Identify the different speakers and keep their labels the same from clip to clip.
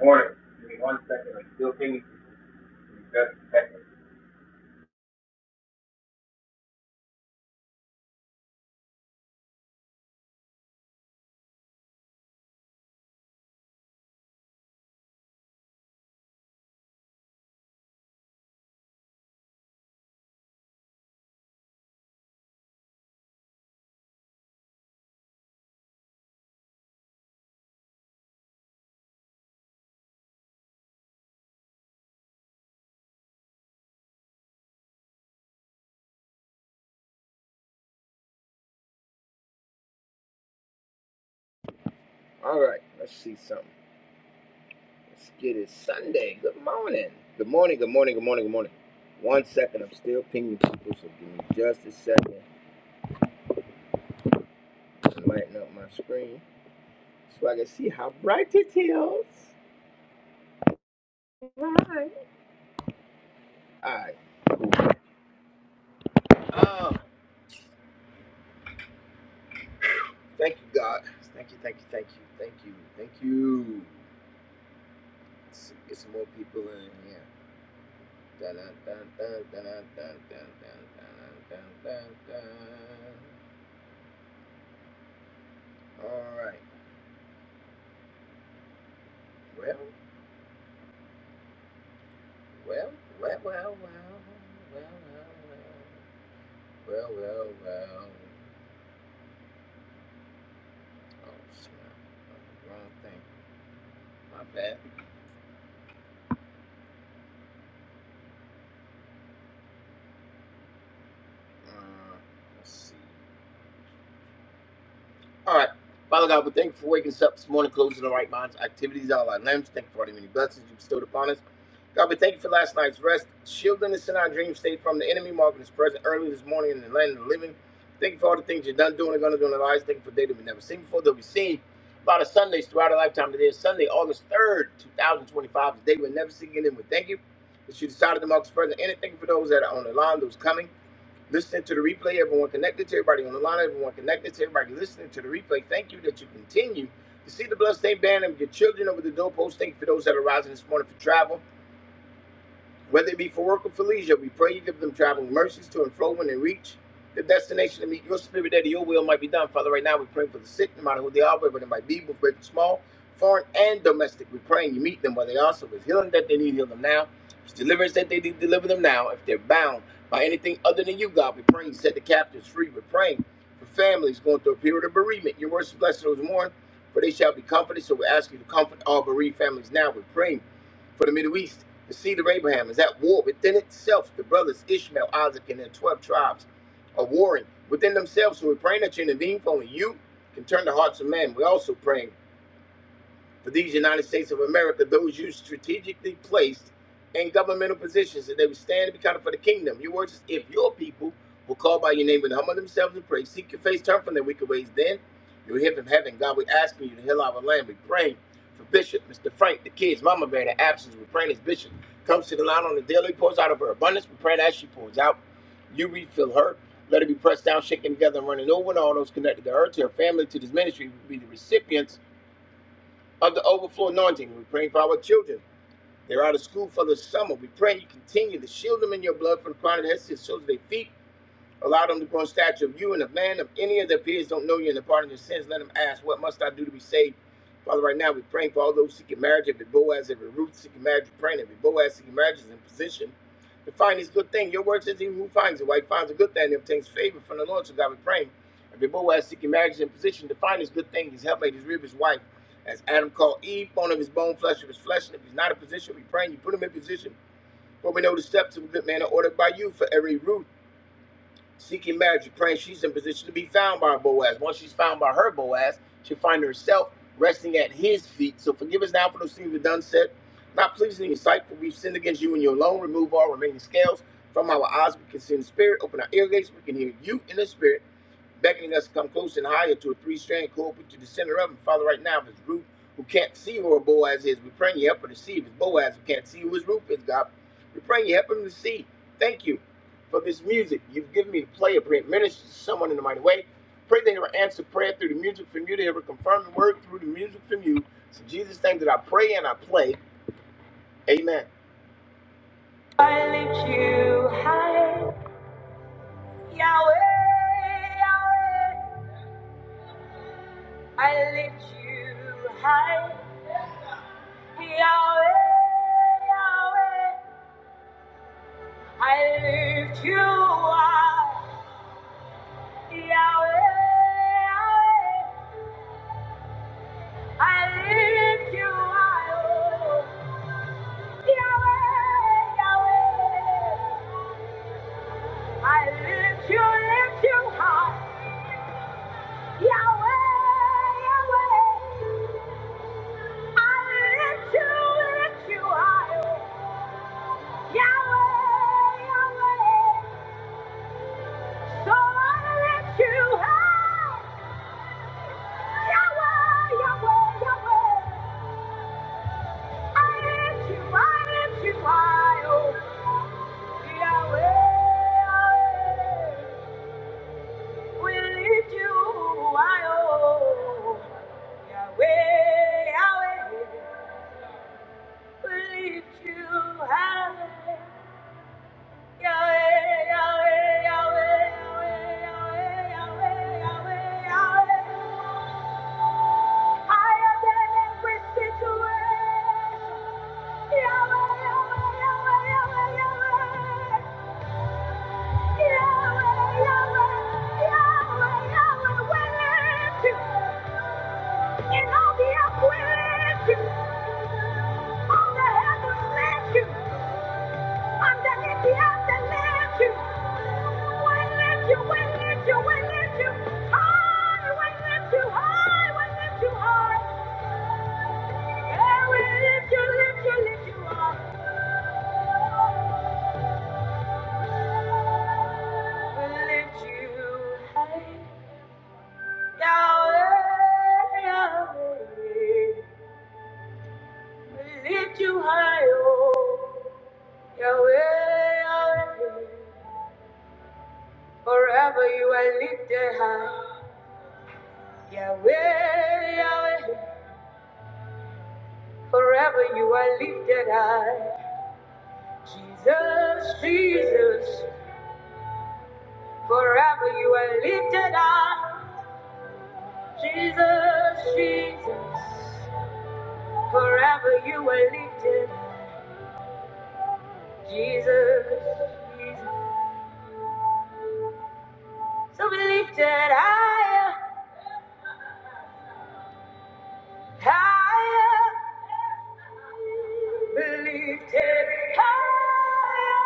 Speaker 1: Warning, give me one second, I'm still pinging, just a second.
Speaker 2: All right, let's see something. Let's get it. Sunday. Good morning. Good morning. Good morning. Good morning. Good morning. One second. I'm still pinging people, so give me just a second. Lighten up my screen so I can see how bright it is. Right. All right. Oh, thank you, God. Thank you. Thank you. Thank you. Thank you. Thank you. Let's get some more people in here. Dun, dun, dun, dun, dun, dun, dun, dun, dun, dun, dun, dun, dun. All right. Well. Well, well, well, well, well, well, well, well, well, well. Oh, snap. Uh, Wrong thing. My bad. Uh, let's see. All right. Father God, we thank you for waking us up this morning, closing the right minds, activities, all our limbs. Thank you for all the many blessings you bestowed upon us. God, we thank you for last night's rest, shielding us in our dream state from the enemy, marking us present early this morning in the land of the living. Thank you for all the things you've done, doing, and going to do in our lives. Thank you for a day that we've never seen before, that we've seen a lot of Sundays throughout our lifetime. Today is Sunday, August 3rd, 2025, the day we'll never see again. And we thank you that you decided to mark us present. And thank you for those that are on the line, those coming listening to the replay, everyone connected to everybody on the line, everyone connected to everybody listening to the replay. Thank you that you continue to see the bloodstained banner of your children over the doorpost. Thank you for those that are rising this morning for travel. Whether it be for work or for leisure, we pray you give them traveling mercies to and fro when they reach the destination to meet your spirit that your will might be done. Father, right now we pray for the sick, no matter who they are, whether they might be, both great and small, foreign and domestic. We pray and you meet them where they are. So if it's healing that they need, heal them now. If it's deliverance that they need, deliver them now. If they're bound by anything other than you, God, we pray you set the captives free. We're praying for families going through a period of bereavement. Your words bless those who mourn, for they shall be comforted. So we ask you to comfort all bereaved families now. We're praying for the Middle East, the seed of Abraham is at war within itself. The brothers Ishmael, Isaac, and their 12 tribes are warring within themselves. So we're praying that you intervene, for only you can turn the hearts of men. We're also praying for these United States of America, those you strategically placed in governmental positions, that they would stand and be counted for the kingdom. Your words is, if your people will call by your name and humble themselves and pray, seek your face, turn from their wicked ways, then you'll hear from heaven. God, we ask for you to heal our land. We pray for Bishop, Mr. Frank, the kids, Mama Bear, the absence. We're praying as Bishop comes to the line on the daily, pours out of her abundance. We're praying as she pours out. You refill her. Let her be pressed down, shaken together, and running over, and all those connected to her, to her family, to this ministry will be the recipients of the overflow anointing. We are praying for our children. They're out of school for the summer. We pray you continue to shield them in your blood from the crown of their heads to the soles of their feet. Allow them to grow in stature of you and of man. If any of their peers don't know you and the pardon of your sins, let them ask, What must I do to be saved? Father, right now we're praying for all those seeking marriage, every Boaz, every Ruth seeking marriage, we're praying every Boaz seeking marriage is in position to find this good thing. Your word says, He who finds a wife finds a good thing and obtains favor from the Lord. So God, we're praying every Boaz seeking marriage is in position to find this good thing, his helpmate, his rib, his wife. As Adam called Eve, bone of his bone, flesh of his flesh. And if he's not in position, we are praying you put him in position. For we know the steps of a good man are ordered by you for every Ruth seeking marriage, praying she's in position to be found by Boaz. Once she's found by her Boaz, she'll find herself resting at his feet. So forgive us now for those things we've done said, not pleasing in your sight, for we've sinned against you and you alone. Remove all remaining scales from our eyes. We can see in the spirit. Open our ear gates. We can hear you in the spirit beckoning us to come close and higher to a three-strand cord, put you the center of them. Father, right now, if it's Ruth who can't see who her Boaz is, we pray you help her to see. If it's Boaz who can't see who his Ruth is, God, we pray you help him to see. Thank you for this music you've given me to play. I pray it ministers to someone in a mighty way. Pray they ever answer prayer through the music from you. They ever confirm the word through the music from you. It's in Jesus' name that I pray and I play. Amen. I lift you high, Yahweh, Yahweh. I lift you high, Yahweh, Yahweh. I lift you high, Yahweh, Yahweh. I lift you high, oh, Yahweh, Yahweh. I lift you, lift you high, Yahweh, Yahweh. I lift you, lift you high, oh, Yahweh, Yahweh. So I lift you high, Yahweh, Yahweh, Yahweh. I lift you, I lift you high, oh. Yahweh, we lift you high, oh. Yahweh, Yahweh, we lift you high. Yahweh, Yahweh, Yahweh, Yahweh, Yahweh, Yahweh, Yahweh, Yahweh. Higher than every situation. Yahweh, Yahweh, Yahweh, Yahweh, Yahweh. Yahweh, Yahweh, Yahweh, Yahweh, we lift you. In all the earth lift you. On the heavens lift you. Underneath the earth they lift you. We lift you, we lift you, we lift you. High, we lift you high, we lift you high. Hey, we lift you, lift you, lift you high. lift you high. Yahweh, Yahweh, lift you high, oh. Yahweh, Yahweh, forever you are lifted high. Yahweh, Yahweh, forever you are lifted high. Jesus, Jesus, forever you are lifted high. Jesus, Jesus, forever you are lifted high. Jesus, Jesus. So be lifted higher, higher, be lifted higher.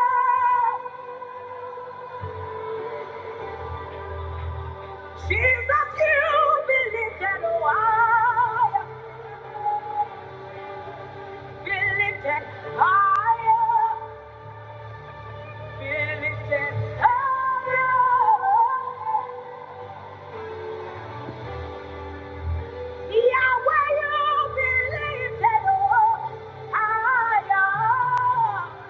Speaker 2: Jesus, you be lifted higher, be lifted higher, be lifted higher. Yahweh, you be lifted higher.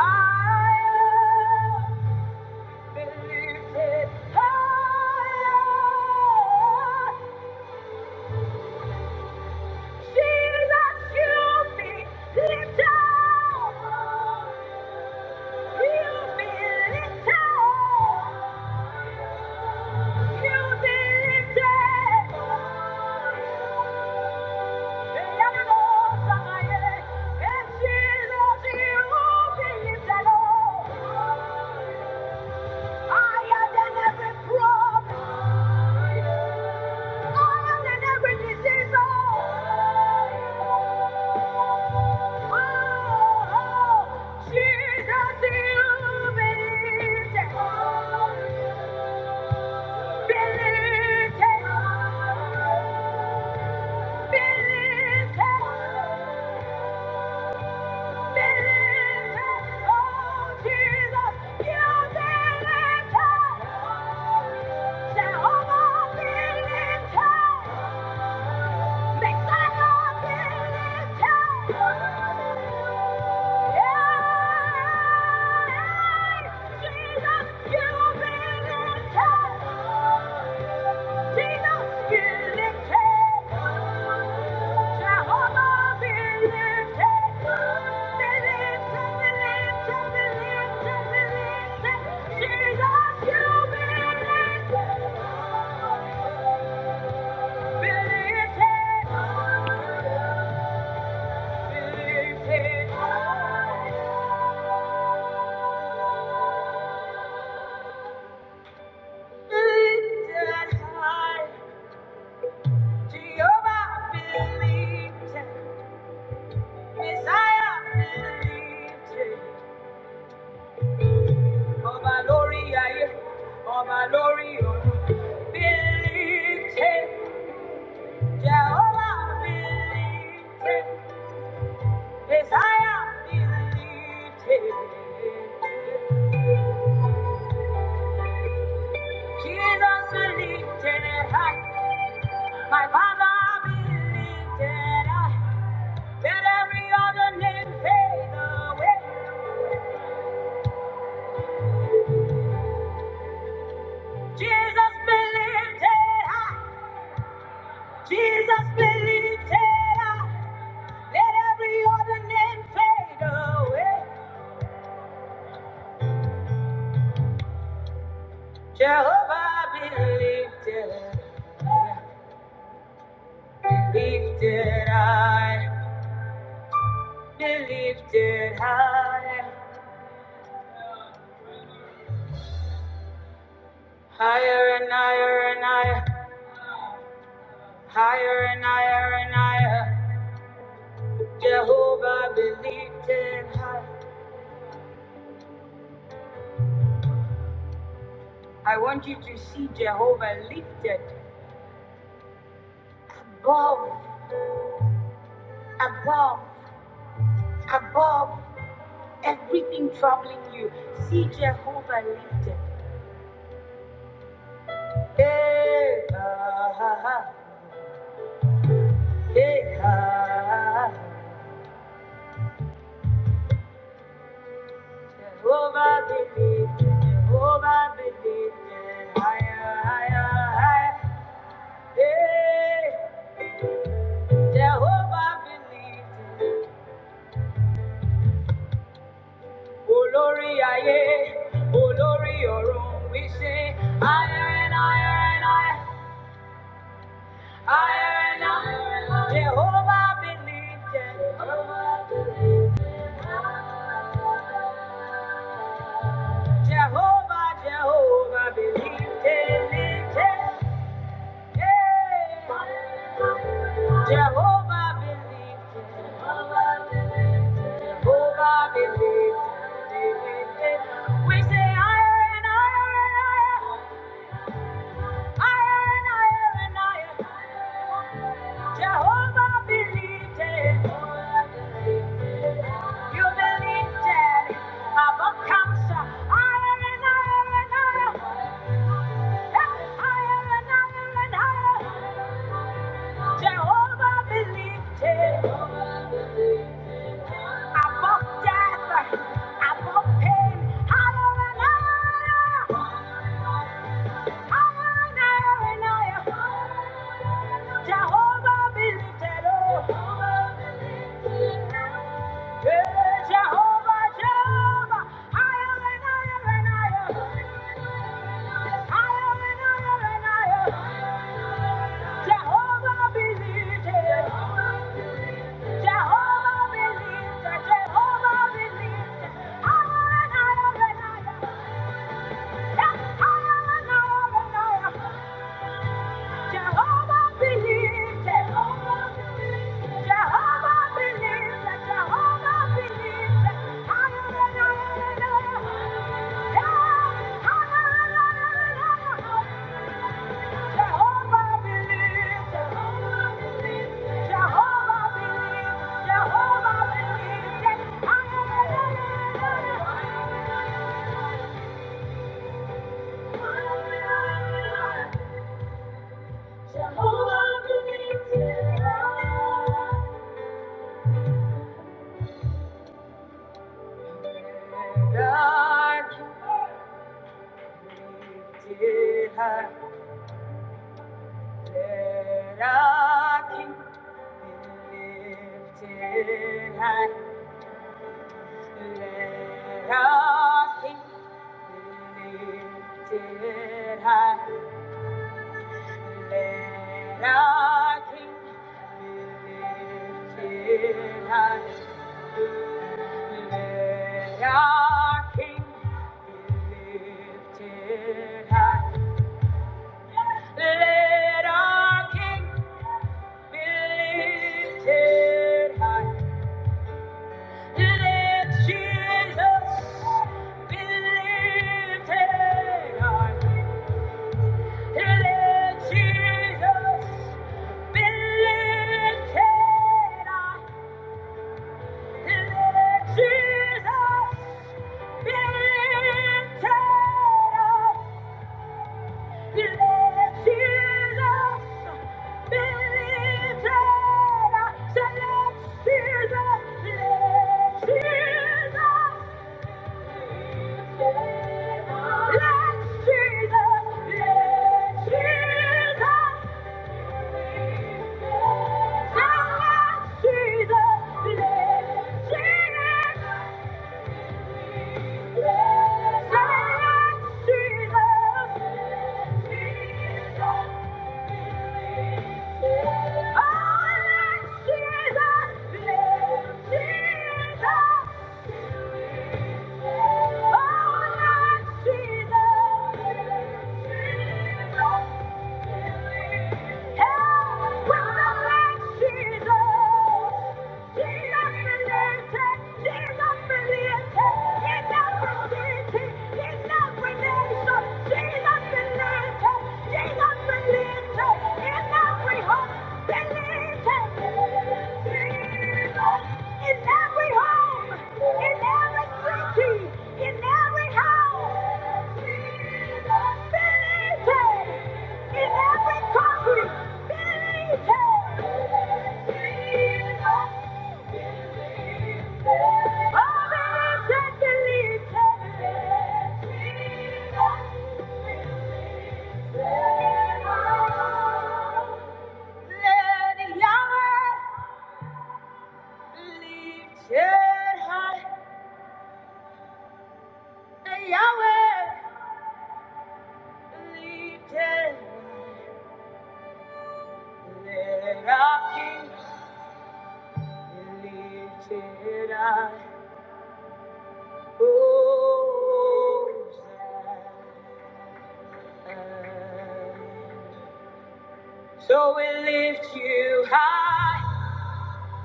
Speaker 2: Oh Higher than every problem. Higher than every disease. Oh, oh, Jesus, you believed it. Believed it. Believed it. Yeah! Believe it. Believe it. Jehovah believed him. Messiah believed him. Ọba lórí ayé, ọba lórí ọ̀run. Believed him. Jehovah believed him. Messiah believed him. Jesus believed in it. my father believed in I. Let every other name fade away. Jesus believed in it. Jesus be lifted up. Let every other name fade away. Jehovah be lifted. up. Lifted high. Be lifted high. Higher and higher and higher. Higher and higher and higher. Jehovah be lifted high. I want you to see Jehovah lifted above, above, above. Everything troubling you, see Jehovah lifted. Hey, ah, ah, ah. hey, ah, ah, ah. Jehovah be lifted. Jehovah be lifted. Higher, higher, higher. Hey, Jehovah be lifted. Olórí ayé, olórí ọ̀run, we say higher and higher and higher. Jehovah believed it. Jehovah, Jehovah believed it. Yeah. Jehovah believed it. Jehovah believed We say, iron, iron, iron. Jehovah believed it. You believed it. Above cancer. Higher and higher and higher. Hey, Higher and higher and higher. Jehovah be lifted. Above death, above pain. Hallelujah. Hallelujah. Jehovah believed lifted. Oh. Jehovah, Jehovah, higher and higher and higher. Higher and higher and higher. Jehovah be lifted. Jehovah be lifted. Jehovah be lifted. Higher and higher and higher. Yes, higher and higher and higher. Jehovah believes, Jehovah believes, Jehovah believes, Jehovah believes. Hallelujah, hallelujah. Jehovah believes, Jehovah believes, Jehovah believes, Jehovah believes. Hallelujah. Jehovah believes in love. And I can lift it high. That I can lift it high. That I can lift it high. Let our King be lifted high. Let our King be lifted high. Let our King be lifted high. Let Jesus be lifted high. Till Jesus been lifted high. Jesus been lifted up. Jesus been lifted up. So let Jesus, let Jesus let Jesus, let Jesus Jesus, Jesus, in every home, in every city, in every house. Be in every country. Be lifted. Oh, be lifted, be lifted. Let Yahweh lift your heart. Yahweh, lifted, let our King be lifted up. So we lift you high,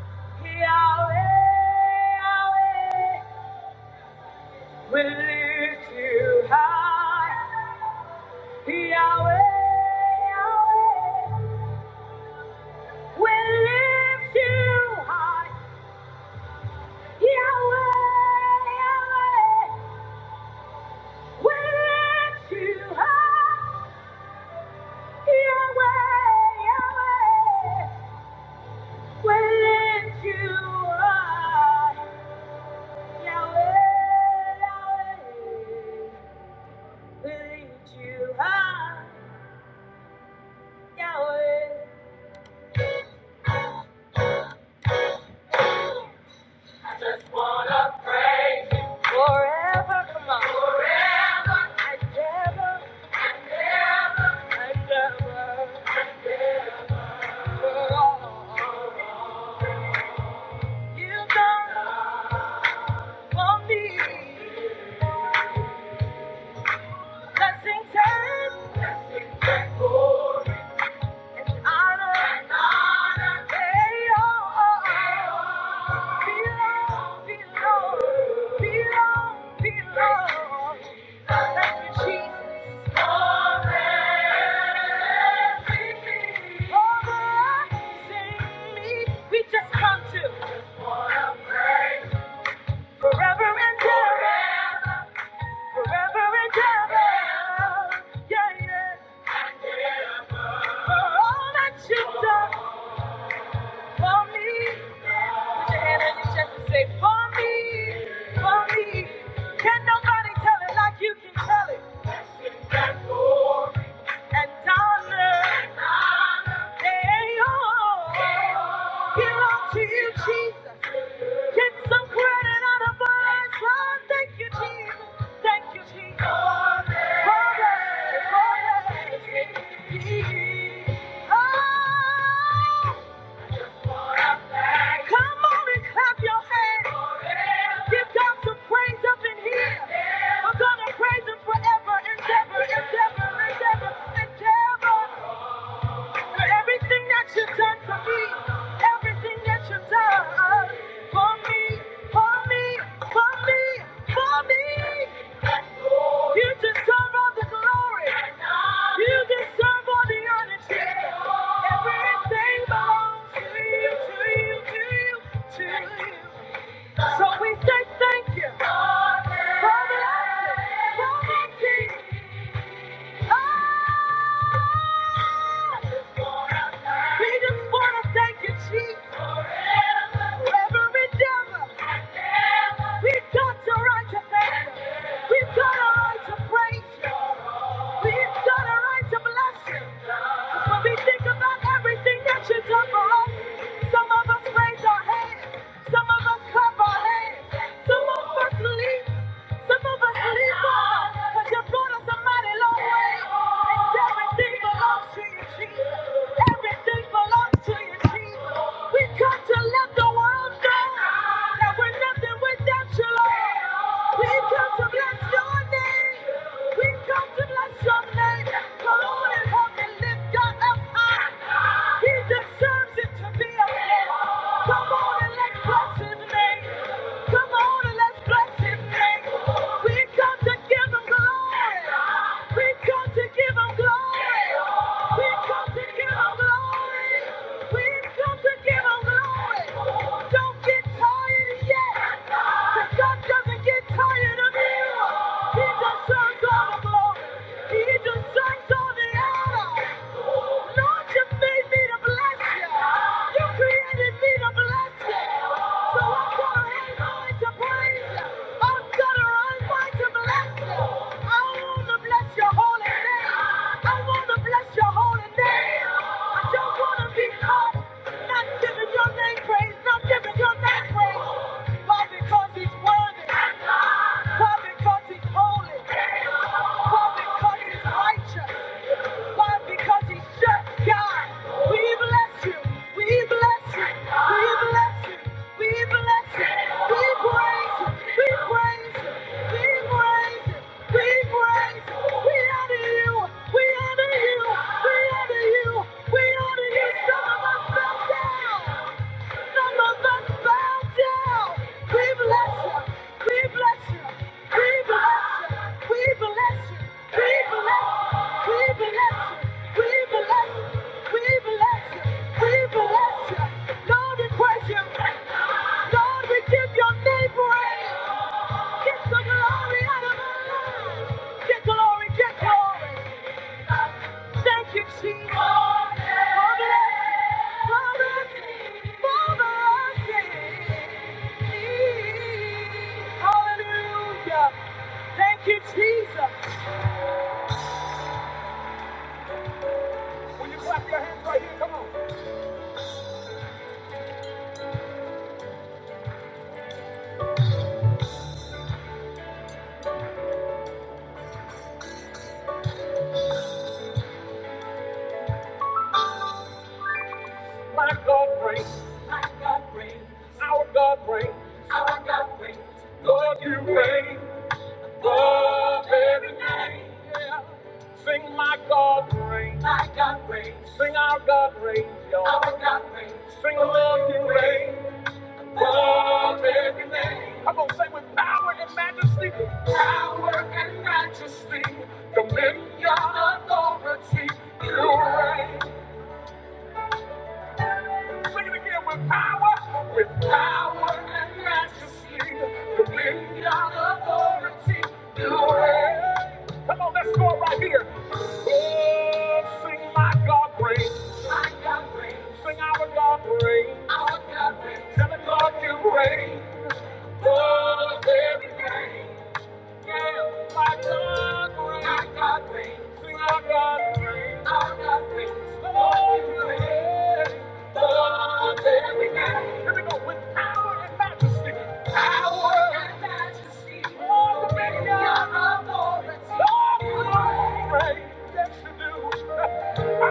Speaker 2: Yahweh, Yahweh. We lift you high, Yahweh, Yahweh. We lift you high, Yahweh, Yahweh. We lift you high, Yahweh, Yahweh. We lift you high, Yahweh, Yahweh. We lift you high, Yahweh. Forever, come on. Forever and ever and ever and ever. You don't want me. Blessings and blessings and glory and honor and honor. They all belong, belong, belong, belong. Thank you, Jesus. Blessings. Oh, sing me. We just come to forever and ever. Forever and ever. Yeah, yeah. For all that you've done for me. Put your hand on your chest and say, For me, for me. Can nobody tell it like you can tell it? And darling, they all belong to you, Jesus. Get some credit on the blind Oh, Thank you, Jesus. Thank you, Jesus. Glory, glory, Jesus. Oh, come on and clap your hands. Give God some praise up in here. We're gonna praise Him forever and ever and ever and ever and ever. For everything that you've done for me, everything that you've done uh, for me, for me, for me, for me. You deserve all the glory. You deserve all the honor, Jesus. Everything belongs to you, to you, to you, to you. So we say thank you. for blessing, for mercy. Oh, we just want to thank you, Jesus. Every we've got the right to thank We've got a right to praise you. We've got a right to bless you. When we think about everything that you have done for us, some of us raise our hands, some of us clap our hands, some of us leap, some of us leap on, cause you brought us a mighty long way. And everything belongs to you, Jesus. Everything belongs to you, Jesus. We come to let the world know that we're nothing without you, Lord. We come to bless your name. We come to bless your don't get tired yet. 'Cause God doesn't get tired of you. Not giving your name praise, not giving your name praise, why? Because he's worthy. Why? Because he's holy. Why? Because he's righteous. Why? Because he's just God. We bless you. We bless you. We bless you. We bless you. We praise you. We praise you. We praise you. We praise you. We honor you. We honor you. We honor you. We honor you. Some of us fell down. Some of us bow down. We bless you. We bless you. We bless you. We bless you. We bless you. We bless you. We bless you. We bless you. Lord, we praise you. Lord, we give your name praise. Get the glory out of us. Get glory, get glory. Thank you, Jesus. God bless, you. God bless, God bless. Hallelujah. Thank you, Jesus. Will you clap your hands right here? Come on. My God reigns. Our God reigns. Lord, you reign above every name. Sing my God reigns. Sing our God reigns, y'all. Sing along your reign above every name. I'm gonna say with power and majesty, power and majesty, dominion, authority, you reign. Sing it again with power, with power and majesty, dominion, authority, you reign. Come on, let's go right here. Oh, sing my God reign. Sing our God reign. Tell the God you reign. Oh, every day. I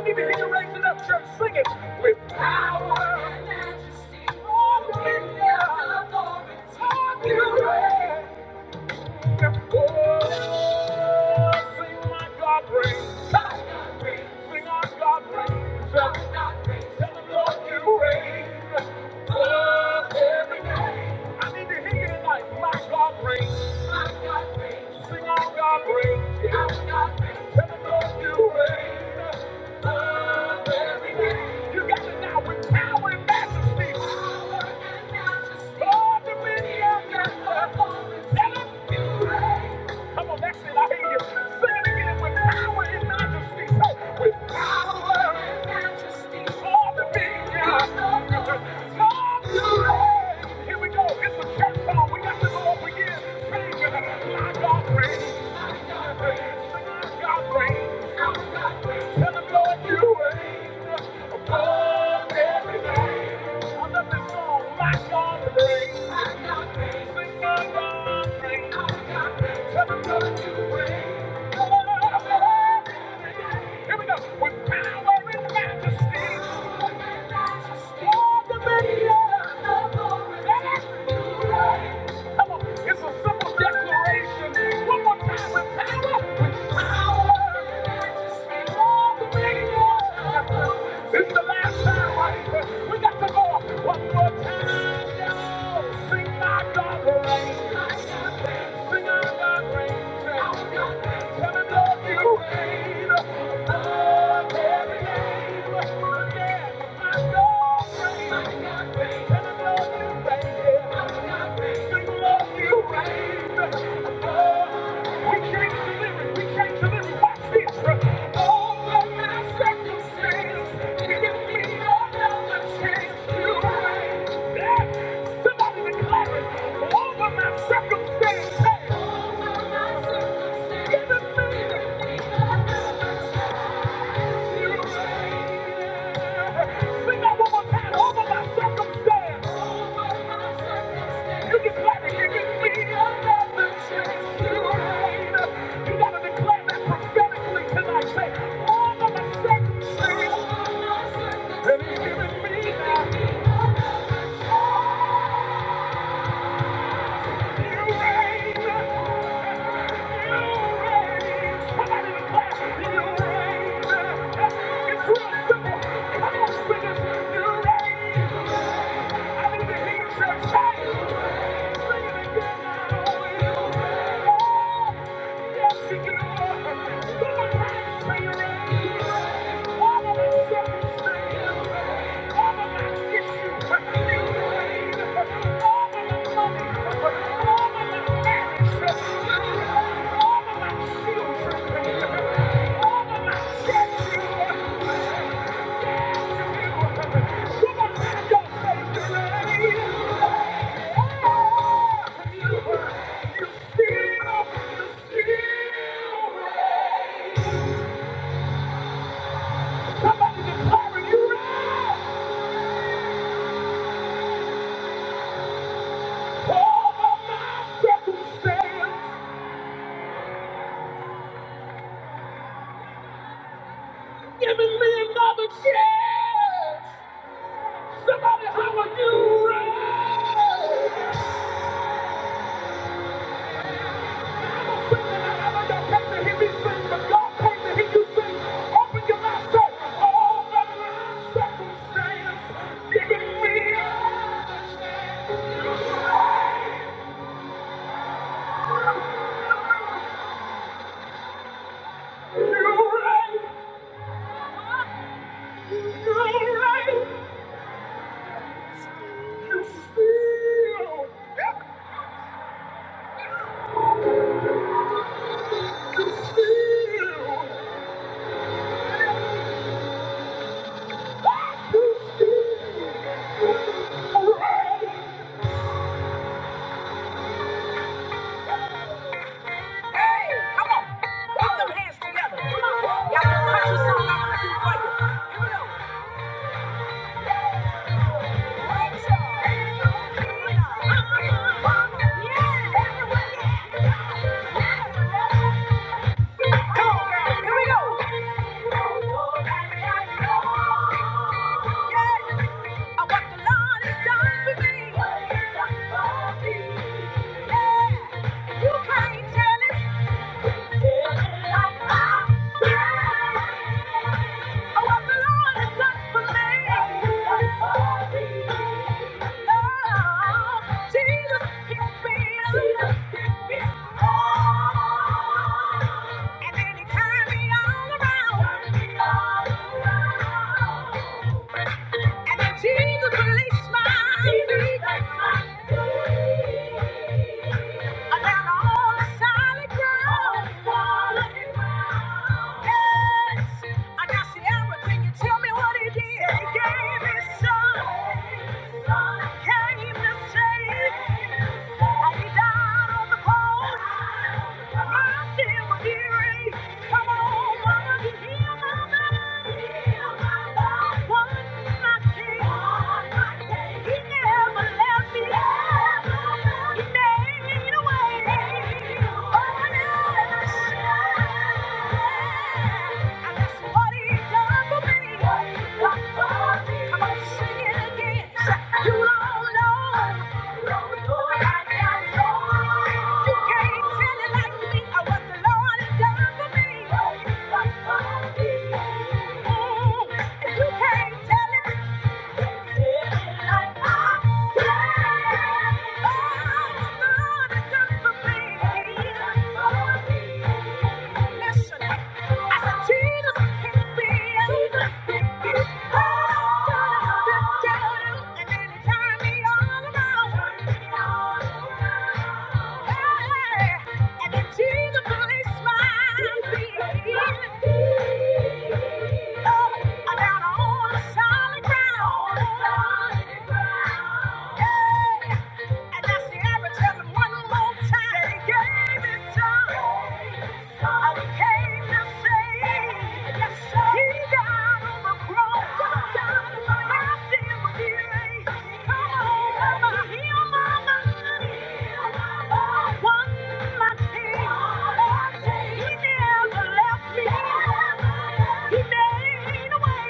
Speaker 2: need to hear you raise it up, church, sing it. With power and majesty, all dominion, authority, you reign. You got it now with power and majesty. Power and majesty. Oh, dominion and authority. Tell 'em you reign. Come on, that's it. I hear you. Sing it again with power and majesty. Say, with power and majesty. All the vineyard. All the land. Here we go. It's a church song. We got to go up again. Sing with it. My God reigns. Thank you. Come on, it's a simple declaration. One more time with power, with power. Speak all the way. This is the last time, right? We got to go up one more time. Yo, sing my God reigns. Sing our God reigns. Tell him, Lord, you reign above every name. Circumstance, hey! Over my circumstance, give it to me. all of my Sing that Over my circumstance. You can clap it. You can another chance to hide. You gotta declare that prophetically tonight. Say, over my circumstance. You reign. Thank you. Giving me another chance. Somebody, how are you? Thank you. Hey, come on. Put them hands together. Come on. Y'all can touch your song. I'm gonna do it for you. Here we go. Yeah. Come on, girl. Here we go. Yeah. Uh, What the Lord has done for me. What has done for me. Yeah. You can't tell it. And then he turned me all around. Jesus release Jesus release mine. Around all the solid solid ground. Yes. I got see everything. You tell me what he did. He gave his son. His Came to save. And he died on the cross. My sin was erased. Come on, mama, you hear my body. Heal my body. One night. You don't know, don't know like I know. You can't tell it like me what the Lord has done for me. Mm, if you can't tell it Hey! And she's a funny smile. Oh, down on solid ground. Yeah. And that's the error. Tell one more time. They gave his son. I came to save. Yes, He died on the cross. My sin was Come on, mama. Heal my mind. One last thing. He never left me. He made a way. Thank you.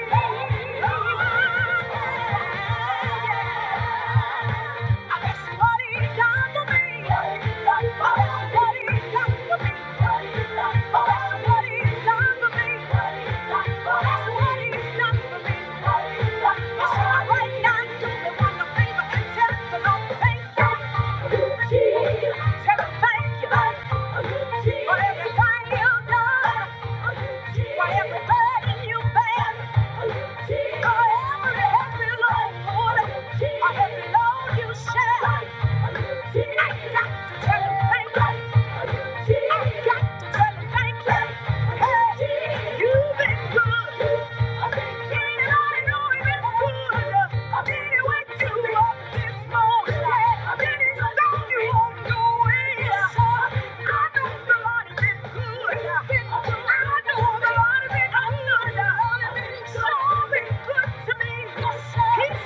Speaker 2: For every burden you bear, Thank you. He's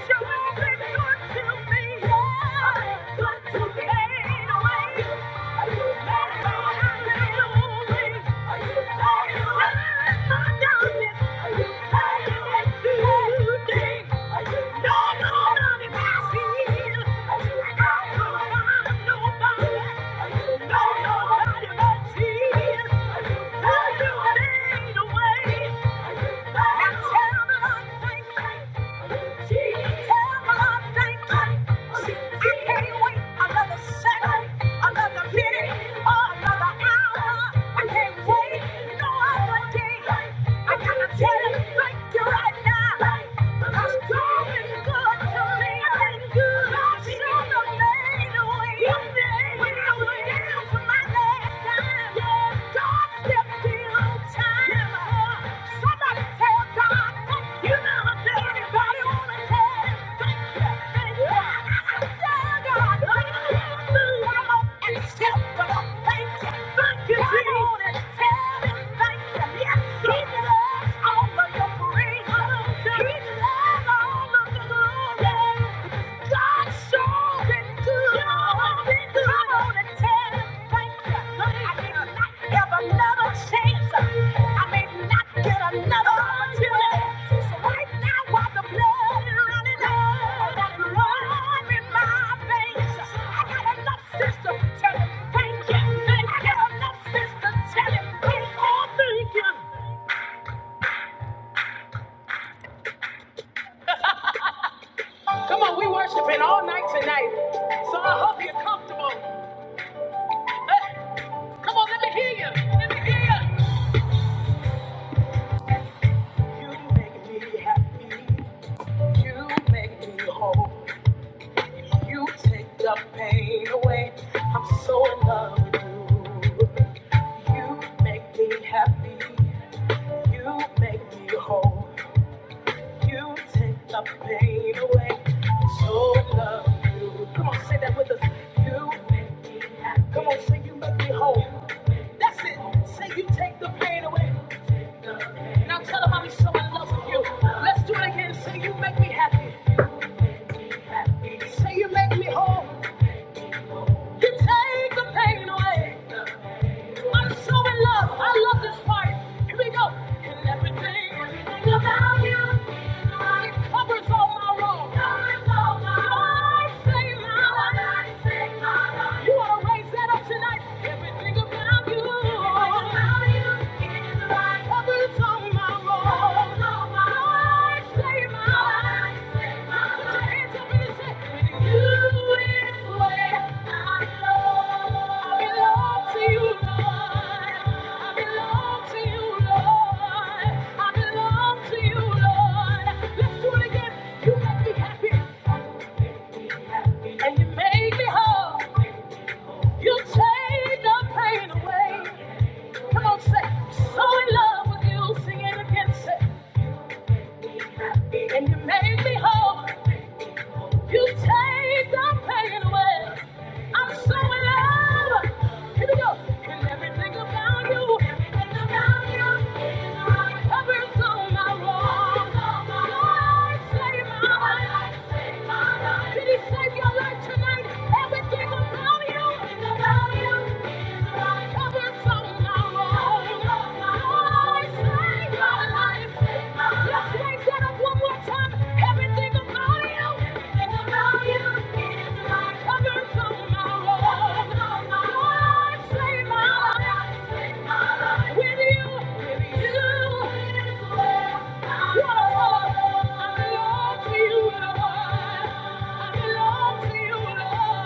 Speaker 2: showing me good to me. Good to me. Ain't no way. Thank you. I can't wait another second another minute or another hour. I can't wait no other day. I gotta tell it like you right now. Thank you. Ever, Never change. I may not get another opportunity. So right now, while the blood is running over, that it in my veins, I got enough sister to tell him thank you. I got enough sister to tell him thank you. Thank you. Come on, we worshiping all night tonight. So I hope you're comfortable. Hey, Come on, let me hear you. Let me hear you. You make me happy. You make me whole. You take the pain away. I'm so in love with you. You make me happy. You make me whole. You take the pain away. I'm so in love with you. Come on, say that with us. You make me happy. Come on, say you make me whole. That's it. Say you take the pain away. Now tell them I'm so in love with you. Let's do it again. Say you make me happy. Say you make me whole. You take the pain away. I'm so in love. I love this part. Here we go. And everything, everything about you. It covers all my wrongs. Covers all my wrongs. Lord, save my life. Lord, save my life. You want to raise that up tonight? Everything about you. Everything about you is right. Covers all my wrongs. Covers all my wrongs. Lord, save my life. And you make me whole. You take the pain away. I'm so in love. Here we go. And everything about you, everything about you, covers all my wrongs. Lord, save my life. Did He save your life tonight? Everything about you. everything about you. I belong to you,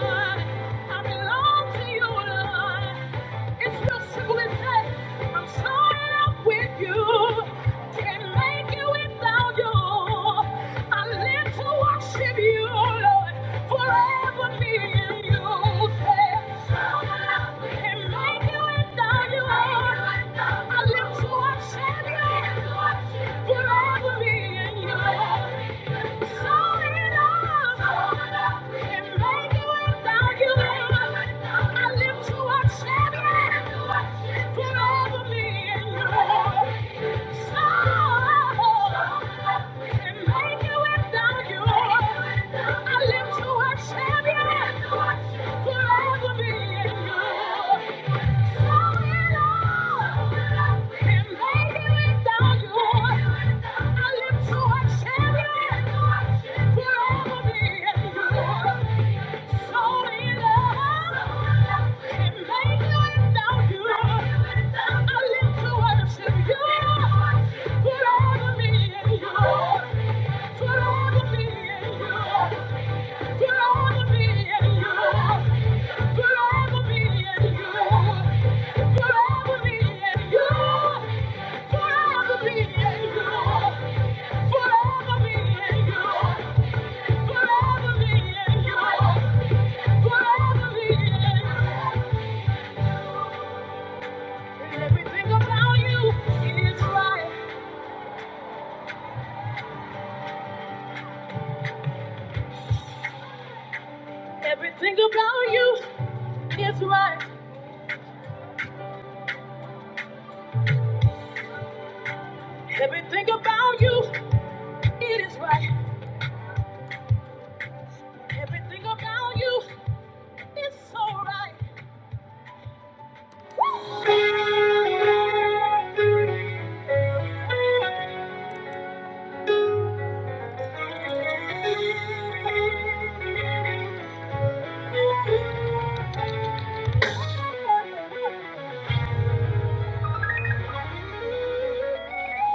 Speaker 2: Lord. I belong to you, Lord. It's real simple and plain. I'm so in love with you. Can't make it without you. I live to worship you, Lord. Forever me and you. Say, so in love with you. Can't make it without you. I live to worship you. Forever me and you. yeah. I live to watch champion. Put over me and you forever Thank you. Forever be in you. Everything about you is right. Everything about you is right. Everything about you it is right. Everything about you is so right.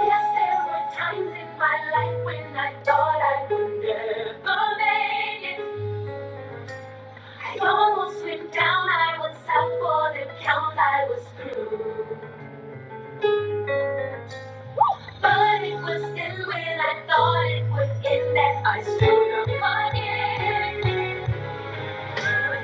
Speaker 2: Yes, there were times in my life when I thought I would never make it. I almost went down. I was out for the count. I was through. But it was then when I thought it would end that I stood up again. Sometimes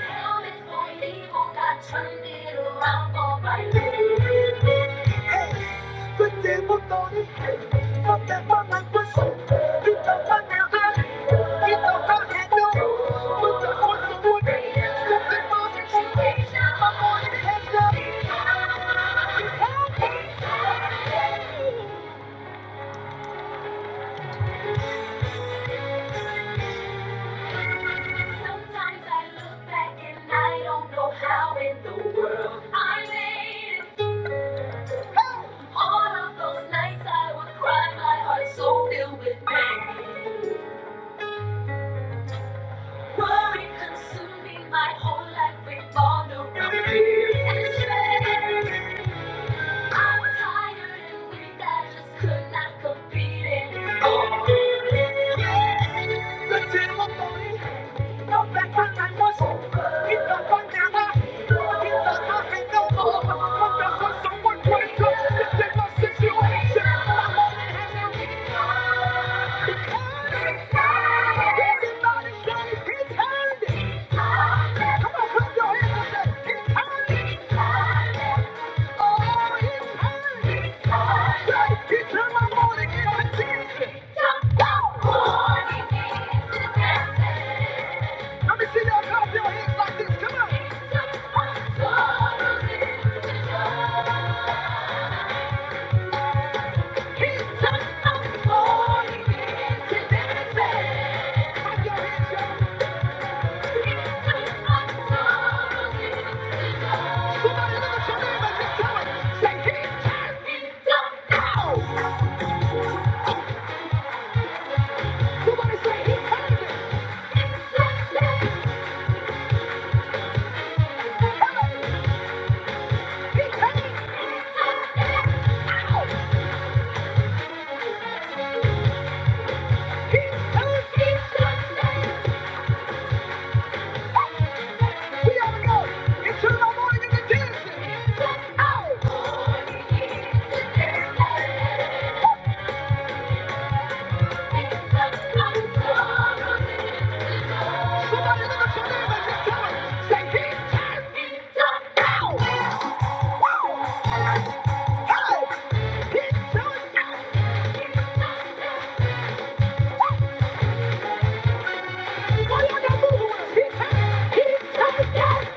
Speaker 2: I look back and I don't know how in the world I made it. All of those nights I would cry, my heart so filled with pain. Worry consuming my whole life with vulnerability and stress. I'm tired and weak, I just could not compete anymore. The devil Morning into dancing. Let me see y'all clap your hands like this. Come on. He's done it for me. Clap your hands, y'all. Somebody look at your neighbor and just tell him, say, "He turned it around." Somebody say, "He turned it." He turned it around. He turned it around. We gotta go into the morning and the dancing. Come out. Somebody look at your neighbor and just tell him, say, "He turned it around." Woo! Hey! He turned it around. Why y'all not moving with him? He turned- he turned it around.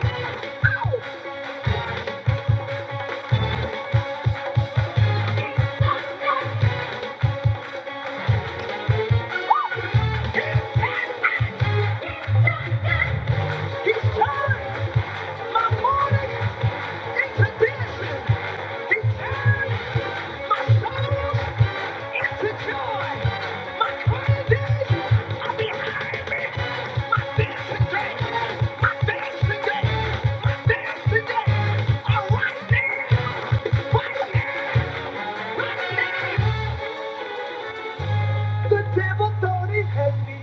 Speaker 2: The devil thought he had me.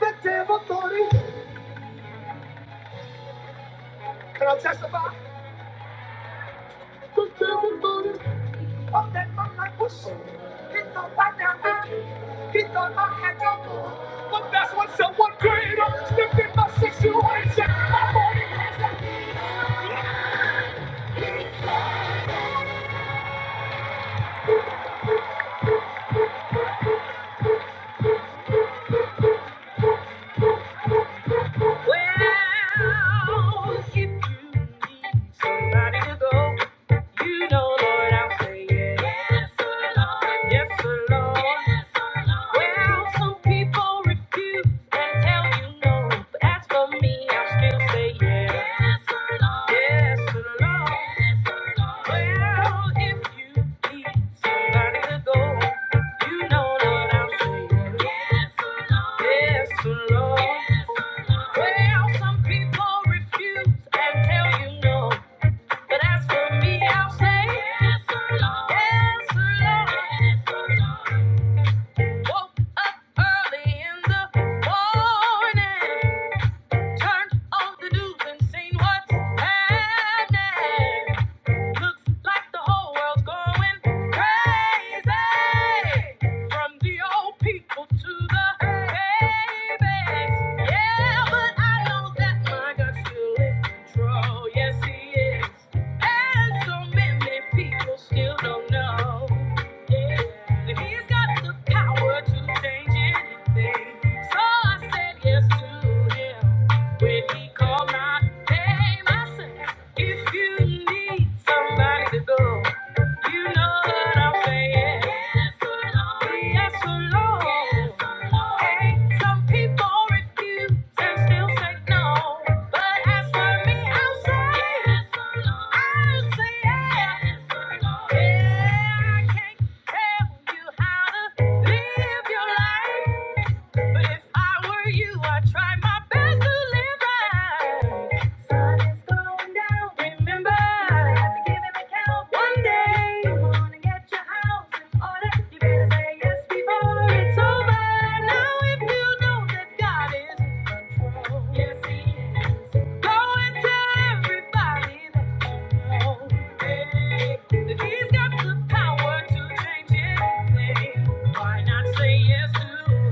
Speaker 2: The devil thought he had me. Can I testify? Of that man like Bush. He thought back down there. He thought I had no more. But that's when someone greater stepped in my situation. My body. has a Well, if you need somebody to go, you know, Lord, I'll say yes. Yes, sir, Lord. Yes, sir, Lord. Yes, sir, Lord. Well, some people refuse and tell you no, but as for me, I'll still say yes. Yes, sir, Lord. Yes, sir, Lord. Yes, sir, Lord. Well, if you need somebody to go, you know, Lord, I'll say yes. Yes, sir, Lord. Yes, sir, Lord. Well, some people refuse and tell you no. But as for me, I'll say, Yes, sir, Lord. Yes, sir, Lord. Yes, sir, Lord. Woke up early in the morning, turned on the news and seen what's happening. Looks like the whole world's going crazy. From the old people to the babies. Yeah, but I know that my God's still in control. Yes, he is. And so many people still don't know. Yeah, that he's got the power to change anything. So I said yes to him when he called my name. I said. If you need somebody to go, you know what I'm saying. Yes, oh Lord. Yes, oh Lord. Yes, oh Lord. Hey, some people refuse and still say no. But as for me, I'll say, Yes, oh Lord. I'll say yes. Yes, oh Yeah, I can't tell you how to live your life. But if I were you, I'd try my best to live right. Sun is going down. Remember, I have to give an account one day. You wanna get your house in order? You better say yes before it's over. Now, if you know that God is in control, yes He is. Go and tell everybody that you know, hey, that He's got the power to change anything. Why not say yes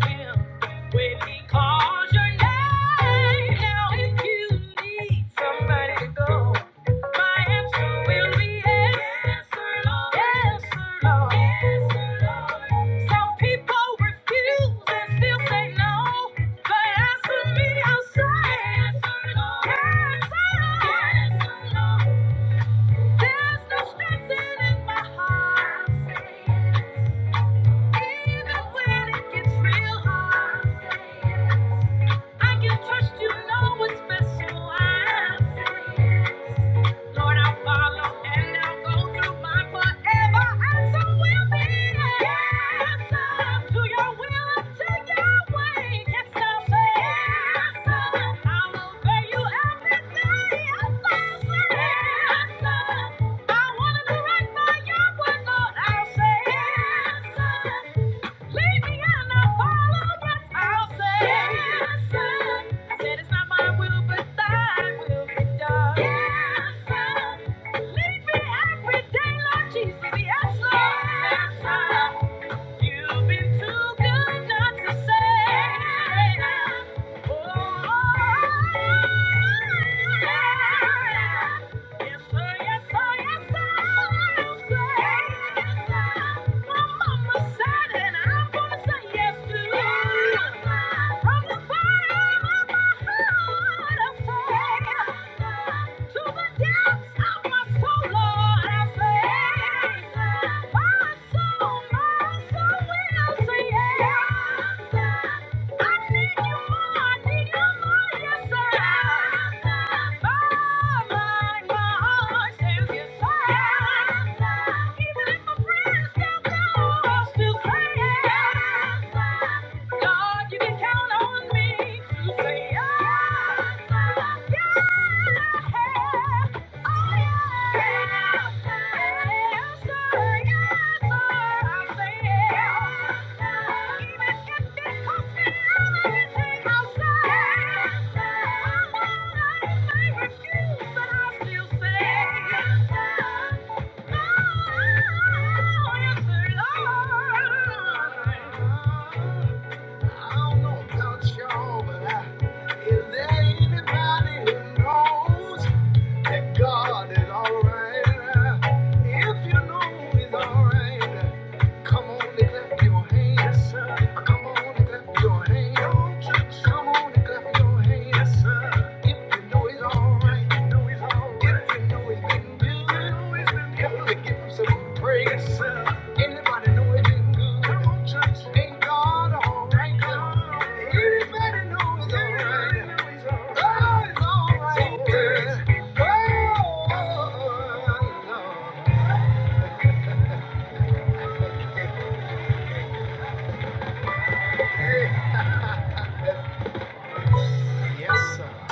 Speaker 2: to Him? When he calls your name, now if you need somebody to go, my answer will be yes, yes, Lord, yes, Lord, yes, Lord. Some people refuse and still say no, but as for me, I'll say yes, Lord, yes, Lord, yes, Lord. There's no stressing in my heart. Even when it gets real hard, yes. I can trust you know what's best, so I say yes. Lord, I'll follow and I'll go through my forever and so will be. Yes, I'm to your will and to your way. Yes, I'll say. Yes, i will obey you every day. Yes, I'll say. Yes, I'm. I want to do right by your word, Lord. I'll say. Yes, Lead i said it's not my will, but thy will be done. Yes, Lead me every day, Lord Jesus. Yes, Yes, You've been too good not to say. Yes, Oh, Yes, sir, yes, sir, yes, sir. Yes, sir, yes, sir. My mama said it, and I'm gonna say yes to it. Yes, sir. From the bottom of my heart, I say yes, sir. To the depths of my soul, Lord, I say yes, sir. My soul, my soul will God, you can count on me to say yes. sir. Yes. Thank you know about y'all, but I- is there anybody who knows? And God is alright. If you know He's alright, come on and clap your hands. Yes, sir. Come on and clap your hands. Come on and clap your hands. Yes, sir. If you know He's alright. If you know He's alright. If you know He's been good. If you know to give Him some praise. Yes, sir. Anybody know He's been good? Come on, church. Ain't God alright? Anybody know He's alright? God is alright. Yes, sir.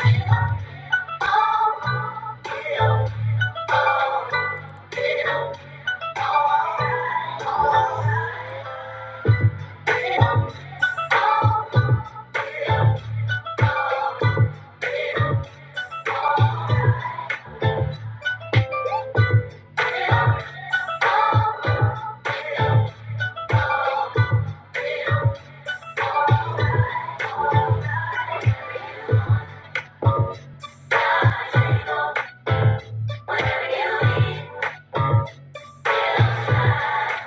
Speaker 2: Whatever you need,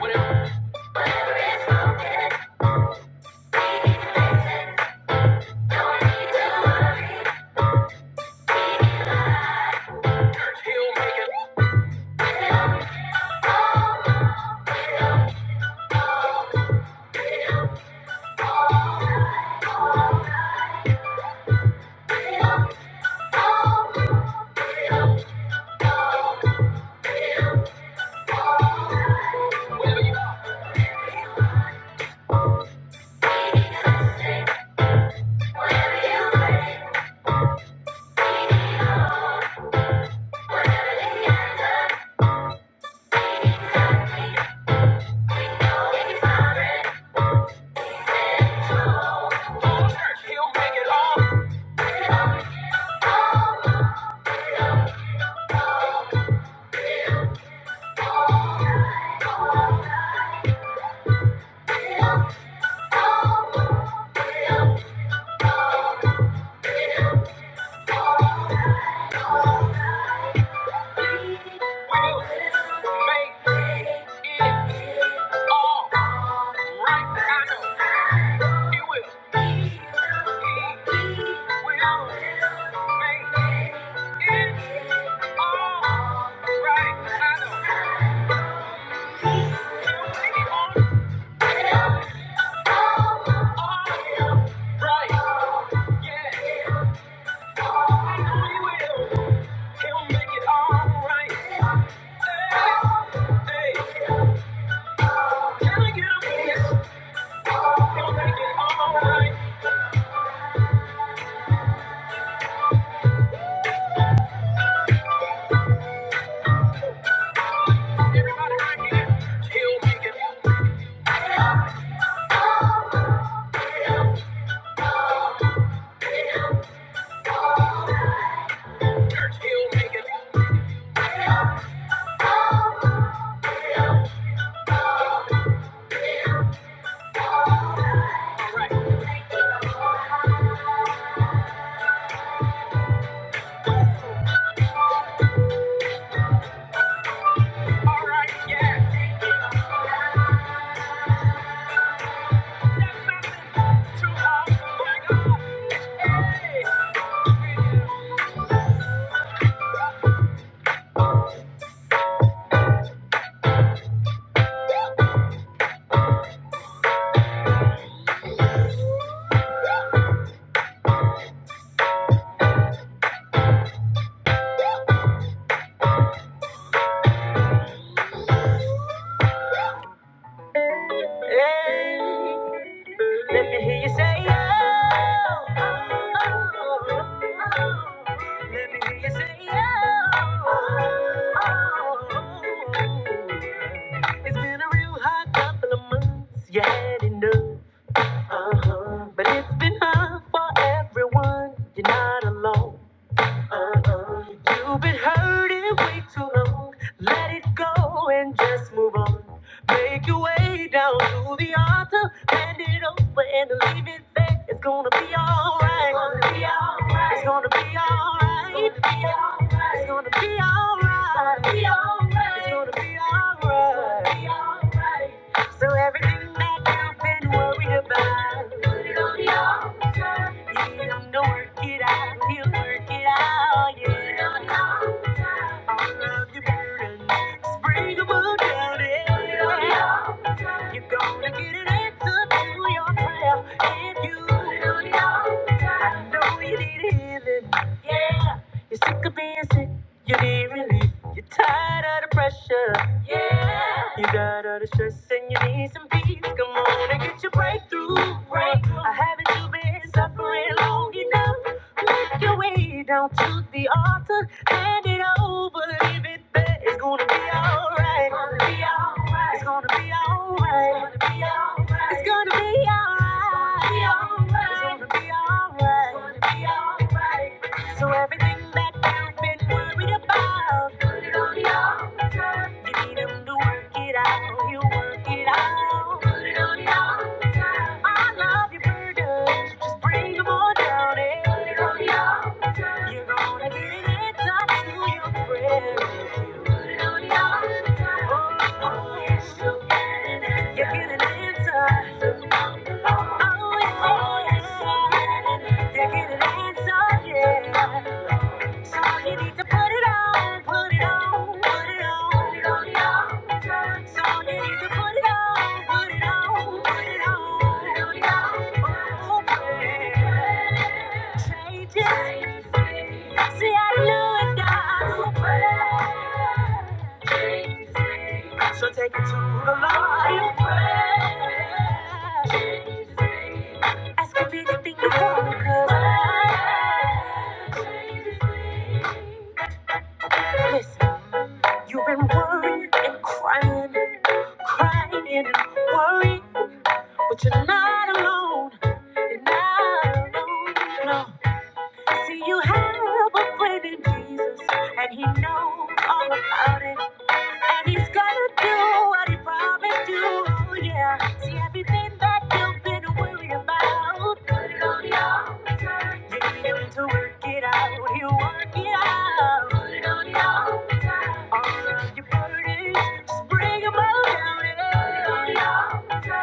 Speaker 2: whatever is broken, don't need to worry. He'll make it all right. Will make it all right. I know he will. He will make it hey. Hey, let me hear you say, oh, oh, oh. oh. oh. Let me hear you say, oh, oh. oh. It's been a real hot couple of months, you had enough. Uh-huh. But it's been hard for everyone, you're not alone. Uh-uh. You've been hurting way too long. Let it go and just move on. Make your way down to the altar, hand it over and leave it there. It's gonna be alright. It's gonna be alright. It's gonna be alright. It's gonna be alright. It's gonna be alright. It's gonna be alright. It's gonna be alright. So everything that you've been worried about. Don't work it out, you work it out. You don't have love, you burden. Just bring them all down, yeah. You're gonna get an answer to your prayer. If you I know you need healing, yeah. You're sick of being sick, you need relief. You're tired of the pressure, yeah. You got all the stress and you need some peace. Come on and get your breakthrough, breakthrough. I haven't you been suffering long enough? Your way down to the altar, hand it over, leave it there. It's gonna be alright. It's gonna be alright. It's gonna be alright. It's gonna be alright. It's gonna be alright. It's gonna be alright. So everything that you've been worried about, you need him to work it out. He'll work it out. I love your burdens. Just bring them all down. And you're gonna get an answer to your prayer. You get an answer. Oh, yeah. You get an answer, yeah. So you need to put it on, put it on, put it on, put it on, yeah. So you need to put it on, put it on, put it on, put it on. Oh, yeah. Changes. See, I know it does. So take it to the Lord. in prayer. Ask could be you want, cause Listen, you've been worrying and crying, crying and worrying, but you're not alone, you're not alone, no. See, you have a friend in Jesus, and he knows all about it. And he's gonna do what he promised to, yeah. See everything that you've been worried about. Put it on the altar. Need him to work it out. He'll work it out. Put it on the altar. All of your burdens, just bring 'em all down. Put it on Yeah.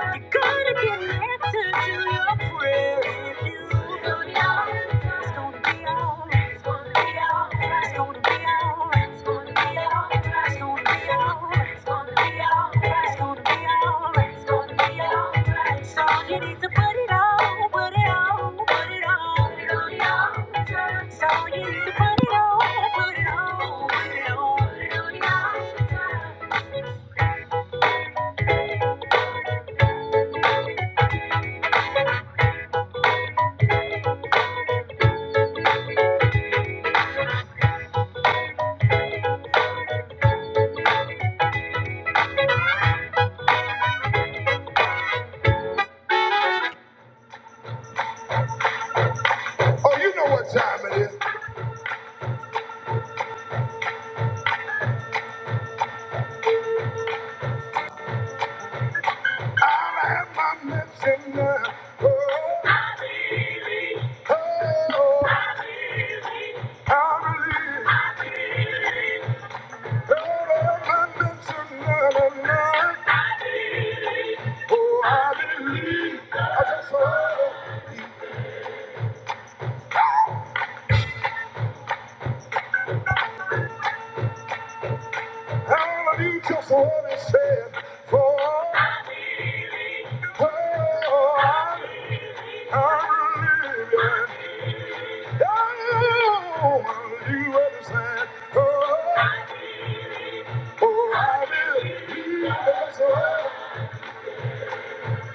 Speaker 2: I could have been an answer to your prayer if you knew now. It's gonna be alright. It's gonna be alright. It's gonna be alright. It's gonna be alright. It's gonna be alright. It's gonna be alright. It's gonna be alright. It's gonna be alright. So you need to put it on, put it on, put it on, put it on the altar. So you need to put it on, put it on, put it on. Oh, you know what time it is. I have my medicine now.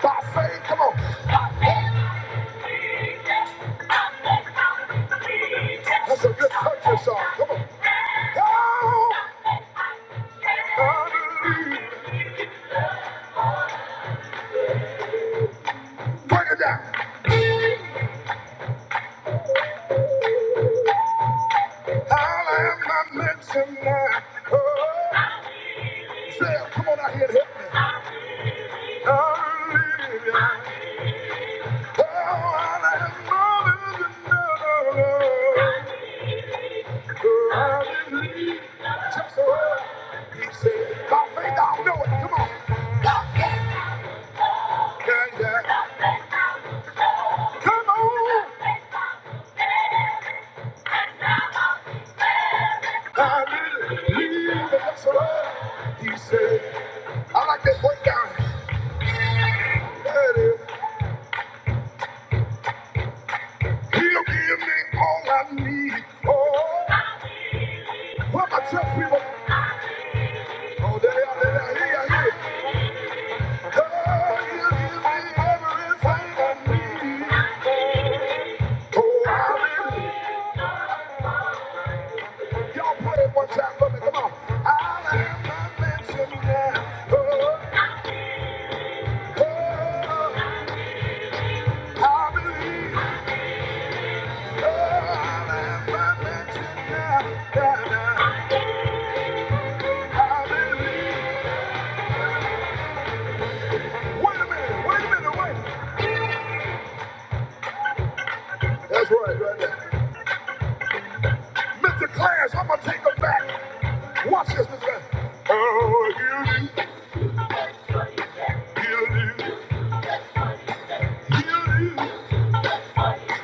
Speaker 2: By faith, come on. That's a good country song. Come on. Oh, I believe. Break it down. All I am not mentioned now. Oh, say, come on out here and help me. Hallelujah. Oh, I am more than enough. Oh, hallelujah. Just a word. He said, by faith I'll know it. Come on. Yeah, yeah. Come on. Hallelujah. Just a word. He said, I like that breakdown. There it is. He'll give me all I need. Oh. What about church people? Oh, they are, they are, he are, he are. God, you give me everything I need. Oh, hallelujah. Y'all play it one time for me, come on. I'll have my mansion now. Oh, oh, I believe. Oh, I'll have my mansion now. Now, now, I believe. Wait a minute, wait a minute, wait. That's right, right there. Mr. Class, I'm gonna take them back. Watch this, Mr. Bennett. Oh, he'll do, he'll do, he'll do,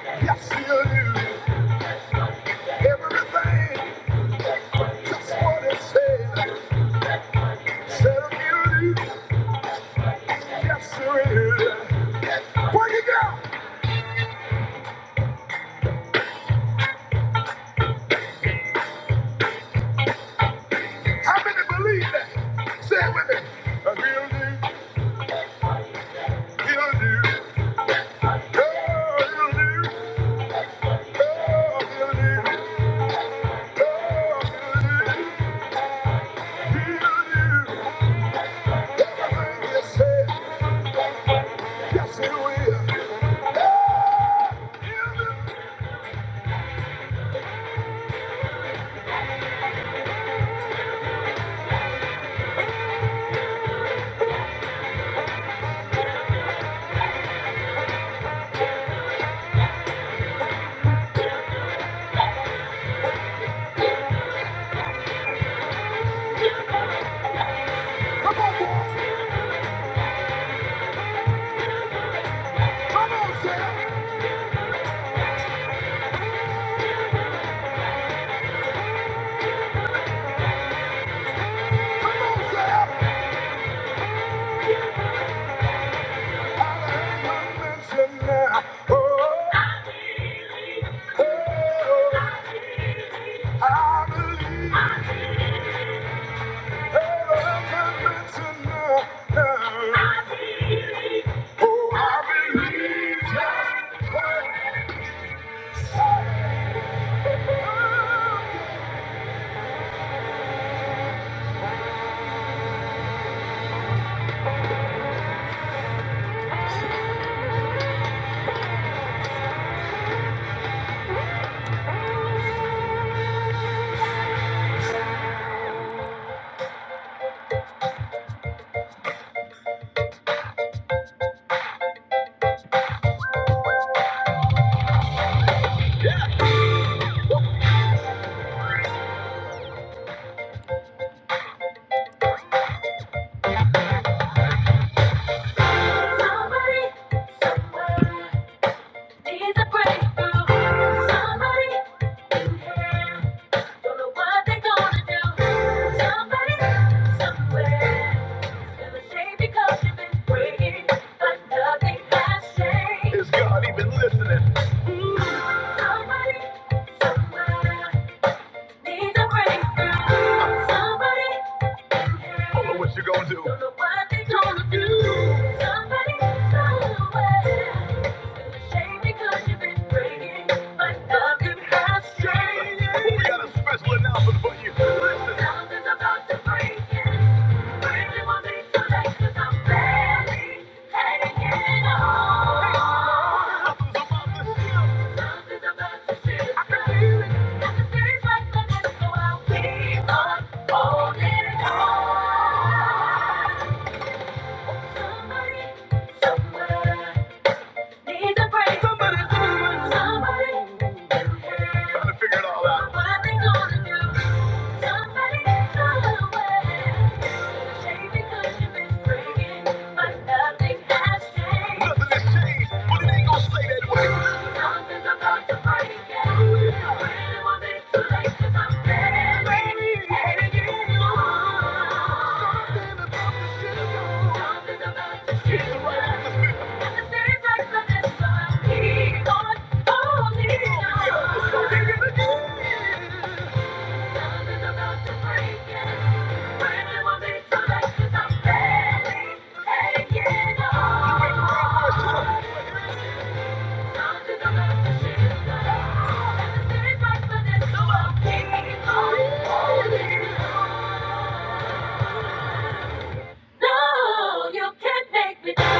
Speaker 2: yes, he'll do. Everything, just what it says. Said he'll do, yes, sir, he'll do. Break it down. How many believe that? Say it with me. Uh, He'll do, he'll do. Oh, he'll do, oh, he'll do, oh, he'll do, he'll do. Everything you said, yes, he will. Come on, boy. Come on, say it. Come on, say it. I am a listener. Oh, oh, I believe. Oh, I am a listener. Oh, I believe. Somebody, somebody needs a breakthrough. Somebody. yeah. you Is God even listening? are gonna Holding on. Somebody, somewhere needs Somebody, somebody. Trying to figure it all out. What they gonna do? Keep on holding on. No, you can't make me know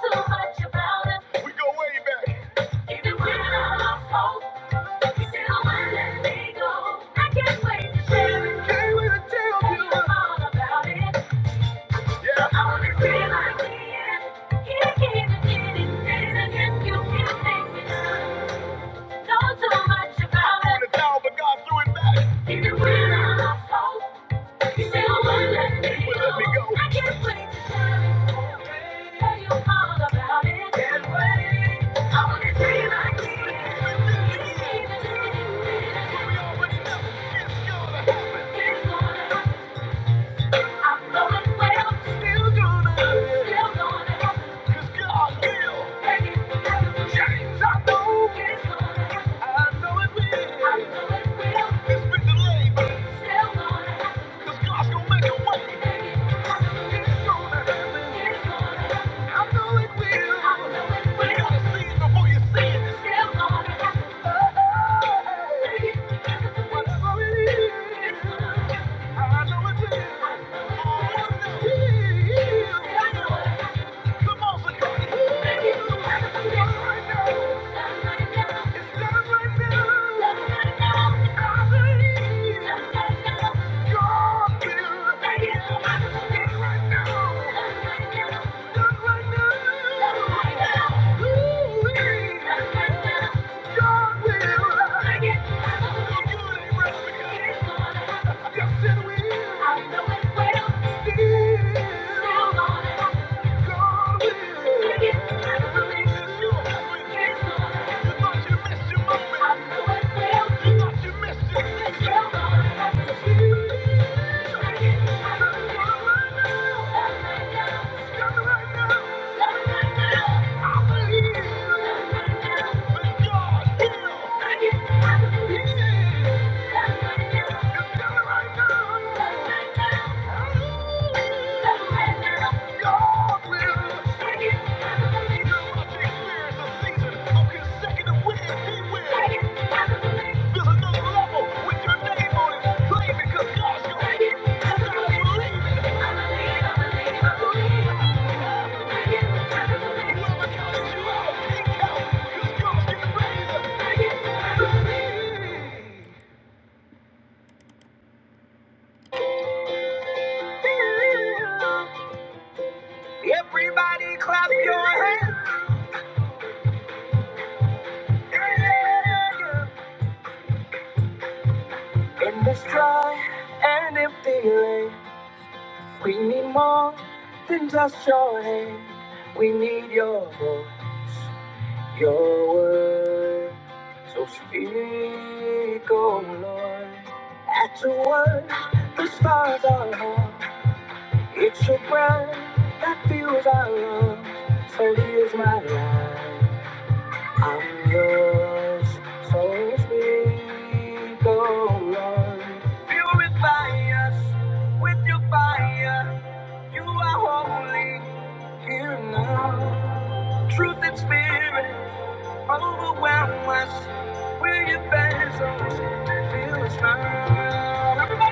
Speaker 2: too much about it. We go way back. Even when I lost hope, you still wouldn't let me go. I can't wait to share it. Even when I lost hope, you still wouldn't let me go. I can't wait to tell you all about it. Can't wait. I wanna dream like this. Even if it's gonna happen. I know it will. It's been delayed, but it's Still gonna happen. It's done right now. Yes, it will. I know it will. Still, still on. it. Thank you. Your hand. In this dry and empty lane, we need more than just your hand. We need your voice, your word. So speak, oh Lord. At your word, the stars are home. It's your breath that fuels our love. So here's my life. I'm yours, so speak, oh Lord. Purify us with your fire. You are holy here now. Truth and spirit, overwhelm us. we your vessels, feel us now. Everybody,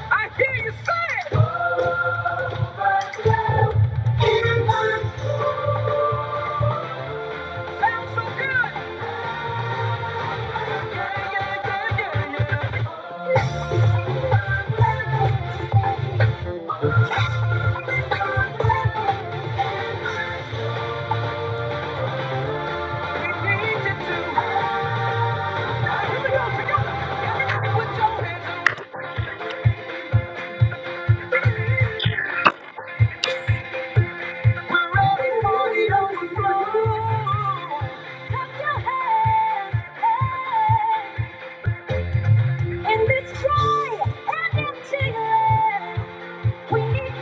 Speaker 2: I hear you say, it sounds so good. Yeah, yeah, yeah, yeah, yeah. We need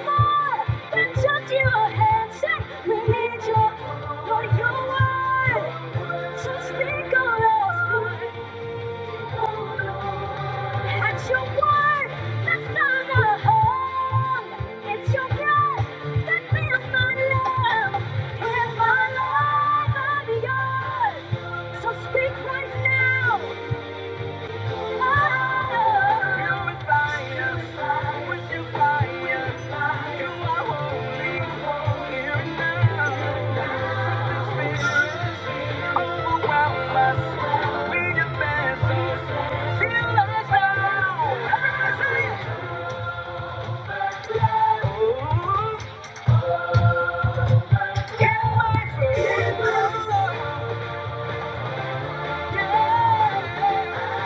Speaker 2: more than just your hands. We need your, your word. So speak on us, Lord. That's your word, that's not a home. It's your breath that fills my lungs. Here's my life, i yours. So speak right now. Get wise, get loose. Yeah,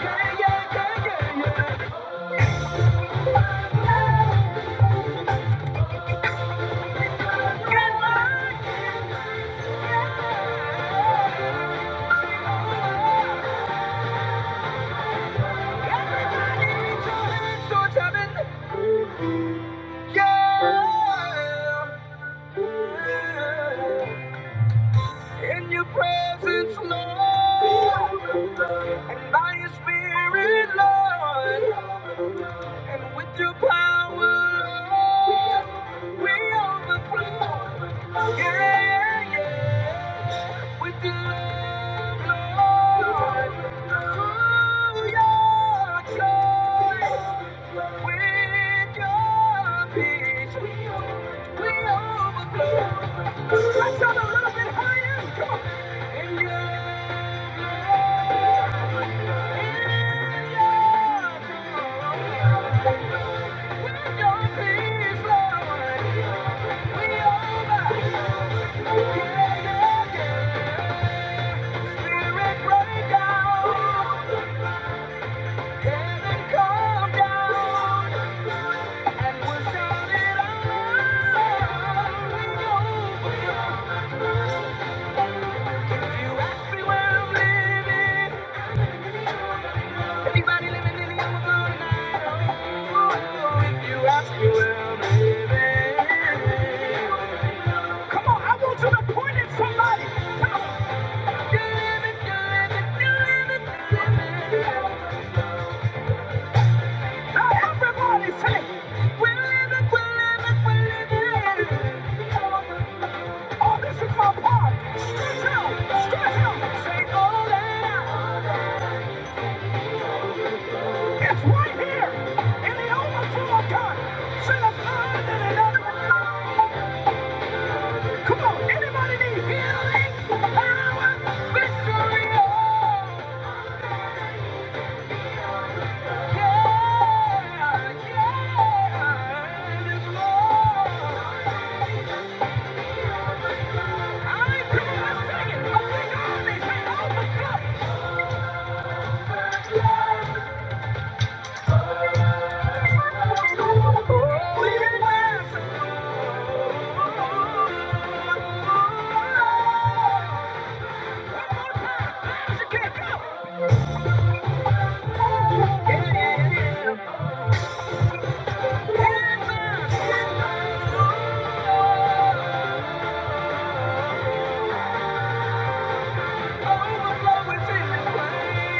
Speaker 2: yeah, yeah, yeah, yeah. In your presence, Lord, and by your spirit, Lord, and with your power, Lord, we overflow. Yeah, yeah, with the love, Lord. Yeah, yeah, yeah. Come on, I want you to point at somebody. Come on. Now everybody say, we live it, we live it, we live it. Oh, this is my part. Stretch out, stretch out. Say, all out. It's right here in the overflow of Come on, anybody need healing, power, victory? Oh, yeah, yeah. It is Lord. Oh, overflow is in this place.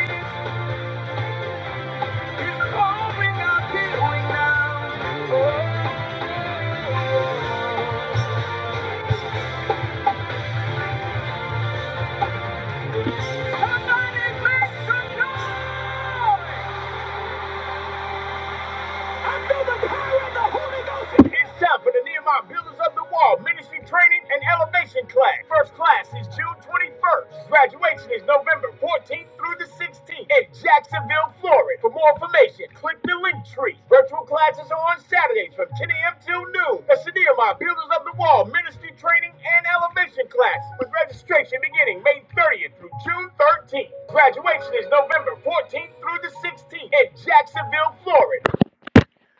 Speaker 2: I feel the power of the Holy Ghost in It's time for the Nehemiah Builders of the Wall Ministry Training and Elevation Class. First class is June 21st. Graduation is November 14th through the 16th in Jacksonville, Florida. For more information, click the link tree. Virtual classes are on Saturdays from 10 a.m. till noon. That's the Nehemiah Builders of the Wall Ministry Training and Elevation Class with registration beginning May 30th through June 13th. Graduation is November 14th through the 16th in Jacksonville, Florida.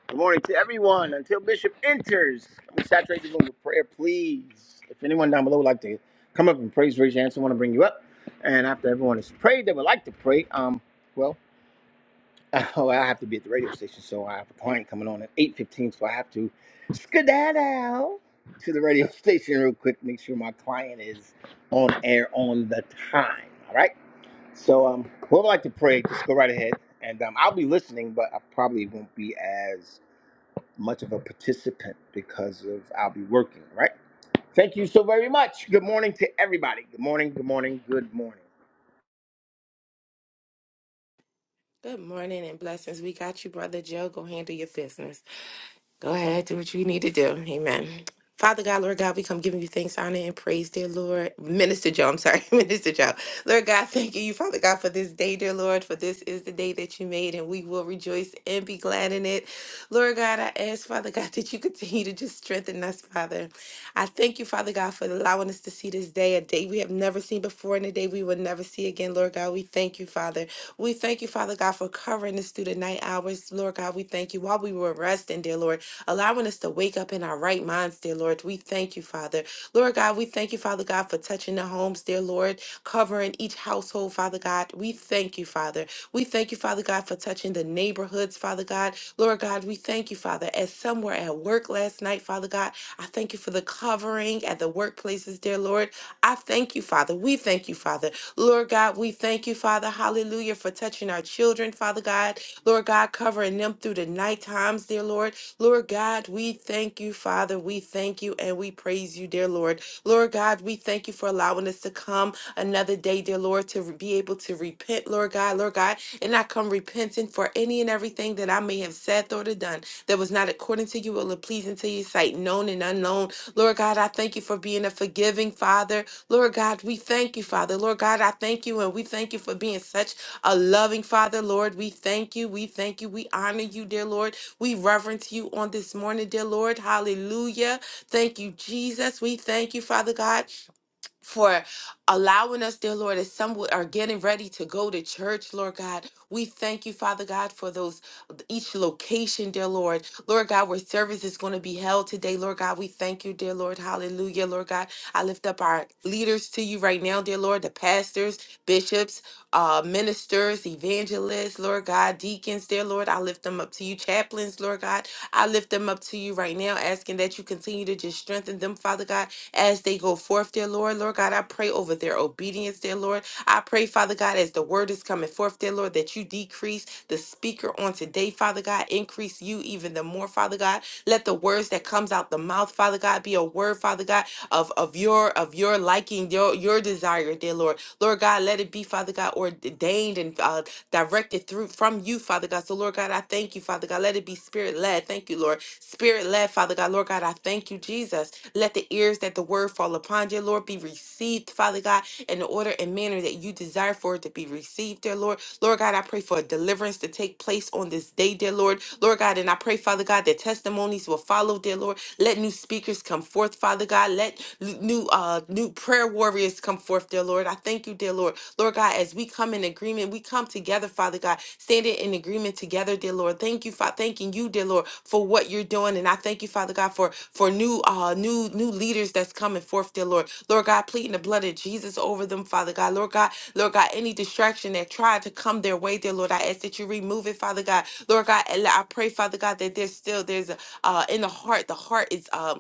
Speaker 2: Good morning to everyone. Until Bishop enters, I'm going to saturate the room with prayer, please. If anyone down below would like to come up and praise, raise your hand. Someone want to bring you up. And after everyone has prayed, they would like to pray. Um, well, oh, I have to be at the radio station, so I have a client coming on at 8:15, so I have to skedaddle to the radio station real quick. Make sure my client is on air on the time. All right. So, um, whoever would like to pray, just go right ahead. And um, I'll be listening, but I probably won't be as much of a participant because of I'll be working, right? Thank you so very much. Good morning to everybody. Good morning, good morning, good morning.
Speaker 3: Good morning and blessings. We got you, Brother Joe. Go handle your business. Go ahead, do what you need to do. Amen. Father God, Lord God, we come giving you thanks, honor, and praise, dear Lord. Minister Joe, I'm sorry, Minister Joe. Lord God, thank you, Father God, for this day, dear Lord, for this is the day that you made, and we will rejoice and be glad in it. Lord God, I ask, Father God, that you continue to just strengthen us, Father. I thank you, Father God, for allowing us to see this day, a day we have never seen before, and a day we will never see again, Lord God. We thank you, Father. We thank you, Father God, for covering us through the night hours, Lord God. We thank you while we were resting, dear Lord allowing us to wake up in our right minds, dear Lord. We thank you, Father. Lord God, we thank you, Father God, for touching the homes, dear Lord, covering each household, Father God. We thank you, Father. We thank you, Father God, for touching the neighborhoods, Father God. Lord God, we thank you, Father, as some were at work last night, Father God. I thank you for the covering at the workplaces, dear Lord. I thank you, Father. We thank you, Father. Lord God, we thank you, Father. Hallelujah, for touching our children, Father God. Lord God, covering them through the night times, dear Lord. Lord God, we thank you, Father. We thank you and we praise you, dear Lord. Lord God, we thank you for allowing us to come another day, dear Lord, to be able to repent, Lord God, Lord God. And I come repentant for any and everything that I may have said, thought, or done that was not according to you or pleasing to your sight, known and unknown. Lord God, I thank you for being a forgiving Father. Lord God, we thank you, Father. Lord God, I thank you and we thank you for being such a loving Father, Lord. We thank you. We thank you. We honor you, dear Lord. We reverence you on this morning, dear Lord. Hallelujah. Thank you, Jesus. We thank you, Father God for allowing us, dear Lord, as some would- are getting ready to go to church, Lord God. We thank you, Father God, for those each location, dear Lord. Lord God, where service is going to be held today, Lord God. We thank you, dear Lord. Hallelujah, Lord God. I lift up our leaders to you right now, dear Lord, the pastors, bishops, uh, ministers, evangelists, Lord God, deacons, dear Lord. I lift them up to you, chaplains, Lord God. I lift them up to you right now, asking that you continue to just strengthen them, Father God as they go forth, dear Lord. Lord God, I pray over their obedience, dear Lord. I pray, Father God, as the word is coming forth, dear Lord, that you decrease the speaker on today, Father God. Increase you even the more, Father God. Let the words that comes out the mouth, Father God, be a word, Father God, of, of your of your liking, your your desire, dear Lord. Lord God, let it be, Father God, ordained and uh, directed through from you, Father God. So, Lord God, I thank you, Father God. Let it be spirit led. Thank you, Lord. Spirit led, Father God. Lord God, I thank you, Jesus. Let the ears that the word fall upon dear Lord, be received, Father God, in the order and manner that you desire for it to be received, dear Lord. Lord God, I pray for a deliverance to take place on this day, dear Lord. Lord God, and I pray, Father God, that testimonies will follow, dear Lord. Let new speakers come forth, Father God. Let l- new uh new prayer warriors come forth, dear Lord. I thank you, dear Lord. Lord God, as we as we come in agreement, we come together, Father God, standing in agreement together, dear Lord. Thank you, Father, thanking you, dear Lord, for what you're doing, and I thank you, Father God, for for new uh new new leaders that's coming forth, dear Lord. Lord God, pleading the blood of Jesus over them, Father God. Lord God, Lord God, any distraction that tried to come their way, dear Lord, I ask that you remove it, Father God. Lord God, and I pray, Father God, that there's still there's a uh in the heart. The heart is um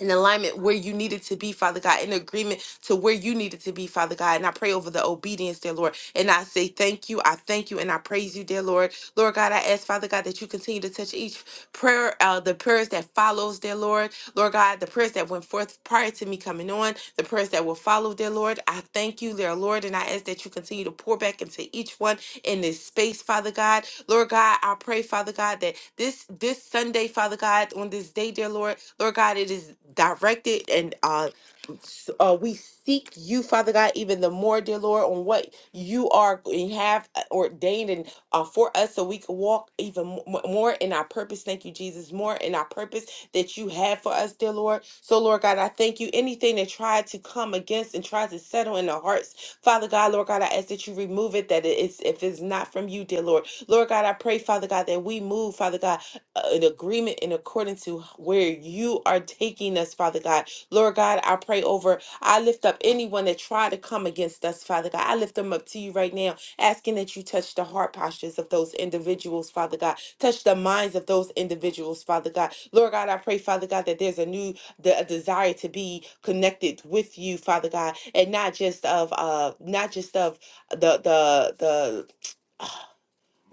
Speaker 3: in alignment where you needed to be, Father God, in agreement to where you needed to be, Father God. And I pray over the obedience, dear Lord. And I say thank you. I thank you and I praise you, dear Lord. Lord God, I ask, Father God, that you continue to touch each prayer, uh, the prayers that follows, dear Lord. Lord God, the prayers that went forth forth prior to me coming on, the prayers that will follow, dear Lord. I thank you, dear Lord, and I ask that you continue to pour back into each one in this space, Father God. Lord God, I pray, Father God, that this this Sunday, Father God, on this day, dear Lord, Lord God, it is directed and uh s- uh, we seek you, Father God, even the more, dear Lord, on what you are and have uh, ordained and uh, for us, so we can walk even mo- mo- more in our purpose. Thank you, Jesus, more in our purpose that you have for us, dear Lord. So, Lord God, I thank you. Anything that tried to come against and tries to settle in our hearts, Father God, Lord God, I ask that you remove it, that it is, if it's not from you, dear Lord. Lord God, I pray, Father God, that we move, Father God, uh, in agreement in accordance to where you are taking us, Father God. Lord God, I pray over, I lift up anyone that tried to come against us, Father God. I lift them up to you right now asking that you touch the heart postures of those individuals, Father God. Touch the minds of those individuals, Father God. Lord God, I pray, Father God, that there's a new de- a desire to be connected with you, Father God, and not just of uh, not just of the the the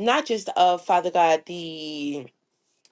Speaker 3: not just of Father God the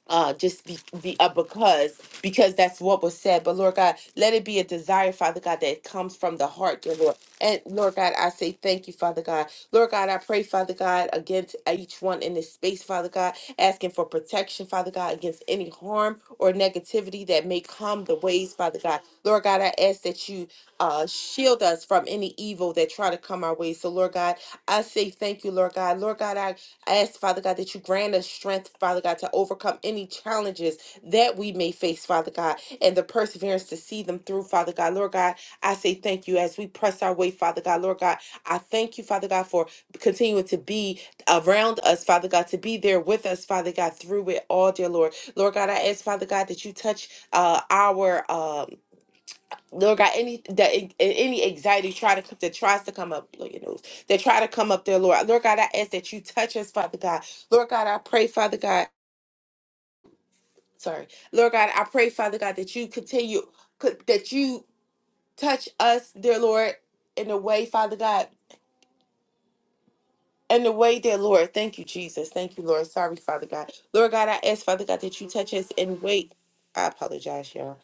Speaker 3: uh just be, be uh, because because that's what was said but lord god let it be a desire father god that comes from the heart dear lord and lord god i say thank you father god lord god i pray father god against each one in this space father god asking for protection father god against any harm or negativity that may come the ways father god lord god i ask that you uh shield us from any evil that try to come our way so lord god i say thank you lord god lord god i I ask, Father God, that you grant us strength, Father God, to overcome any challenges that we may face, Father God, and the perseverance to see them through, Father God. Lord God, I say thank you as we press our way, Father God. Lord God, I thank you, Father God, for continuing to be around us, Father God, to be there with us, Father God, through it all, dear Lord. Lord God, I ask, Father God, that you touch uh, our um Lord God, any that any anxiety try to that tries to come up, Lord, you know, that try to come up there, Lord. Lord God, I ask that you touch us, Father God. Lord God, I pray, Father God. Sorry, Lord God, I pray, Father God, that you continue could- that you touch us, dear Lord, in a way, Father God. In the way, dear Lord, thank you, Jesus. Thank you, Lord. Sorry, Father God. Lord God, I ask, Father God, that you touch us and wait. I apologize, y'all.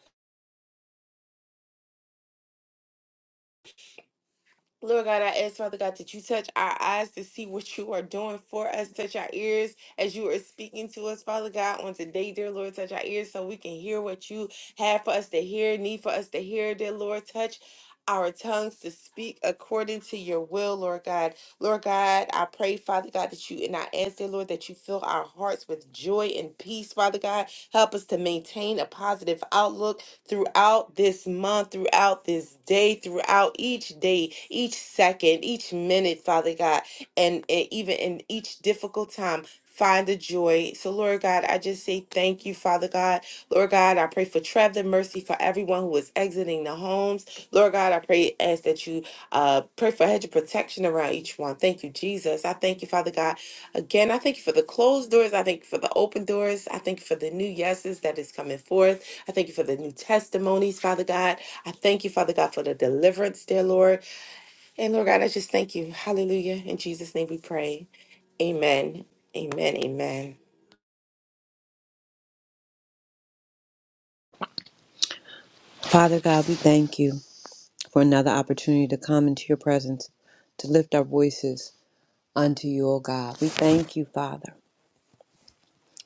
Speaker 3: Lord God, I ask, Father God, that you touch our eyes to see what you are doing for us. Touch our ears as you are speaking to us, Father God, on today, dear Lord. Touch our ears so we can hear what you have for us to hear, need for us to hear, dear Lord. Touch our tongues to speak according to your will, Lord God. Lord God, I pray, Father God, that you and I ask, dear Lord, that you fill our hearts with joy and peace, Father God. Help us to maintain a positive outlook throughout this month, throughout this day, throughout each day, each second, each minute, Father God, and, and even in each difficult time. Find the joy. So, Lord God, I just say thank you, Father God. Lord God, I pray for traveling mercy for everyone who is exiting the homes. Lord God, I pray, ask that you uh, pray for a hedge of protection around each one. Thank you, Jesus. I thank you, Father God. Again, I thank you for the closed doors. I thank you for the open doors. I thank you for the new yeses that is coming forth. I thank you for the new testimonies, Father God. I thank you, Father God, for the deliverance, dear Lord. And Lord God, I just thank you. Hallelujah. In Jesus' name we pray. Amen. Amen. Amen.
Speaker 4: Father God, we thank you for another opportunity to come into your presence, to lift our voices unto you, O God. We thank you, Father.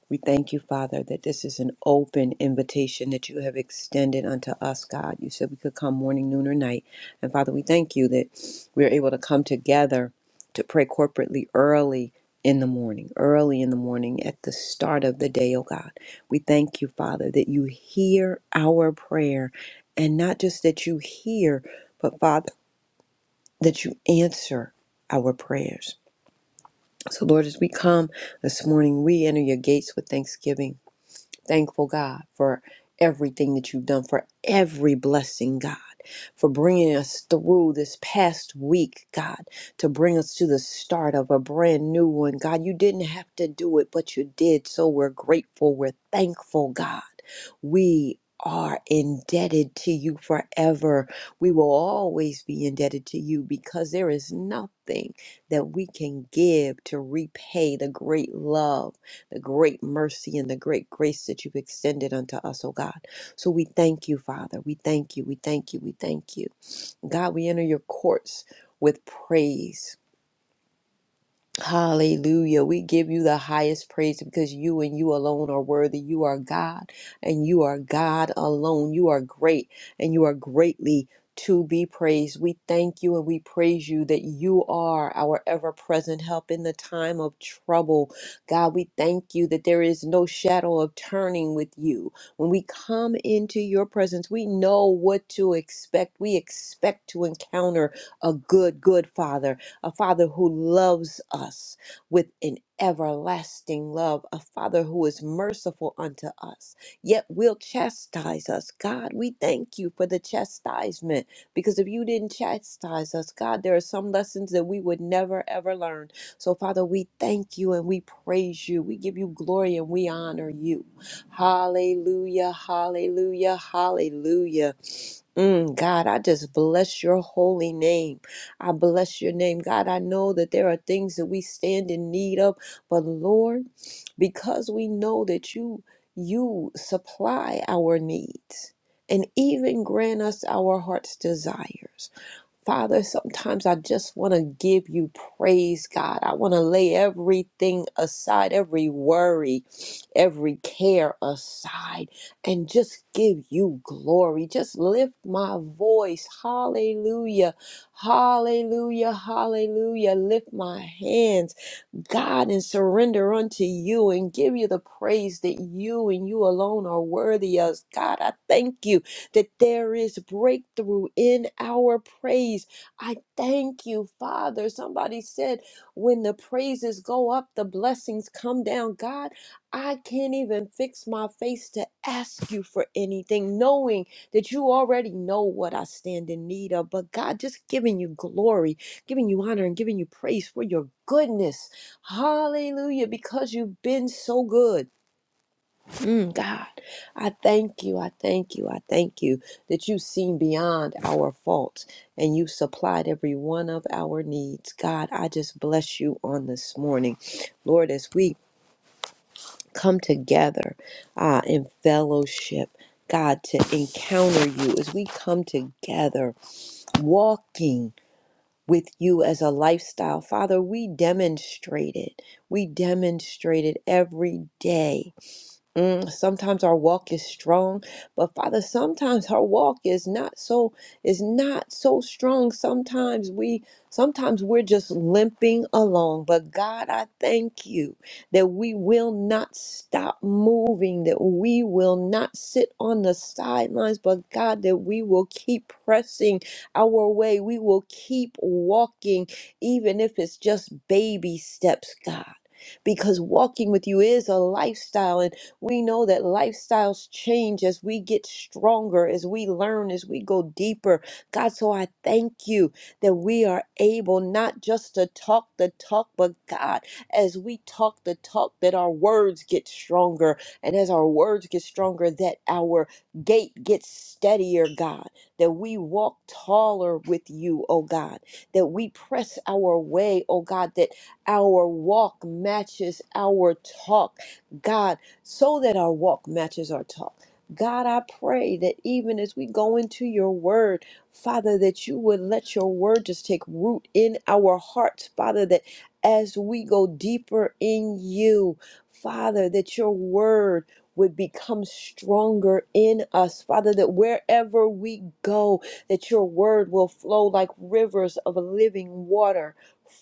Speaker 4: We thank you, Father, that this is an open invitation that you have extended unto us, God. You said we could come morning, noon, or night. And Father, we thank you that we're able to come together to pray corporately early in the morning, early in the morning at the start of the day, oh God. We thank you, Father, that you hear our prayer. And not just that you hear, but Father, that you answer our prayers. So, Lord, as we come this morning, we enter your gates with thanksgiving Thankful God for everything that you've done, for every blessing, God for bringing us through this past week, God, to bring us to the start of a brand new one. God, you didn't have to do it, but you did. So we're grateful. We're thankful, God. We are indebted to you forever. We will always be indebted to you because there is nothing that we can give to repay the great love, the great mercy, and the great grace that you've extended unto us, oh God. So we thank you, Father. We thank you. We thank you. We thank you. God, we enter your courts with praise. Hallelujah. We give you the highest praise because you and you alone are worthy. You are God and you are God alone. You are great and you are greatly to be praised. We thank you and we praise you that you are our ever present help in the time of trouble. God, we thank you that there is no shadow of turning with you. When we come into your presence, we know what to expect. We expect to encounter a good, good Father a Father who loves us with an everlasting love, a Father who is merciful unto us, yet will chastise us. God, we thank you for the chastisement because if you didn't chastise us, God, there are some lessons that we would never ever learn. So, Father, we thank you and we praise you. We give you glory and we honor you. Hallelujah, hallelujah, hallelujah. Mm, God, I just bless your holy name. I bless your name. God, I know that there are things that we stand in need of, but Lord, because we know that you you supply our needs and even grant us our heart's desires. Father, sometimes I just want to give you praise, God. I want to lay everything aside, every worry, every care aside, and just give you glory. Just lift my voice. Hallelujah. Hallelujah. Hallelujah. Lift my hands. God and surrender unto you and give you the praise that you and you alone are worthy of. God, I thank you that there is breakthrough in our praise. I thank you, Father. Somebody said, when the praises go up, the blessings come down. God, I can't even fix my face to ask you for anything, knowing that you already know what I stand in need of. But God, just giving you glory, giving you honor, and giving you praise for your goodness Hallelujah, because you've been so good. Mm, God, I thank you. I thank you. I thank you that you've seen beyond our faults and you supplied every one of our needs. God, I just bless you on this morning. Lord, as we come together uh, in fellowship, God, to encounter you, as we come together walking with you as a lifestyle. Father, we demonstrate it. We demonstrate it every day Mm, sometimes our walk is strong, but Father, sometimes our walk is not so is not so strong. Sometimes we sometimes we're just limping along. But God, I thank you that we will not stop moving, that we will not sit on the sidelines, but God, that we will keep pressing our way. We will keep walking, even if it's just baby steps, God. Because walking with you is a lifestyle we know that lifestyles change as we get stronger, as we learn, as we go deeper. God, so I thank you that we are able not just to talk the talk, but God, as we talk the talk, that our words get stronger. And as our words get stronger, that our gait gets steadier, God, that we walk taller with you, oh God, that we press our way, oh God, that our walk matches our talk. God, so that our walk matches our talk. God, I pray that even as we go into your word, Father, that you would let your word just take root in our hearts, Father, that as we go deeper in you, Father, that your word would become stronger in us, Father, that wherever we go, that your word will flow like rivers of living water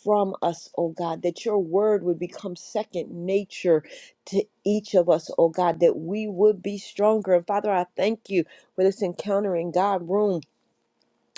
Speaker 4: from us, oh God, that your word would become second nature to each of us, oh God, that we would be stronger. And Father, I thank you for this encountering God room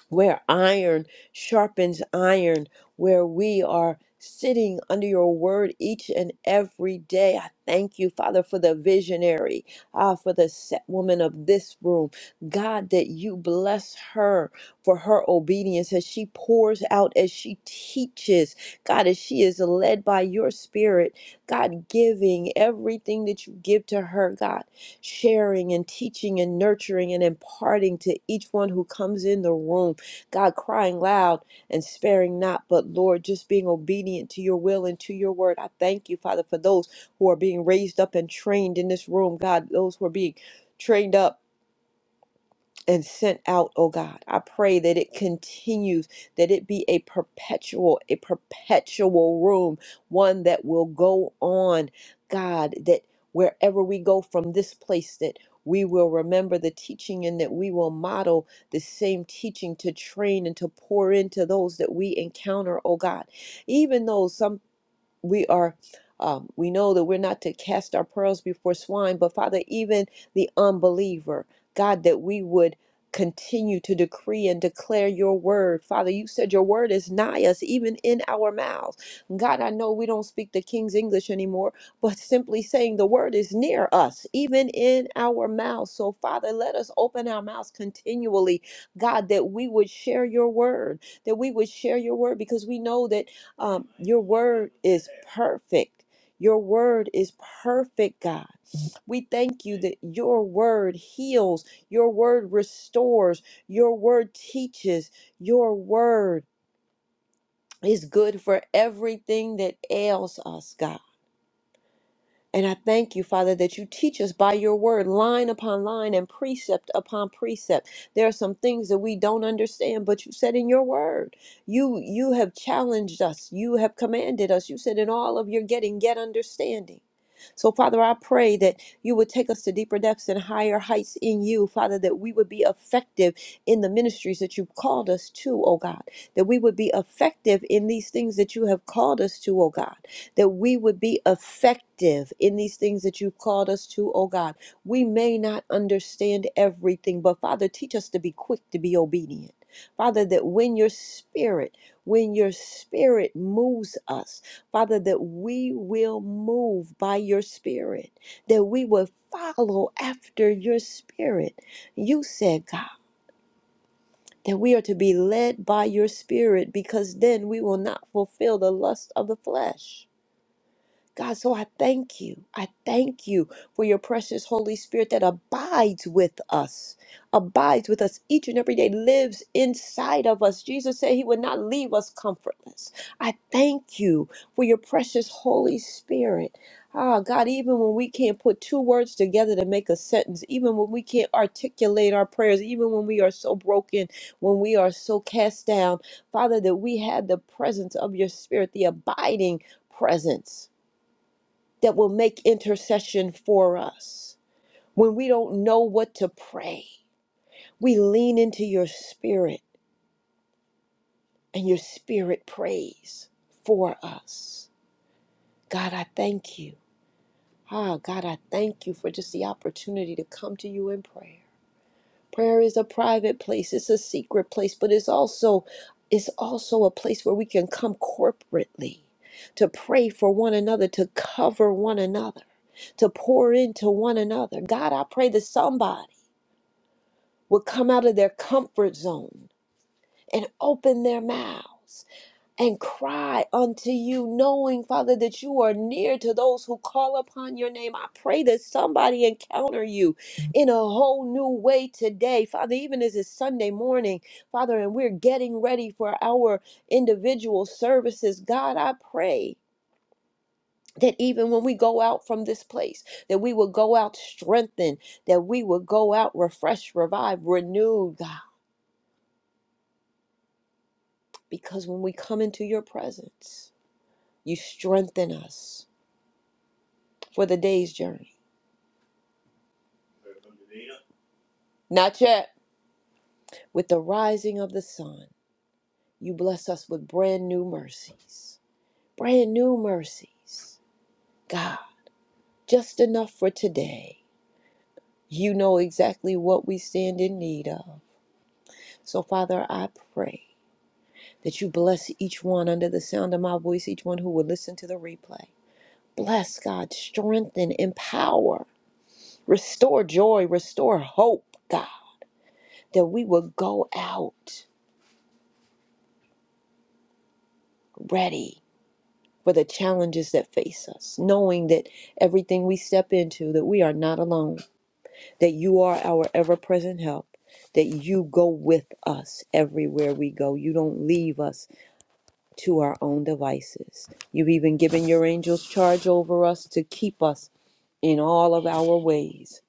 Speaker 4: where iron sharpens iron, where we are sitting under your word each and every day. I thank you, Father, for the visionary, ah, for the set woman of this room. God, that you bless her for her obedience as she pours out, as she teaches. God, as she is led by your spirit, God, giving everything that you give to her, God, sharing and teaching and nurturing and imparting to each one who comes in the room. God, crying loud and sparing not, but Lord, just being obedient to your will and to your word. I thank you, Father, for those who are being raised up and trained in this room, God, those who are being trained up and sent out, oh God. I pray that it continues, that it be a perpetual, a perpetual room, one that will go on, God, that wherever we go from this place, that we will remember the teaching and that we will model the same teaching to train and to pour into those that we encounter, oh God. Even though sometimes we are um, we know that we're not to cast our pearls before swine but father even the unbeliever god that we would continue to decree and declare your word father you said your word is nigh us even in our mouths god i know we don't speak the king's english anymore but simply saying the word is near us even in our mouths so father let us open our mouths continually god that we would share your word that we would share your word because we know that um, your word is perfect. Your word is perfect, God. We thank you that your word heals, your word restores, your word teaches, your word is good for everything that ails us, God. And I thank you, Father, that you teach us by your word, line upon line and precept upon precept. There are some things that we don't understand, but you said in your word, you you have challenged us, you have commanded us. You said in all of your getting, get understanding. So, Father, I pray that you would take us to deeper depths and higher heights in you, Father, that we would be effective in the ministries that you've called us to, oh God, that we would be effective in these things that you have called us to, oh God that we would be effective in these things that you've called us to, oh God. We may not understand everything, but Father, teach us to be quick to be obedient. Father, that when your spirit, when your spirit moves us, Father, that we will move by your spirit, that we will follow after your spirit. You said, God, that we are to be led by your spirit because then we will not fulfill the lust of the flesh. God, so I thank you. I thank you for your precious Holy Spirit that abides with us, abides with us each and every day, lives inside of us. Jesus said he would not leave us comfortless. I thank you for your precious Holy Spirit. Ah, God, even when we can't put two words together to make a sentence, even when we can't articulate our prayers, even when we are so broken, when we are so cast down, Father, that we have the presence of your Spirit, the abiding presence that will make intercession for us. When we don't know what to pray, we lean into your spirit and your spirit prays for us. God, I thank you. Ah, God, I thank you for just the opportunity to come to you in prayer. Prayer is a private place, it's a secret place, but it's also it's also a place where we can come corporately to pray for one another, to cover one another, to pour into one another. God, I pray that somebody would come out of their comfort zone and open their mouths and cry unto you, knowing, Father, that you are near to those who call upon your name. I pray that somebody encounter you in a whole new way today, Father, even as it's Sunday morning, Father, and we're getting ready for our individual services. God, I pray. That even when we go out from this place, that we will go out strengthened, that we will go out refreshed, revived, renewed, God Because when we come into your presence, you strengthen us for the day's journey. Not yet. With the rising of the sun, you bless us with brand new mercies. Brand new mercies. God, just enough for today. You know exactly what we stand in need of. So, Father, I pray that you bless each one under the sound of my voice, each one who will listen to the replay. Bless, God, strengthen, empower, restore joy, restore hope, God. that we will go out ready for the challenges that face us, knowing that everything we step into, that we are not alone, that you are our ever-present help, that you go with us everywhere we go. You don't leave us to our own devices. You've even given your angels charge over us to keep us in all of our ways.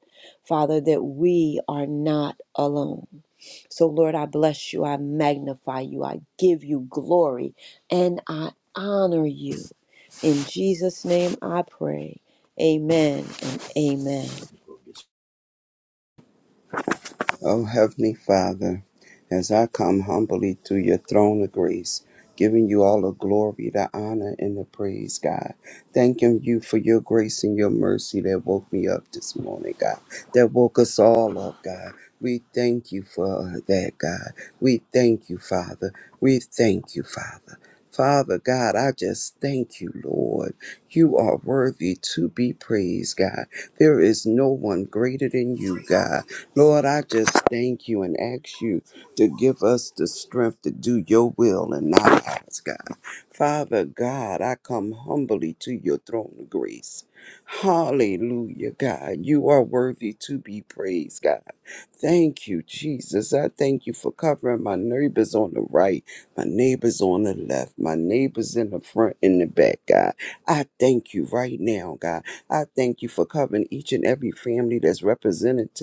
Speaker 4: Father, that we are not alone. So, Lord, I bless you. I magnify you. I give you glory and I honor you. In Jesus' name I pray. Amen and amen.
Speaker 5: O Heavenly Father, as I come humbly to your throne of grace, giving you all the glory, the honor, and the praise, God. Thanking you for your grace and your mercy that woke me up this morning, God, that woke us all up, God. We thank you for that, God. We thank you, Father. We thank you, Father. Father God, I just thank you, Lord. You are worthy to be praised, God. There is no one greater than you, God. Lord, I just thank you and ask you to give us the strength to do your will and not ours, God. Father God, I come humbly to your throne of grace. Hallelujah, God. You are worthy to be praised, God. Thank you, Jesus. I thank you for covering my neighbors on the right, my neighbors on the left, my neighbors in the front and the back, God. I thank you right now, God. I thank you for covering each and every family that's represented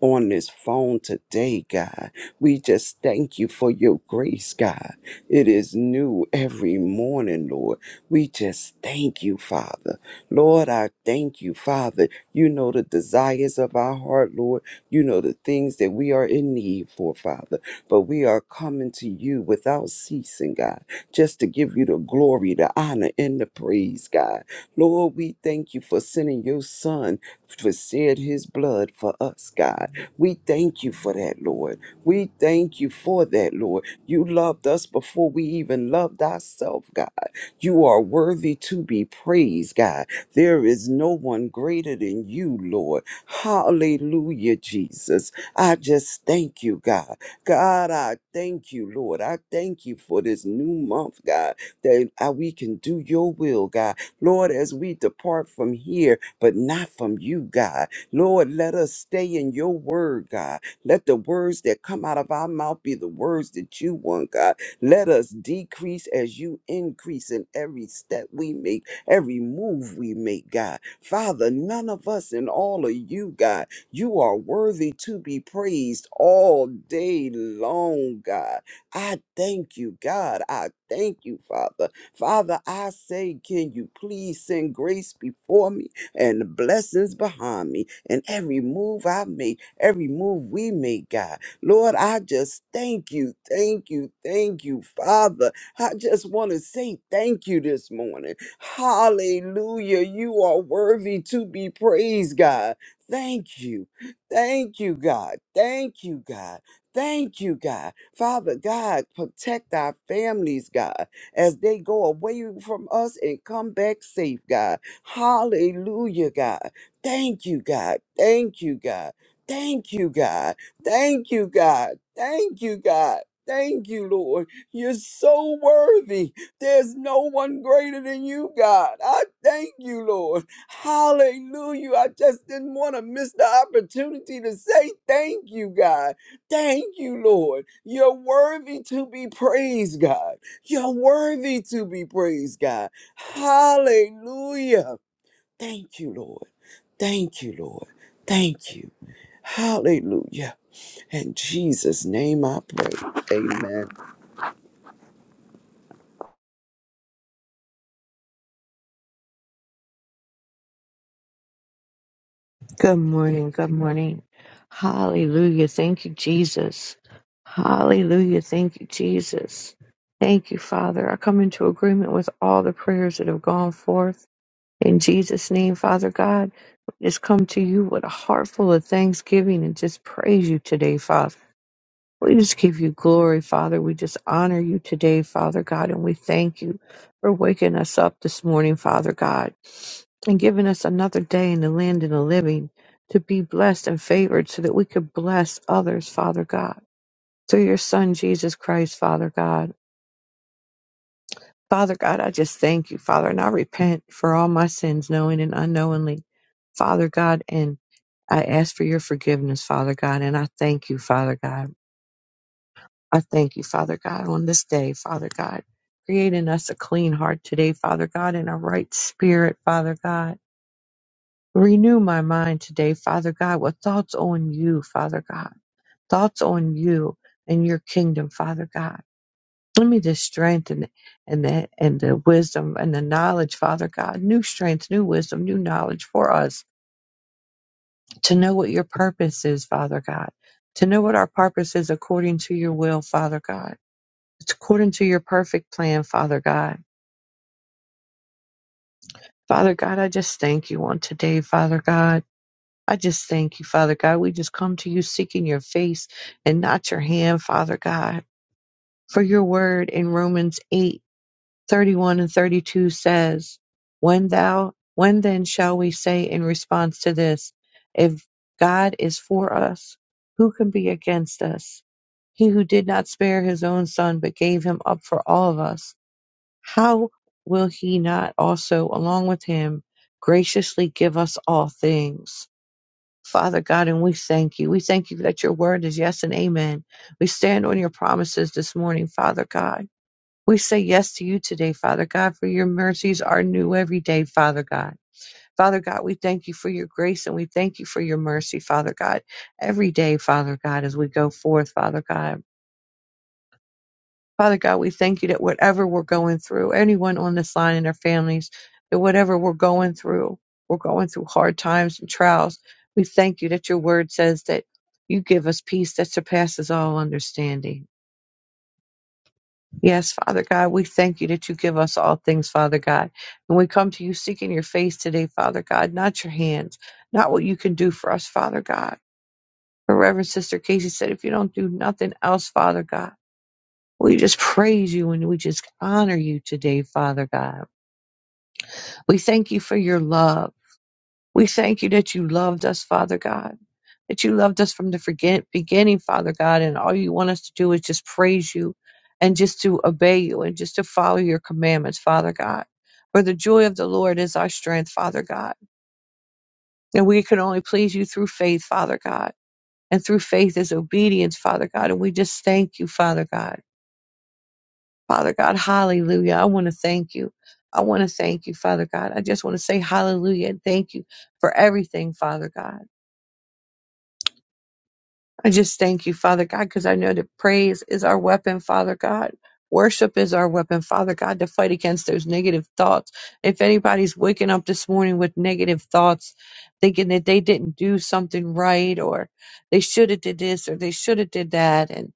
Speaker 5: on this phone today, God. We just thank you for your grace, God. It is new every morning, Lord. We just thank you, Father. Lord, I thank you, Father. You know the desires of our heart, Lord. You know the things that we are in need for, Father. But we are coming to you without ceasing, God, just to give you the glory, the honor, and the praise, God. Lord, we thank you for sending your son to shed his blood for us, God. We thank you for that, Lord. We thank you for that, Lord. You loved us before we even loved ourselves, God. You are worthy to be praised, God. There is no one greater than you, Lord. Hallelujah, Jesus. I just thank you, God. God, I thank you, Lord. I thank you for this new month, God, that uh, we can do your will, God. Lord, as we depart from here, but not from you, God. Lord, let us stay in your word, God. Let the words that come out of our mouth be the words that you want, God. Let us decrease as you increase in every step we make, every move we make, God. Father, none of us and all of you, God, you are worthy to be praised all day long, God. I thank you, God. I thank you, Father. Father, I say, can you please send grace before me? and the blessings behind me and every move I make, every move we make, God. Lord, I just thank you, thank you, thank you, Father. I just want to say thank you this morning. Hallelujah. You are worthy to be praised, God. Thank you. Thank you, God. Thank you, God. Thank you, God. Father God, protect our families, God, as they go away from us and come back safe, God. Hallelujah, God. Thank you, God. Thank you, God. Thank you, God. Thank you, God. Thank you, God. Thank you, Lord. You're so worthy. There's no one greater than you, God. I thank you, Lord. Hallelujah. I just didn't want to miss the opportunity to say thank you, God. Thank you, Lord. You're worthy to be praised, God. You're worthy to be praised, God. Hallelujah. Thank you, Lord. Thank you, Lord. Thank you. Hallelujah. In Jesus' name I pray. Amen.
Speaker 6: Good morning. Good morning. Hallelujah. Thank you, Jesus. Hallelujah. Thank you, Jesus. Thank you, Father. I come into agreement with all the prayers that have gone forth. In Jesus' name, Father God, we just come to you with a heart full of thanksgiving and just praise you today, Father. We just give you glory, Father. We just honor you today, Father God, and we thank you for waking us up this morning, Father God, and giving us another day in the land of the living to be blessed and favored so that we could bless others, Father God. Through your Son, Jesus Christ, Father God. Father God, I just thank you, Father, and I repent for all my sins, knowing and unknowingly, Father God, and I ask for your forgiveness, Father God, and I thank you, Father God. I thank you, Father God, on this day, Father God. Create in us a clean heart today, Father God, and a right spirit, Father God. Renew my mind today, Father God, with thoughts on you, Father God. Thoughts on you and your kingdom, Father God. Give me the strength and, and the and the wisdom and the knowledge, Father God. New strength, new wisdom, new knowledge for us to know what your purpose is, Father God. To know what our purpose is according to your will, Father God It's according to your perfect plan, Father God. Father God, I just thank you on today, Father God. I just thank you, Father God. We just come to you seeking your face and not your hand, Father God. For your word in Romans 8 31 and 32 says, When thou, when then shall we say in response to this, if God is for us, who can be against us? He who did not spare his own son, but gave him up for all of us how will he not also, along with him, graciously give us all things? Father God, and we thank you. We thank you that your word is yes and amen. We stand on your promises this morning, Father God. We say yes to you today, Father God, for your mercies are new every day, Father God. Father God, we thank you for your grace and we thank you for your mercy, Father God, every day, Father God, as we go forth, Father God. Father God, we thank you that whatever we're going through, anyone on this line and their families, that whatever we're going through, we're going through hard times and trials. We thank you that your word says that you give us peace that surpasses all understanding. Yes, Father God, we thank you that you give us all things, Father God. And we come to you seeking your face today, Father God, not your hands, not what you can do for us, Father God. But Reverend Sister Casey said, if you don't do nothing else, Father God, We just praise you and we just honor you today, Father God. We thank you for your love. We thank you that you loved us, Father God, that you loved us from the forget- beginning, Father God, and all you want us to do is just praise you and just to obey you and just to follow your commandments, Father God. For the joy of the Lord is our strength, Father God. And we can only please you through faith, Father God. And through faith is obedience, Father God. And we just thank you, Father God. Father God, hallelujah. I want to thank you. I want to thank you, Father God. I just want to say hallelujah and thank you for everything, Father God. I just thank you, Father God, because I know that praise is our weapon, Father God. Worship is our weapon, Father God, to fight against those negative thoughts. If anybody's waking up this morning with negative thoughts, thinking that they didn't do something right, or they should have did this, or they should have did that, and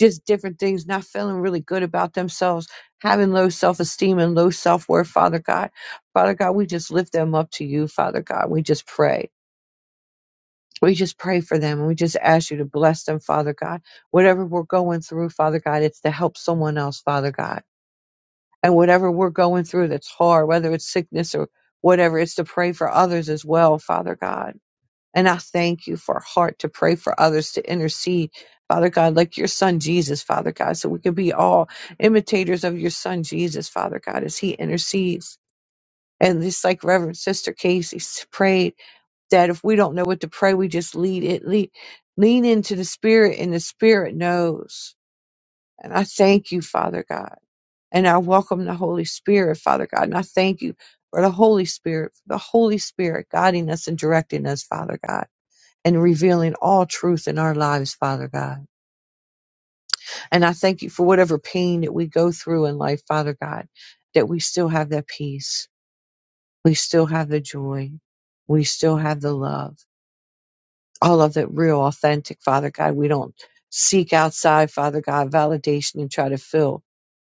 Speaker 6: just different things, not feeling really good about themselves, having low self-esteem and low self-worth, Father God. Father God, we just lift them up to you, Father God. We just pray. We just pray for them and we just ask you to bless them, Father God. Whatever we're going through, Father God, it's to help someone else, Father God. And whatever we're going through that's hard, whether it's sickness or whatever, it's to pray for others as well, Father God. And I thank you for a heart to pray for others, to intercede, Father God, like your son Jesus, Father God, so we can be all imitators of your son Jesus, Father God, as he intercedes. And just like Reverend Sister Casey prayed that if we don't know what to pray, we just lead it, lead, lean into the Spirit, and the Spirit knows. And I thank you, Father God. And I welcome the Holy Spirit, Father God. And I thank you for the Holy Spirit, for the Holy Spirit guiding us and directing us, Father God, and revealing all truth in our lives, Father God. And I thank you for whatever pain that we go through in life, Father God, that we still have that peace. We still have the joy. We still have the love all of it real, authentic, Father God. We don't seek outside, Father God, validation and try to fill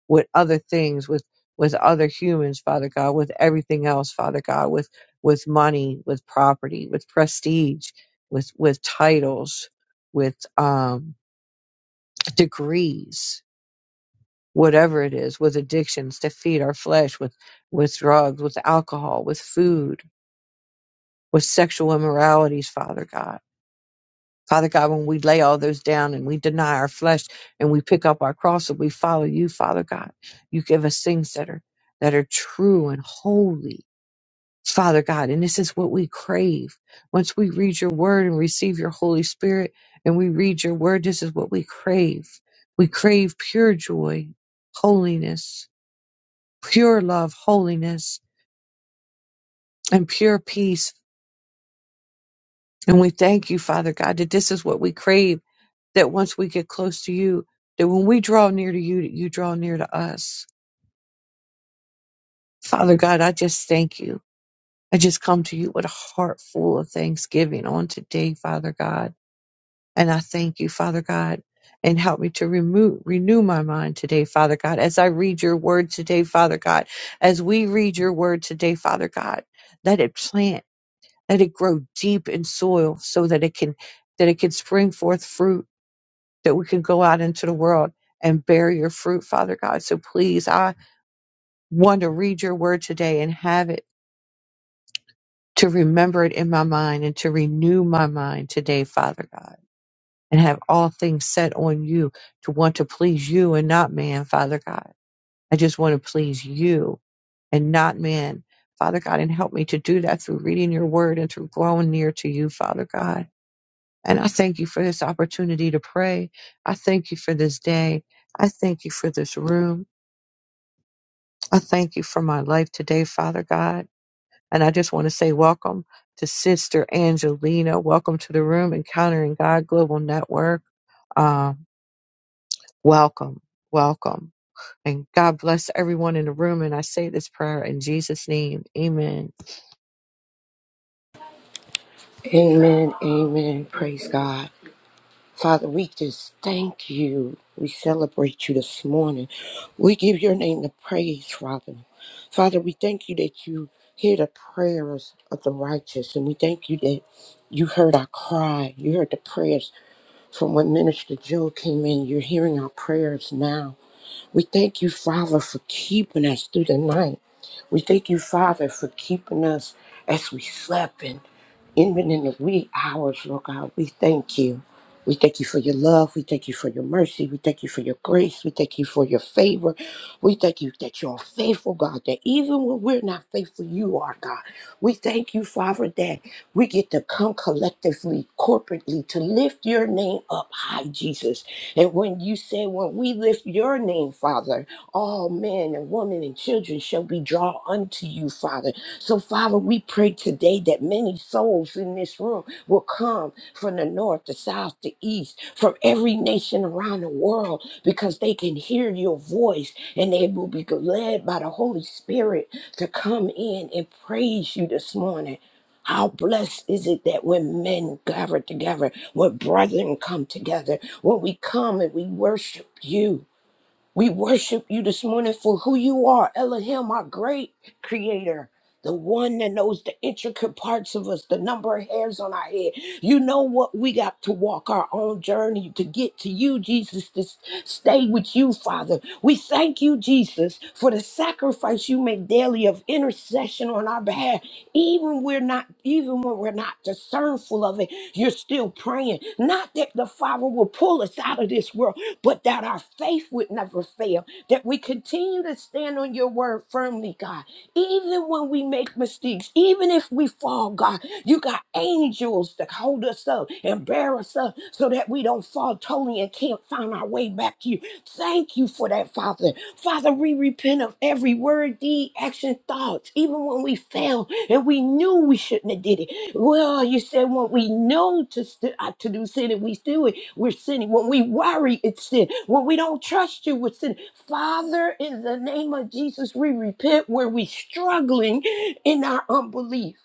Speaker 6: with other things, with with other humans, Father God, with everything else, Father God, with with money, with property, with prestige, with with titles, with um, degrees, whatever it is, with addictions to feed our flesh, with with drugs, with alcohol, with food, with sexual immoralities, Father God Father God, when we lay all those down and we deny our flesh and we pick up our cross and we follow you, Father God, you give us things that are that are true and holy, Father God. And this is what we crave. Once we read your word and receive your Holy Spirit and we read your word, this is what we crave. We crave pure joy, holiness, pure love, holiness, and pure peace. And we thank you, Father God, that this is what we crave that once we get close to you, that when we draw near to you, that you draw near to us. Father God, I just thank you. I just come to you with a heart full of thanksgiving on today, Father God. And I thank you, Father God, and help me to remove, renew my mind today, Father God, as I read your word today, Father God, as we read your word today, Father God, let it plant, let it grow deep in soil so that it can, that it can spring forth fruit that we could go out into the world and bear your fruit, Father God. So please, I want to read your word today and have it to remember it in my mind and to renew my mind today, Father God, and have all things set on you to want to please you and not man, Father God. I just want to please you and not man. Father God, and help me to do that through reading your word and through growing near to you, Father God. And I thank you for this opportunity to pray. I thank you for this day. I thank you for this room. I thank you for my life today, Father God. And I just want to say welcome to Sister Angelina. Welcome to the room, Encountering God Global Network. Um, welcome, welcome. And God bless everyone in the room. And I say this prayer in Jesus' name. Amen.
Speaker 7: Amen. Amen. Praise God. Father, we just thank you. We celebrate you this morning. We give your name the praise, Father. Father, we thank you that you hear the prayers of the righteous, and we thank you that you heard our cry. You heard the prayers from when Minister Joe came in. You're hearing our prayers now. We thank you, Father, for keeping us through the night. We thank you, Father, for keeping us as we slept and even in the wee hours, Lord God. We thank you. We thank you for your love. We thank you for your mercy. We thank you for your grace. We thank you for your favor. We thank you that you're faithful, God, that even when we're not faithful, you are, God. We thank you, Father, that we get to come collectively, corporately, to lift your name up high, Jesus and when you said, when we lift your name, Father, all men and women and children shall be drawn unto you, Father. So, Father, we pray today that many souls in this room will come from the north, the south, the east, from every nation around the world, because they can hear your voice and they will be led by the Holy Spirit to come in and praise you this morning. How blessed is it that when men gather together, when brethren come together, when we come and we worship you, we worship you this morning for who you are, Elohim, our great creator. The one that knows the intricate parts of us, the number of hairs on our head. You know what? We got to walk our own journey to get to you, Jesus, to s- stay with you, Father. We thank you, Jesus, for the sacrifice you make daily of intercession on our behalf. Even we're not, even when we're not discernful of it, you're still praying. Not that the Father will pull us out of this world, but that our faith would never fail, that we continue to stand on your word firmly, God. Even when we make mistakes, even if we fall, God, you got angels that hold us up and bear us up so that we don't fall totally and can't find our way back to you. Thank you for that, Father. Father, we repent of every word, deed, action, thoughts, even when we fail and we knew we shouldn't have did it well, you said when we know to st- uh, to do sin, and we do it, we're sinning. When we worry, it's sin. When we don't trust you, we're sinning. Father, in the name of Jesus, we repent where we're struggling in our unbelief.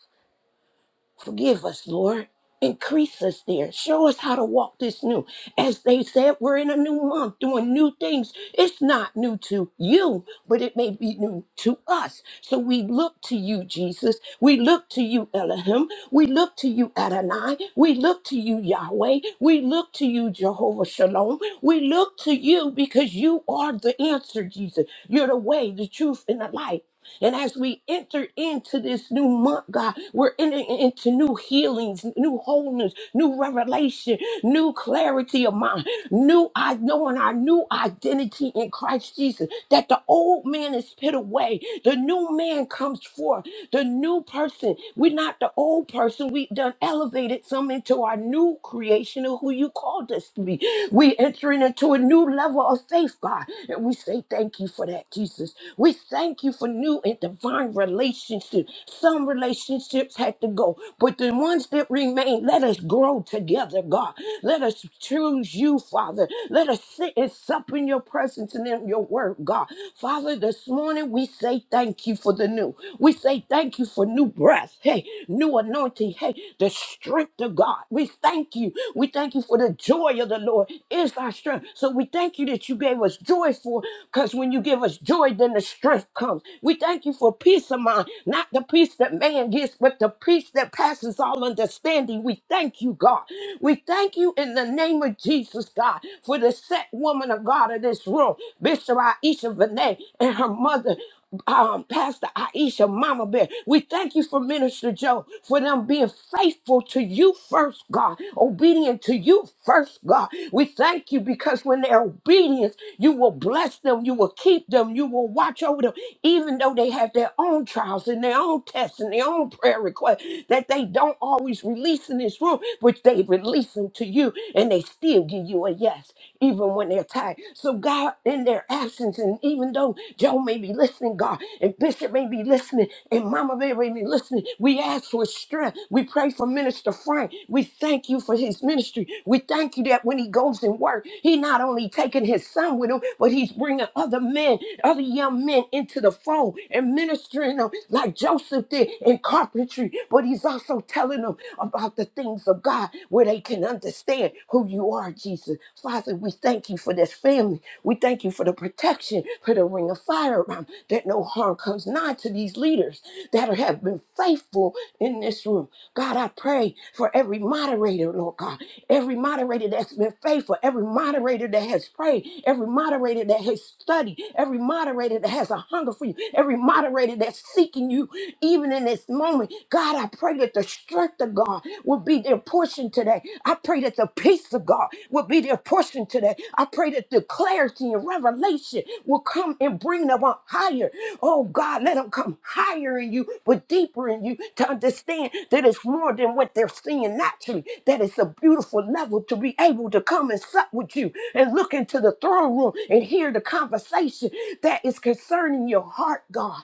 Speaker 7: Forgive us, Lord. Increase us there. Show us how to walk this new. As they said, we're in a new month doing new things. It's not new to you, but it may be new to us. So we look to you, Jesus. We look to you, Elohim. We look to you, Adonai. We look to you, Yahweh. We look to you, Jehovah Shalom. We look to you because you are the answer, Jesus. You're the way, the truth, and the light. And as we enter into this new month, God, we're entering into new healings, new wholeness, new revelation, new clarity of mind, new I knowing our new identity in Christ Jesus. That the old man is put away, the new man comes forth, the new person. We're not the old person. We done elevated some into our new creation of who you called us to be. We entering into a new level of faith, God, and we say thank you for that, Jesus. We thank you for new in divine relationships. Some relationships had to go, but the ones that remain, let us grow together, God. Let us choose you, Father. Let us sit and sup in your presence and in your word, God. Father, this morning we say thank you for the new. We say thank you for new breath. Hey, new anointing. Hey, the strength of God. We thank you. We thank you for the joy of the Lord is our strength. So we thank you that you gave us joy for, because when you give us joy, then the strength comes. We thank you thank you for peace of mind, not the peace that man gives, but the peace that passes all understanding. We thank you, God. We thank you in the name of Jesus, God, for the set woman of God in this room, Bishop Aisha Vinay and her mother. Um, Pastor Aisha, Mama Bear, we thank you for Minister Joe for them being faithful to you first, God, obedient to you first, God. We thank you because when they're obedient, you will bless them, you will keep them, you will watch over them, even though they they have their own trials and their own tests and their own prayer requests that they don't always release in this room, which they release them to you and they still give you a yes, even when they're tired. So, God, in their absence, and even though Joe may be listening, God, and Bishop may be listening, and Mama Bear may be listening, we ask for strength. We pray for Minister Frank. We thank you for his ministry. We thank you that when he goes and work, he not only taking his son with him, but he's bringing other men, other young men into the fold and ministering them like Joseph did in carpentry, but he's also telling them about the things of God where they can understand who you are, Jesus. Father, we thank you for this family. We thank you for the protection, for the ring of fire around that no harm comes nigh to these leaders that have been faithful in this room. God, I pray for every moderator, Lord God, every moderator that's been faithful, every moderator that has prayed, every moderator that has studied, every moderator that has a hunger for you, every moderator moderator that's seeking you even in this moment. God, I pray that the strength of God will be their portion today. I pray that the peace of God will be their portion today. I pray that the clarity and revelation will come and bring them up higher. Oh God, let them come higher in you, but deeper in you to understand that it's more than what they're seeing naturally, that it's a beautiful level to be able to come and sup with you and look into the throne room and hear the conversation that is concerning your heart, God.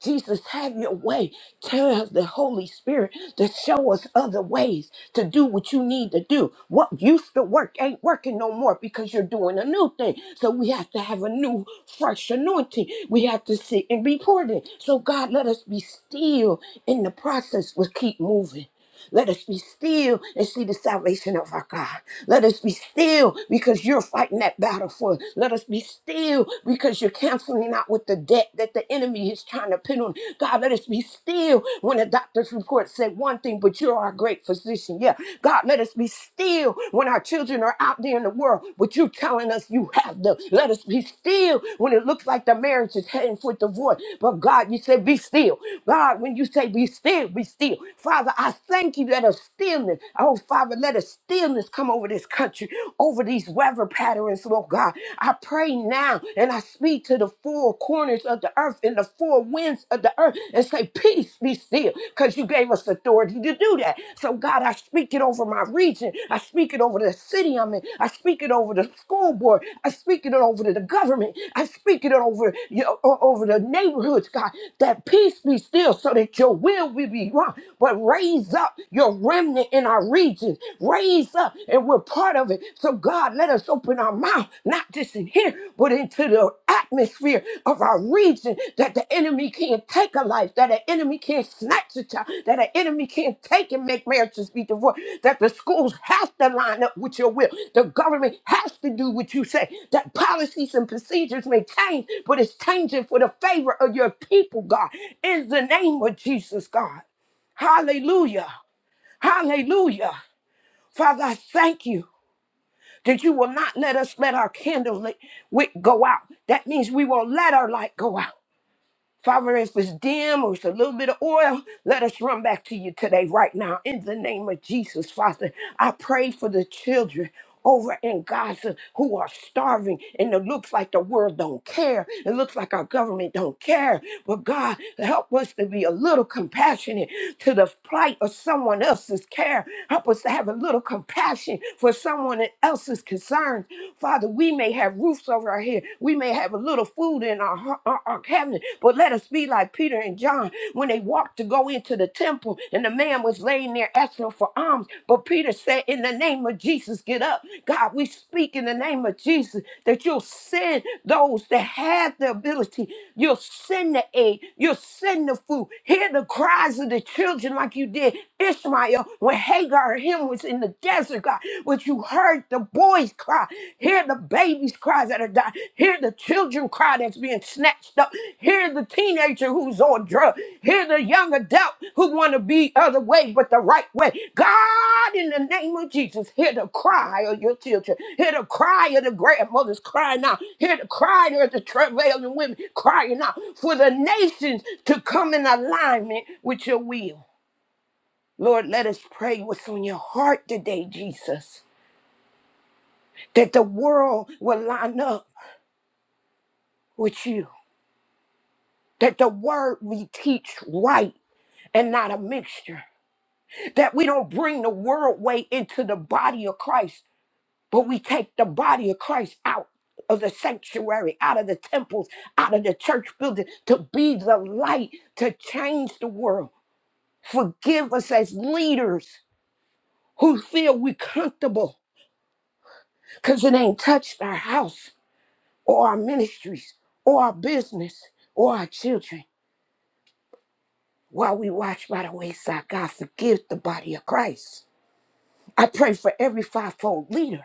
Speaker 7: Jesus, have your way. Tell us the Holy Spirit to show us other ways to do what you need to do. What used to work ain't working no more because you're doing a new thing. So we have to have a new, fresh anointing. We have to sit and be poured in. So, God, let us be still in the process. We'll keep moving. Let us be still and see the salvation of our God. Let us be still because you're fighting that battle for us. Let us be still because you're canceling out with the debt that the enemy is trying to pin on. God, let us be still when the doctor's report said one thing, but you're our great physician. Yeah. God, let us be still when our children are out there in the world, but you're telling us you have them. Let us be still when it looks like the marriage is heading for divorce. But God, you said be still. God, when you say be still, be still. Father, Father, I thank you that a stillness, oh Father, let a stillness come over this country, over these weather patterns, Lord God. I pray now and I speak to the four corners of the earth and the four winds of the earth and say, Peace be still, because you gave us authority to do that. So, God, I speak it over my region. I speak it over the city I'm in. I speak it over the school board. I speak it over to the government. I speak it over, you know, o- over the neighborhoods, God, that peace be still so that your will will be wrong but raise up your remnant in our region. Raise up, and we're part of it. So, God, let us open our mouth, not just in here, but into the atmosphere of our region that the enemy can't take a life, that the enemy can't snatch a child, that the enemy can't take and make marriages be divorced, that the schools have to line up with your will, the government has to do what you say, that policies and procedures may change, but it's changing for the favor of your people, God, in the name of Jesus, God. Hallelujah. Hallelujah. Father, I thank you that you will not let us let our candle lit- wick go out. That means we won't let our light go out. Father, if it's dim or it's a little bit of oil, let us run back to you today, right now, in the name of Jesus, Father. I pray for the children over in Gaza who are starving, and it looks like the world don't care. It looks like our government don't care. But God, help us to be a little compassionate to the plight of someone else's care. Help us to have a little compassion for someone else's concerns. Father, we may have roofs roofs over our head. We may have a little food in our, hu- our, our cabinet, but let us be like Peter and John when they walked to go into the temple and the man was laying there asking for alms. But Peter said, In the name of Jesus, get up. God, we speak in the name of Jesus that you'll send those that have the ability. You'll send the aid. You'll send the food. Hear the cries of the children like you did Ishmael when Hagar and him was in the desert God, what you heard the boys cry, hear the babies cry that are dying, hear the children cry that's being snatched up, hear the teenager who's on drugs, hear the young adult who want to be other way but the right way. God, in the name of Jesus, hear the cry of your children, hear the cry of the grandmothers crying out, hear the cry of the travailing women crying out for the nations to come in alignment with your will. Lord, let us pray what's on your heart today, Jesus that the world will line up with you, that the word we teach right and not a mixture, that we don't bring the world way into the body of Christ, but we take the body of Christ out of the sanctuary, out of the temples, out of the church building to be the light, to change the world. Forgive us as leaders who feel we comfortable because it ain't touched our house or our ministries or our business or our children. While we watch by the wayside, God forgive the body of Christ. I pray for every fivefold leader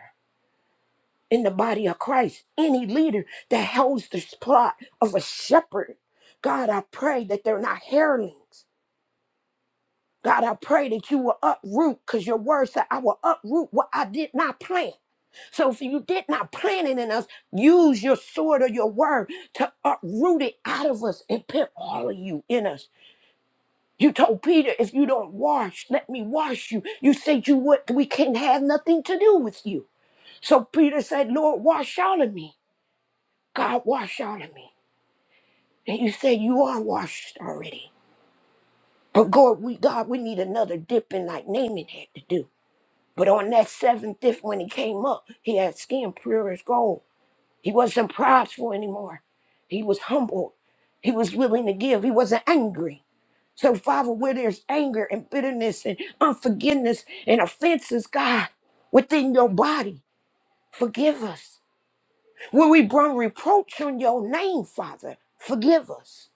Speaker 7: in the body of Christ, any leader that holds the plot of a shepherd. God, I pray that they're not hirelings. God, I pray that you will uproot, because your word said, I will uproot what I did not plant. So if you did not plant it in us, use your sword or your word to uproot it out of us and put all of you in us. You told Peter, if you don't wash, let me wash you. You said you would, we can't have nothing to do with you. So Peter said, Lord, wash all of me. God, wash all of me. And you said you are washed already. But God, we God, we need another dipping like Naaman had to do. But on that seventh dip, when he came up, he had skin pure as gold. He wasn't prideful anymore. He was humble. He was willing to give. He wasn't angry. So, Father, where there's anger and bitterness and unforgiveness and offenses, God, within your body, forgive us. Where we bring reproach on your name, Father, forgive us.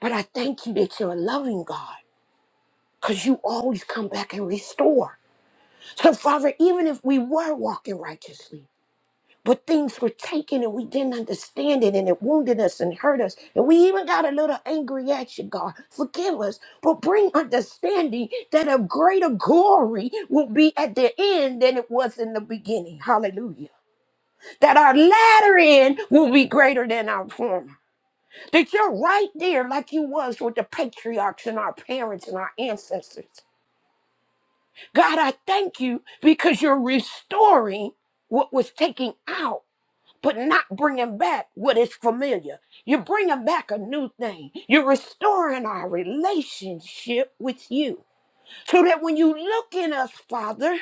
Speaker 7: But I thank you that you're a loving God because you always come back and restore. So, Father, even if we were walking righteously, But things were taken and we didn't understand it and it wounded us and hurt us. And we even got a little angry at you, God. Forgive us, but bring understanding that a greater glory will be at the end than it was in the beginning. Hallelujah. That our latter end will be greater than our former. That you're right there like you was with the patriarchs and our parents and our ancestors. God, I thank you because you're restoring what was taken out but not bringing back what is familiar. You're bringing back a new thing. You're restoring our relationship with you so that when you look in us, Father,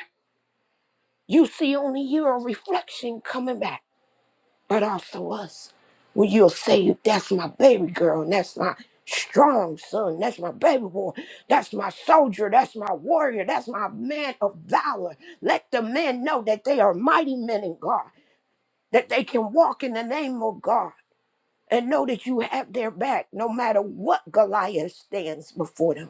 Speaker 7: you see only your reflection coming back, but also us. When you'll say, That's my baby girl, and that's my strong son, that's my baby boy, that's my soldier, that's my warrior, that's my man of valor. Let the men know that they are mighty men in God, that they can walk in the name of God and know that you have their back no matter what Goliath stands before them.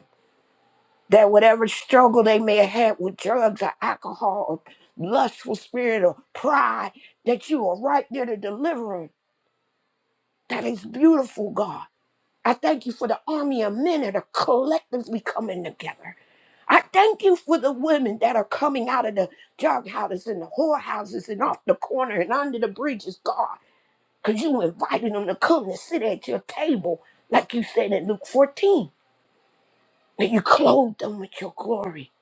Speaker 7: That whatever struggle they may have had with drugs or alcohol or lustful spirit or pride, that you are right there to deliver them. That is beautiful, God. I thank you for the army of men that are collectively coming together. I thank you for the women that are coming out of the drug houses and the whorehouses and off the corner and under the bridges, God. Because you invited them to come and sit at your table, like you said in Luke 14, and you clothed them with your glory.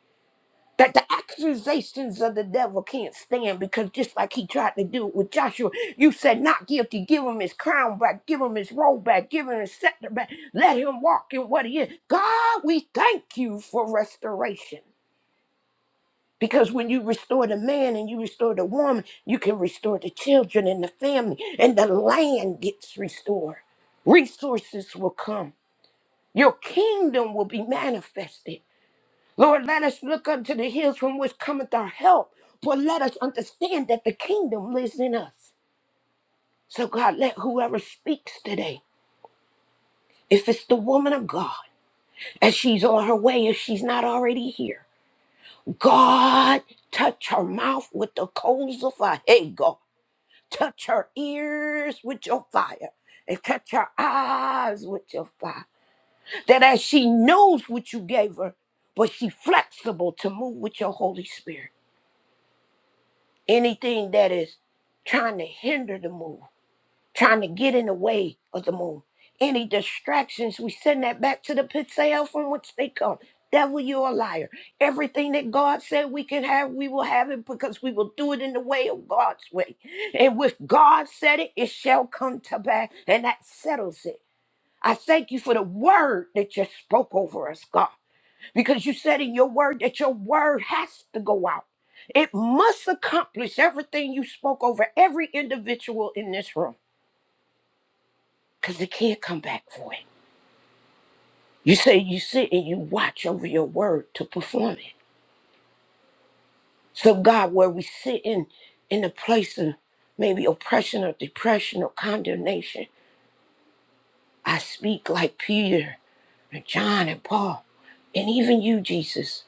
Speaker 7: That the accusations of the devil can't stand because just like he tried to do with Joshua, you said, Not guilty, give him his crown back, give him his robe back, give him his scepter back, let him walk in what he is. God, we thank you for restoration. Because when you restore the man and you restore the woman, you can restore the children and the family, and the land gets restored. Resources will come, your kingdom will be manifested. Lord, let us look unto the hills from which cometh our help, for let us understand that the kingdom lives in us. So, God, let whoever speaks today, if it's the woman of God, as she's on her way, if she's not already here, God, touch her mouth with the coals of fire. Touch her ears with your fire and touch her eyes with your fire. That as she knows what you gave her, but she flexible to move with your Holy Spirit. Anything that is trying to hinder the move, trying to get in the way of the move. Any distractions, we send that back to the pits of hell from which they come. Devil, you're a liar. Everything that God said we can have, we will have it because we will do it in the way of God's way. And with God said it, it shall come to pass, and that settles it. I thank you for the word that you spoke over us, God, because you said in your word that your word has to go out. It must accomplish everything you spoke over every individual in this room because they can't come back for it. You say you sit and you watch over your word to perform it. So, God, where we sit in, in a place of maybe oppression or depression or condemnation, I speak like Peter and John and Paul and even you, Jesus.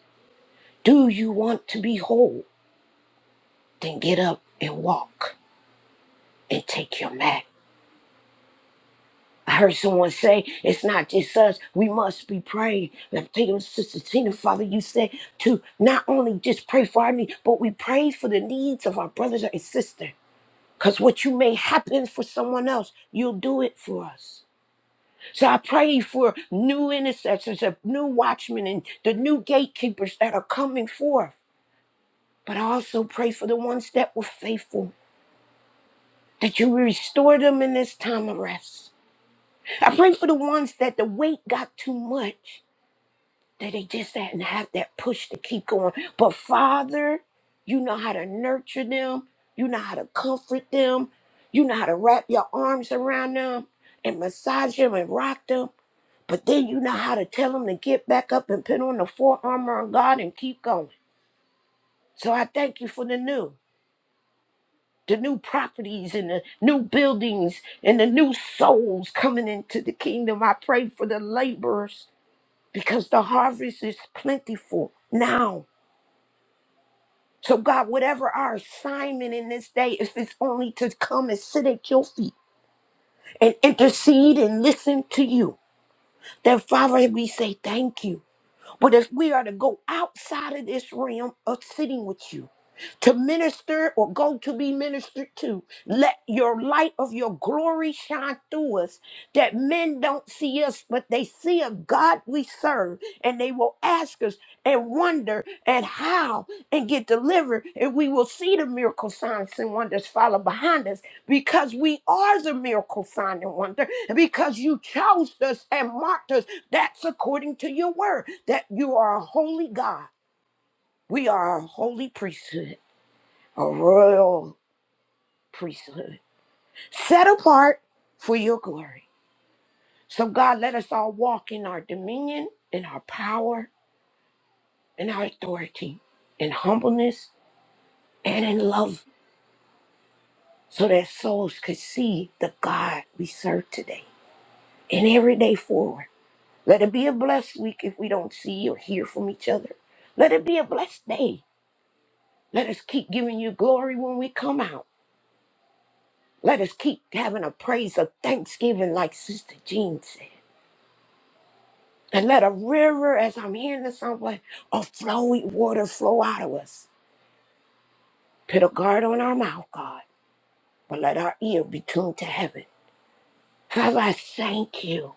Speaker 7: Do you want to be whole? Then get up and walk and take your mat. I heard someone say, it's not just us, we must be praying. And I'm thinking, Sister Tina, Father, you said to not only just pray for our needs, but we pray for the needs of our brothers and sisters. Because what you may happen for someone else, you'll do it for us. So I pray for new intercessors, uh, new watchmen, and the new gatekeepers that are coming forth. But I also pray for the ones that were faithful, that you restore them in this time of rest. I pray for the ones that the weight got too much. that they just hadn't have that push to keep going. But Father, you know how to nurture them, you know how to comfort them, you know how to wrap your arms around them and massage them and rock them. But then you know how to tell them to get back up and put on the full armor of God and keep going. So I thank you for the new, the new properties and the new buildings and the new souls coming into the kingdom. I pray for the laborers because the harvest is plentiful now So, God, whatever our assignment in this day, if it's only to come and sit at your feet and intercede and listen to you, then, Father, we say thank you. But as we are to go outside of this realm of sitting with you, to minister or go to be ministered to, let your light of your glory shine through us that men don't see us, but they see a God we serve and they will ask us and wonder and how and get delivered. And we will see the miracle signs and wonders follow behind us because we are the miracle sign and wonder and because you chose us and marked us. That's according to your word that you are a holy God. We are a holy priesthood, a royal priesthood, set apart for your glory. So, God, let us all walk in our dominion, in our power, in our authority, in humbleness, and in love, so that souls could see the God we serve today and every day forward. Let it be a blessed week if we don't see or hear from each other. Let it be a blessed day. Let us keep giving you glory when we come out. Let us keep having a praise of thanksgiving, like Sister Jean said. And let a river, as I'm hearing this somewhere, of flowing water flow out of us. Put a guard on our mouth, God, but let our ear be tuned to heaven. Father, I thank you.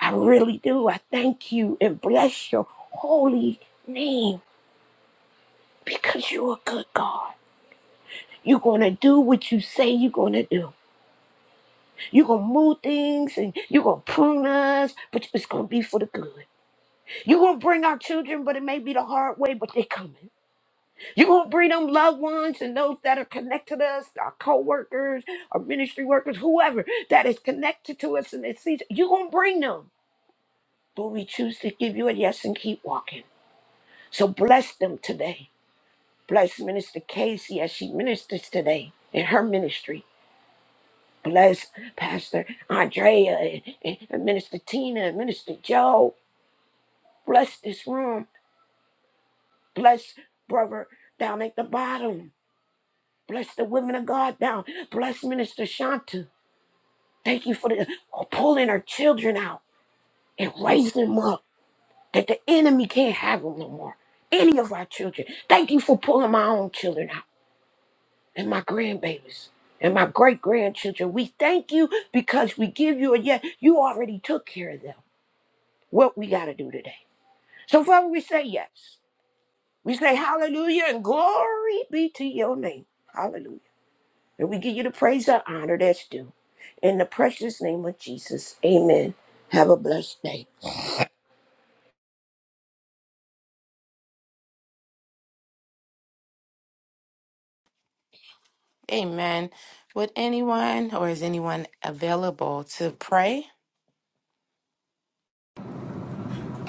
Speaker 7: I really do. I thank you and bless your holy name because you're a good God. You're going to do what you say you're going to do. You're going to move things and you're going to prune us, but it's going to be for the good. You're going to bring our children, but it may be the hard way, but they coming. You're going to bring them loved ones and those that are connected to us, our co-workers, our ministry workers, whoever that is connected to us in this season. You're going to bring them, but we choose to give you a yes and keep walking. So bless them today. Bless Minister Casey as she ministers today in her ministry. Bless Pastor Andrea and, and- and Minister Tina and Minister Joe. Bless this room. Bless Brother down at the bottom. Bless the women of God down. Bless Minister Shanta. Thank you for the, pulling her children out and raising them up that the enemy can't have them no more. Any of our children. Thank you for pulling my own children out and my grandbabies and my great grandchildren. We thank you because we give you a yes. You already took care of them. What we got to do today. So, Father, we say yes. We say hallelujah and glory be to your name. Hallelujah. And we give you the praise and honor that's due. In the precious name of Jesus, amen. Have a blessed day.
Speaker 3: Amen. Would anyone or is anyone available to pray?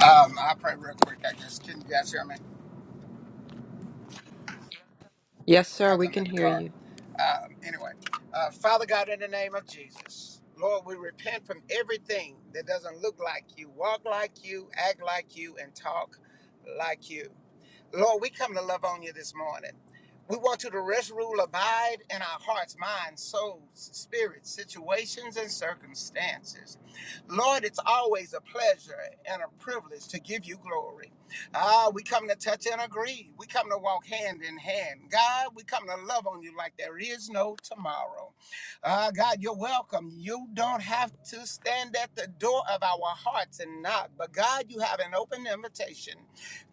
Speaker 8: Um, I'll pray real quick, I guess. Can you guys hear me?
Speaker 4: Yes, sir,
Speaker 8: Because
Speaker 4: we
Speaker 8: I'm
Speaker 4: can
Speaker 8: in the
Speaker 4: hear
Speaker 8: car.
Speaker 4: you.
Speaker 8: Um, anyway, uh, Father God, in the name of Jesus, Lord, we repent from everything that doesn't look like you, walk like you, act like you, and talk like you. Lord, we come to love on you this morning. We want you to rest, rule, abide in our hearts, minds, souls, spirits, situations, and circumstances. Lord, it's always a pleasure and a privilege to give you glory. Ah, we come to touch and agree. We come to walk hand in hand. God, we come to love on you like there is no tomorrow. Ah, God, you're welcome. You don't have to stand at the door of our hearts and knock, but God, you have an open invitation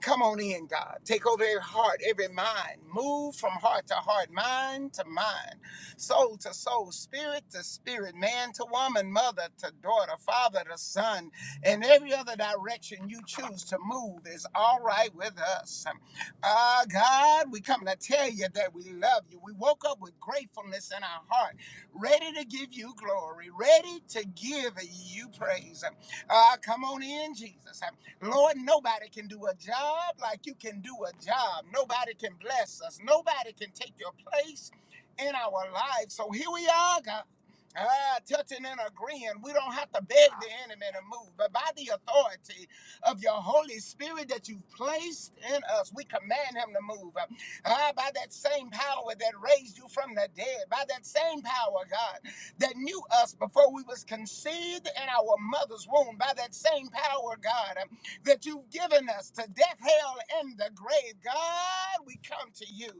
Speaker 8: Come on in, God. Take over every heart, every mind. Move from heart to heart, mind to mind, soul to soul, spirit to spirit, man to woman, mother to daughter, father to son, and every other direction you choose to move is all right with us. Ah, God, we come to tell you that we love you. We woke up with gratefulness in our heart, ready to give you glory, ready to give you praise. Ah, come on in, Jesus. Lord, nobody can do a job like you can do a job. Nobody can bless us. Nobody can take your place in our lives. So here we are, God. Ah, touching and agreeing. We don't have to beg the enemy to move, but by the authority of your Holy Spirit that you've placed in us, we command him to move. Ah, by that same power that raised you from the dead, by that same power, God, that knew us before we was conceived in our mother's womb, by that same power, God that you've given us to death, hell, and the grave. God, we come to you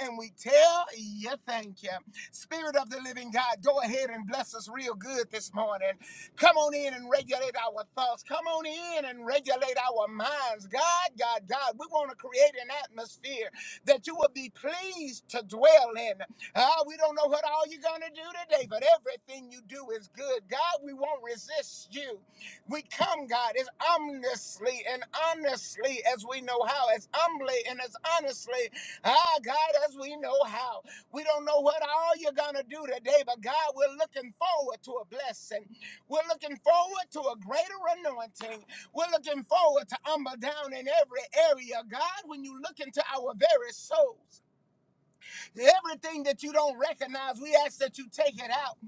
Speaker 8: and we tell you thank you. Spirit of the living God, go ahead and bless us real good this morning. Come on in and regulate our thoughts. Come on in and regulate our minds. God, God, God, we want to create an atmosphere that you will be pleased to dwell in. Ah, we don't know what all you're going to do today, but everything you do is good. God, we won't resist you. We come, God, as ominously and honestly as we know how, as humbly and as honestly, ah, God, as we know how. We don't know what all you're going to do today, but God, we're looking forward to a blessing. We're looking forward to a greater anointing. We're looking forward to humble down in every area. God, when you look into our very souls, Everything that you don't recognize, we ask that you take it out.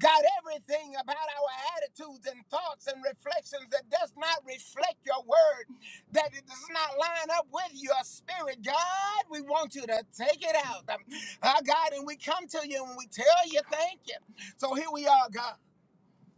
Speaker 8: God, everything about our attitudes and thoughts and reflections that does not reflect your word, that it does not line up with your spirit, God, we want you to take it out. Um, uh, God, and we come to you and we tell you thank you. So here we are, God.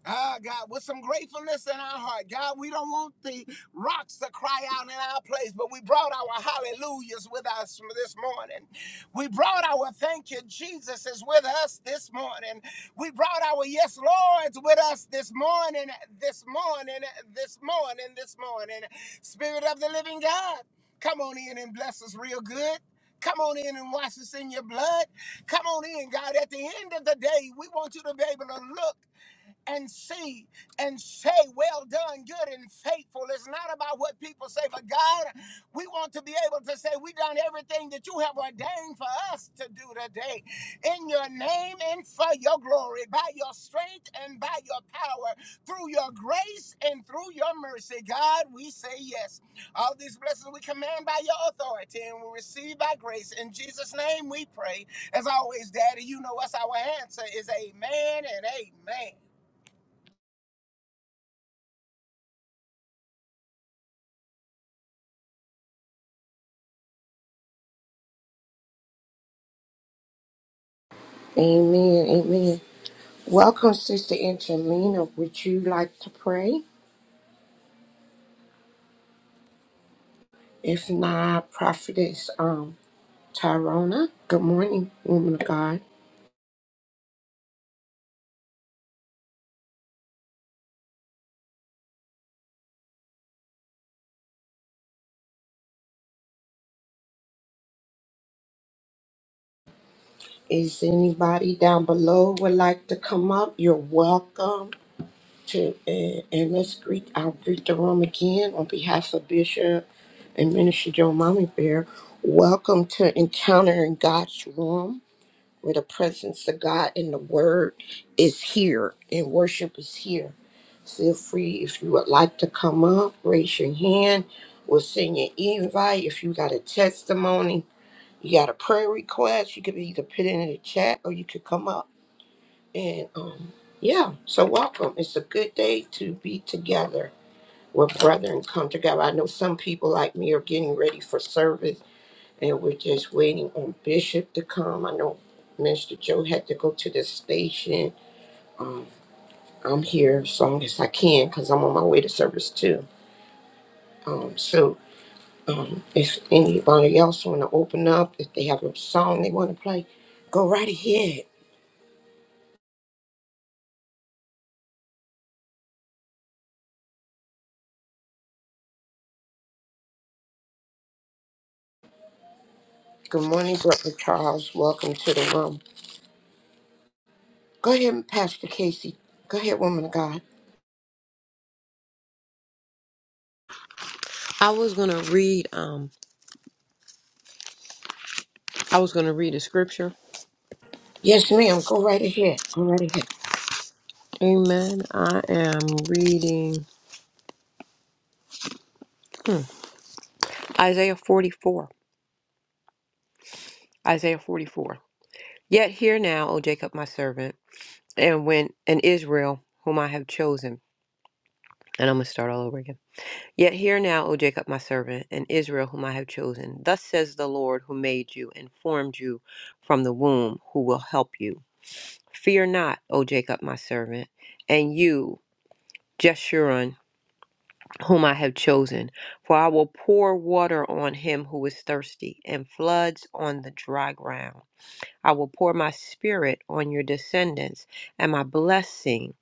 Speaker 8: Ah, God, with some gratefulness in our heart. God, we don't want the rocks to cry out in our place, but we brought our hallelujahs with us this morning. We brought our thank you, Jesus is with us this morning. We brought our yes, Lord's with us this morning, this morning, this morning, this morning. Spirit of the living God, come on in and bless us real good. Come on in and wash us in your blood. Come on in, God. At the end of the day, we want you to be able to look and see and say, Well done, good and faithful. It's not about what people say, but God, we want to be able to say, We done everything that you have ordained for us to do today. In your name and for your glory, by your strength and by your power, through your grace and through your mercy, God, we say yes. All these blessings we command by your authority and we receive by grace. In Jesus' name we pray. As always, Daddy, you know us. Our answer is amen and amen.
Speaker 7: Amen. Amen. Welcome, Sister Angelina. Would you like to pray? If not, Prophetess um, Tyrona. Good morning, woman of God. Is anybody down below would like to come up? You're welcome. to and, and let's greet I'll greet the room again on behalf of Bishop and Minister Joe Mommy Bear. Welcome to Encountering God's Room, where the presence of God and the Word is here and worship is here. Feel free if you would like to come up, raise your hand. We'll send you an invite. If you got a testimony, you got a prayer request, you could either put it in the chat or you could come up. And um, yeah, so welcome. It's a good day to be together where brethren come together. I know some people like me are getting ready for service and we're just waiting on Bishop to come. I know Minister Joe had to go to the station. Um, I'm here as long as I can because I'm on my way to service too. Um, so um, if anybody else want to open up, if they have a song they want to play, go right ahead. Good morning, Brother Charles. Welcome to the room. Go ahead, Pastor Casey. Go ahead, woman of God.
Speaker 4: I was gonna read um I was gonna read a scripture.
Speaker 7: Yes, ma'am. Go right ahead. Go right ahead.
Speaker 4: Amen. I am reading Isaiah forty four. Isaiah forty four. Yet hear now, O Jacob my servant, and when and Israel whom I have chosen. And I'm gonna start all over again. Yet hear now, O Jacob, my servant, and Israel, whom I have chosen. Thus says the Lord, who made you and formed you from the womb, who will help you. Fear not, O Jacob, my servant, and you, Jeshurun, whom I have chosen, for I will pour water on him who is thirsty, and floods on the dry ground. I will pour my spirit on your descendants, and my blessing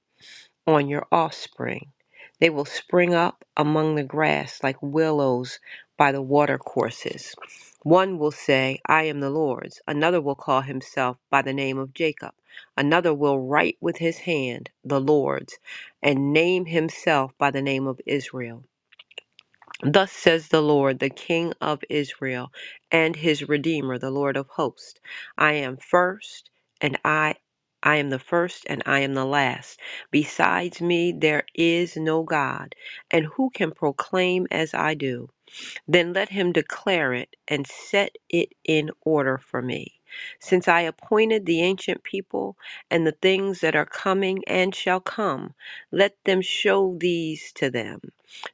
Speaker 4: on your offspring. They will spring up among the grass like willows by the watercourses. One will say, I am the Lord's. Another will call himself by the name of Jacob. Another will write with his hand, the Lord's, and name himself by the name of Israel. Thus says the Lord, the King of Israel, and his Redeemer, the Lord of hosts. I am first, and I I am the first and I am the last. Besides me there is no God, and who can proclaim as I do? Then let him declare it and set it in order for me. Since I appointed the ancient people and the things that are coming and shall come, let them show these to them.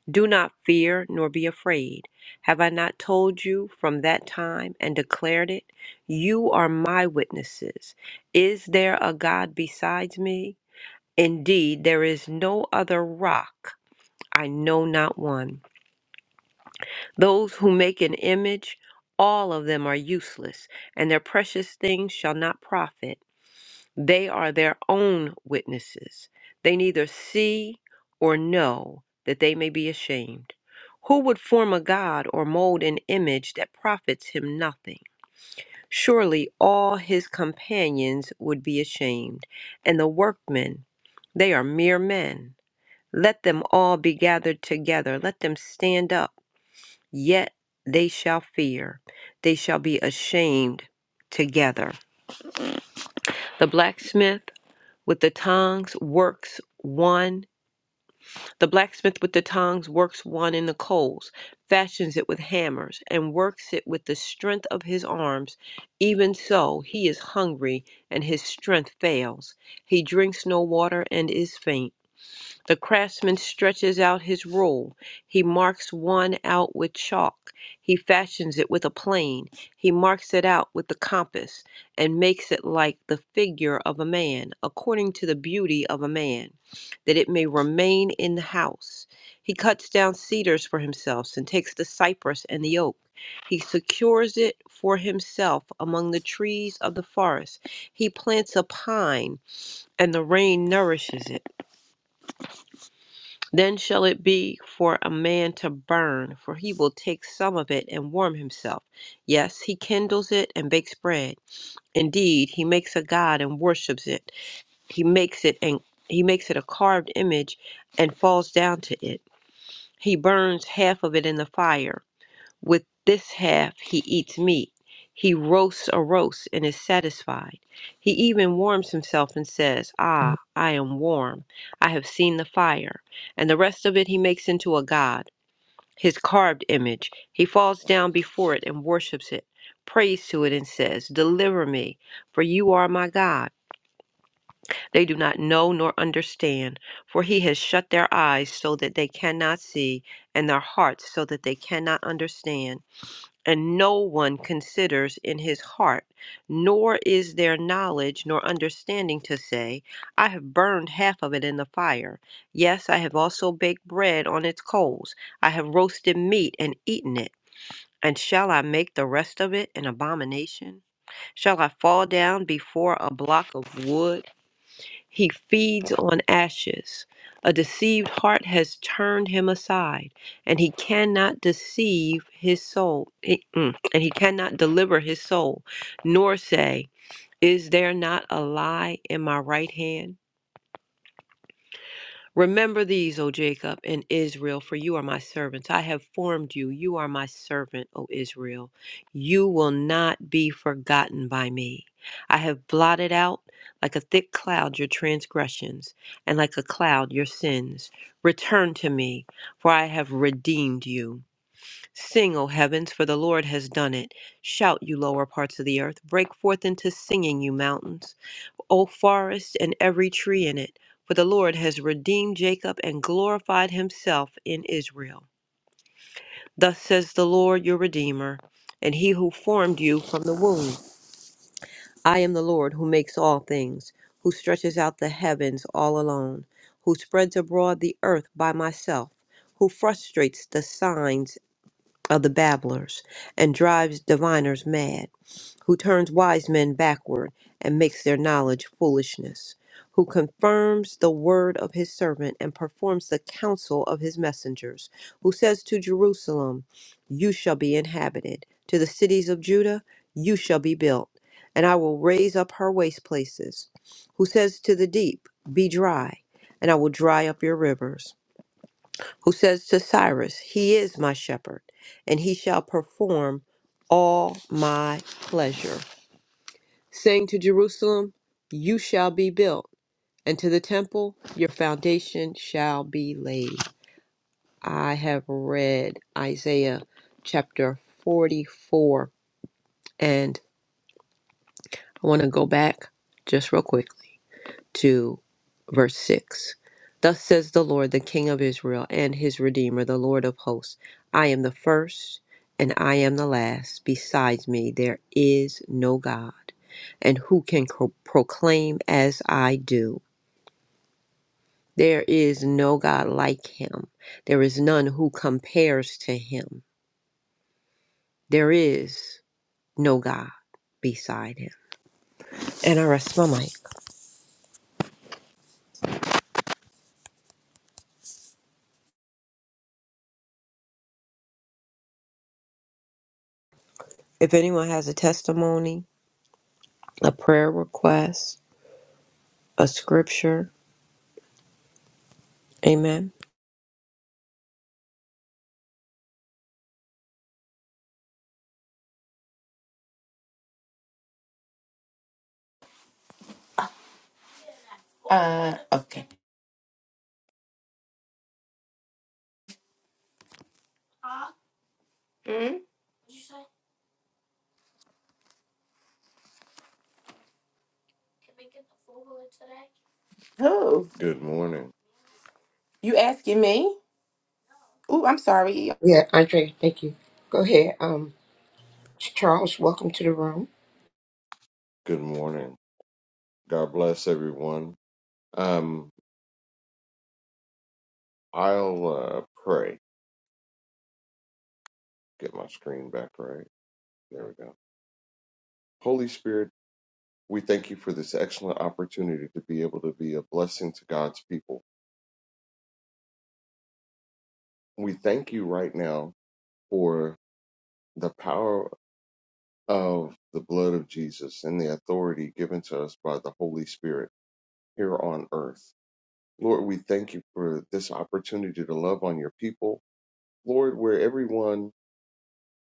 Speaker 4: Do not fear nor be afraid. Have I not told you from that time and declared it? You are my witnesses. Is there a God besides me? Indeed, there is no other rock. I know not one. Those who make an image, all of them are useless, and their precious things shall not profit. They are their own witnesses. They neither see or know that they may be ashamed. Who would form a god or mold an image that profits him nothing? Surely all his companions would be ashamed, and the workmen, they are mere men. Let them all be gathered together, let them stand up, yet they shall fear, they shall be ashamed together. The blacksmith, with the tongs, works one the blacksmith with the tongs works one in the coals fashions it with hammers and works it with the strength of his arms even so he is hungry and his strength fails he drinks no water and is faint the craftsman stretches out his rule. He marks one out with chalk. He fashions it with a plane. He marks it out with the compass, and makes it like the figure of a man, according to the beauty of a man, that it may remain in the house. He cuts down cedars for himself, and takes the cypress and the oak. He secures it for himself among the trees of the forest. He plants a pine, and the rain nourishes it. Then shall it be for a man to burn, for he will take some of it and warm himself. Yes, he kindles it and bakes bread. Indeed, he makes a god and worships it. He makes it and he makes it a carved image and falls down to it. He burns half of it in the fire. With this half he eats meat. He roasts a roast and is satisfied. He even warms himself and says, Ah, I am warm. I have seen the fire. And the rest of it he makes into a god, his carved image. He falls down before it and worships it, prays to it, and says, Deliver me, for you are my God. They do not know nor understand, for he has shut their eyes so that they cannot see, and their hearts so that they cannot understand and no one considers in his heart, nor is there knowledge nor understanding to say, I have burned half of it in the fire. Yes, I have also baked bread on its coals. I have roasted meat and eaten it. And shall I make the rest of it an abomination? Shall I fall down before a block of wood? He feeds on ashes. A deceived heart has turned him aside, and he cannot deceive his soul, eh, mm, and he cannot deliver his soul, nor say, Is there not a lie in my right hand? Remember these, O Jacob and Israel, for you are my servants. I have formed you. You are my servant, O Israel. You will not be forgotten by me. I have blotted out like a thick cloud your transgressions, and like a cloud your sins. Return to me, for I have redeemed you. Sing, O heavens, for the Lord has done it. Shout, you lower parts of the earth. Break forth into singing, you mountains. O forest and every tree in it, for the Lord has redeemed Jacob and glorified himself in Israel. Thus says the Lord your Redeemer, and he who formed you from the womb. I am the Lord who makes all things, who stretches out the heavens all alone, who spreads abroad the earth by myself, who frustrates the signs of the babblers, and drives diviners mad, who turns wise men backward, and makes their knowledge foolishness, who confirms the word of his servant, and performs the counsel of his messengers, who says to Jerusalem, You shall be inhabited, to the cities of Judah, You shall be built, and I will raise up her waste places, who says to the deep, Be dry, and I will dry up your rivers who says to Cyrus, He is my shepherd, and he shall perform all my pleasure, saying to Jerusalem, You shall be built, and to the temple, Your foundation shall be laid. I have read Isaiah chapter 44, and I want to go back just real quickly to verse 6. Thus says the Lord, the King of Israel and his Redeemer, the Lord of hosts I am the first and I am the last. Besides me, there is no God. And who can co- proclaim as I do? There is no God like him. There is none who compares to him. There is no God beside him. And I rest my mic. If anyone has a testimony, a prayer request, a scripture, Amen.
Speaker 3: Uh okay. Mhm. Who?
Speaker 9: Good morning.
Speaker 3: You asking me? Oh, I'm sorry.
Speaker 7: Yeah, Andrea, thank you. Go ahead. Um, Charles, welcome to the room.
Speaker 9: Good morning. God bless everyone. Um, I'll uh, pray. Get my screen back right. There we go. Holy Spirit, we thank you for this excellent opportunity to be able to be a blessing to God's people. We thank you right now for the power of the blood of Jesus and the authority given to us by the Holy Spirit here on earth. Lord, we thank you for this opportunity to love on your people. Lord, where everyone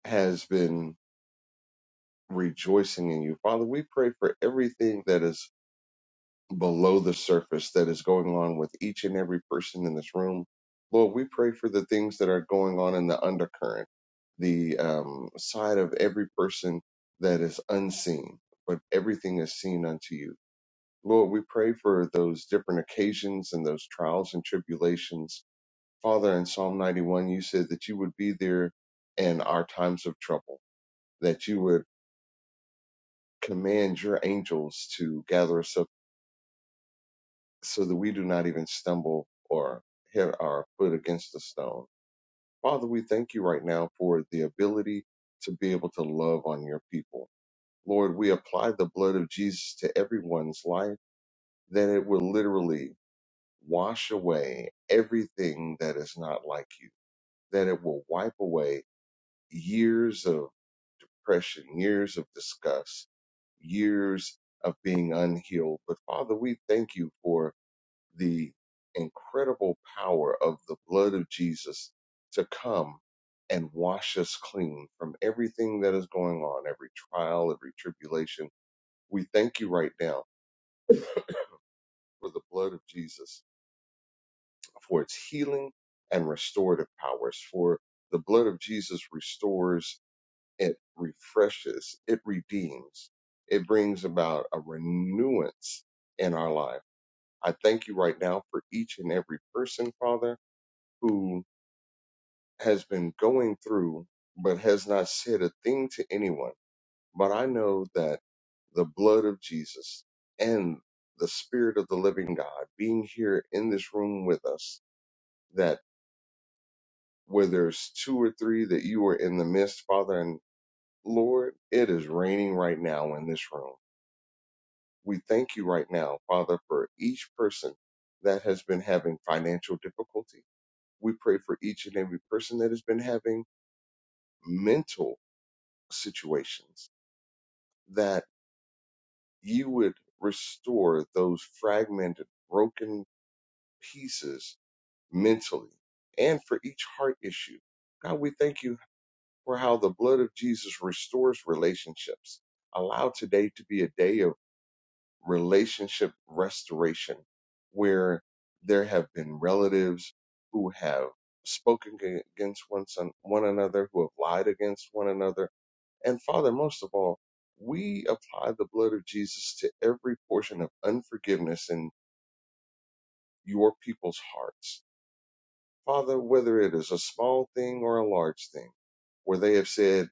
Speaker 9: has been rejoicing in you. Father, we pray for everything that is below the surface that is going on with each and every person in this room. Lord, we pray for the things that are going on in the undercurrent, the um, side of every person that is unseen, but everything is seen unto you. Lord, we pray for those different occasions and those trials and tribulations. Father, in Psalm 91, you said that you would be there in our times of trouble, that you would command your angels to gather us up so that we do not even stumble or hit our foot against a stone. Father, we thank you right now for the ability to be able to love on your people. Lord, we apply the blood of Jesus to everyone's life that it will literally wash away everything that is not like you, that it will wipe away years of oppression, years of disgust, years of being unhealed. But Father, we thank you for the incredible power of the blood of Jesus to come and wash us clean from everything that is going on, every trial, every tribulation. We thank you right now for the blood of Jesus, for its healing and restorative powers, for the blood of Jesus restores it refreshes, it redeems, it brings about a renewance in our life. I thank you right now for each and every person, Father, who has been going through but has not said a thing to anyone. But I know that the blood of Jesus and the Spirit of the living God being here in this room with us, that where there's two or three that you are in the midst, Father, and Lord, it is raining right now in this room We thank you right now, Father, for each person that has been having financial difficulty. We pray for each and every person that has been having mental situations that you would restore those fragmented, broken pieces mentally and for each heart issue. God, we thank you for how the blood of Jesus restores relationships. Allow today to be a day of relationship restoration where there have been relatives who have spoken ag- against one, son, one another, who have lied against one another. And Father, most of all, we apply the blood of Jesus to every portion of unforgiveness in your people's hearts. Father, whether it is a small thing or a large thing, where they have said,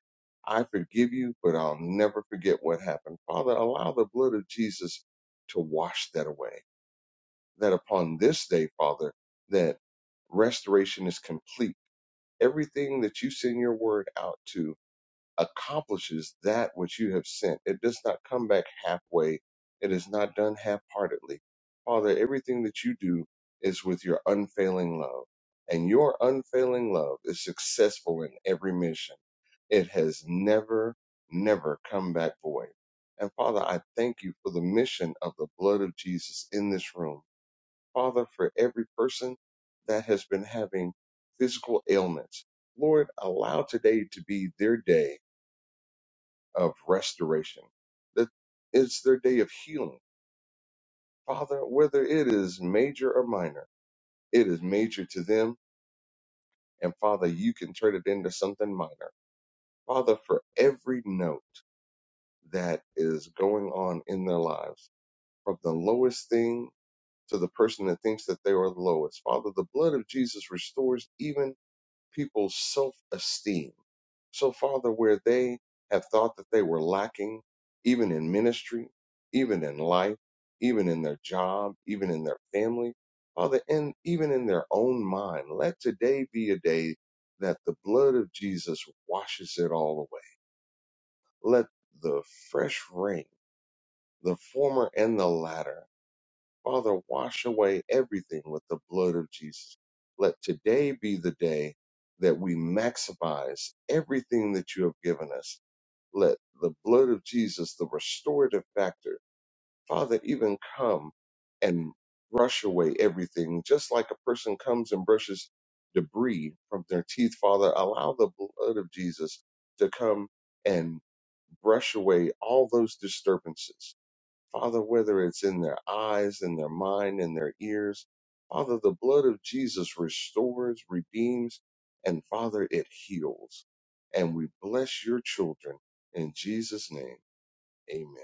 Speaker 9: I forgive you, but I'll never forget what happened. Father, allow the blood of Jesus to wash that away that upon this day, Father, that restoration is complete. Everything that you send your word out to accomplishes that which you have sent. It does not come back halfway, it is not done half heartedly. Father, everything that you do is with your unfailing love, and your unfailing love is successful in every mission. It has never, never come back void. And Father, I thank you for the mission of the blood of Jesus in this room Father, for every person that has been having physical ailments, Lord, allow today to be their day of restoration. That it's their day of healing. Father, whether it is major or minor, it is major to them. And Father, you can turn it into something minor. Father, for every note that is going on in their lives, from the lowest thing to the person that thinks that they are the lowest. Father, the blood of Jesus restores even people's self esteem. So, Father, where they have thought that they were lacking, even in ministry, even in life, even in their job, even in their family, Father, and even in their own mind, let today be a day that the blood of Jesus washes it all away. Let the fresh rain, the former and the latter, Father, wash away everything with the blood of Jesus. Let today be the day that we maximize everything that you have given us. Let the blood of Jesus, the restorative factor, Father, even come and brush away everything, just like a person comes and brushes debris from their teeth, Father. Allow the blood of Jesus to come and brush away all those disturbances Father, whether it's in their eyes, in their mind, in their ears. Father, the blood of Jesus restores, redeems, and Father, it heals. And we bless your children in Jesus' name. Amen.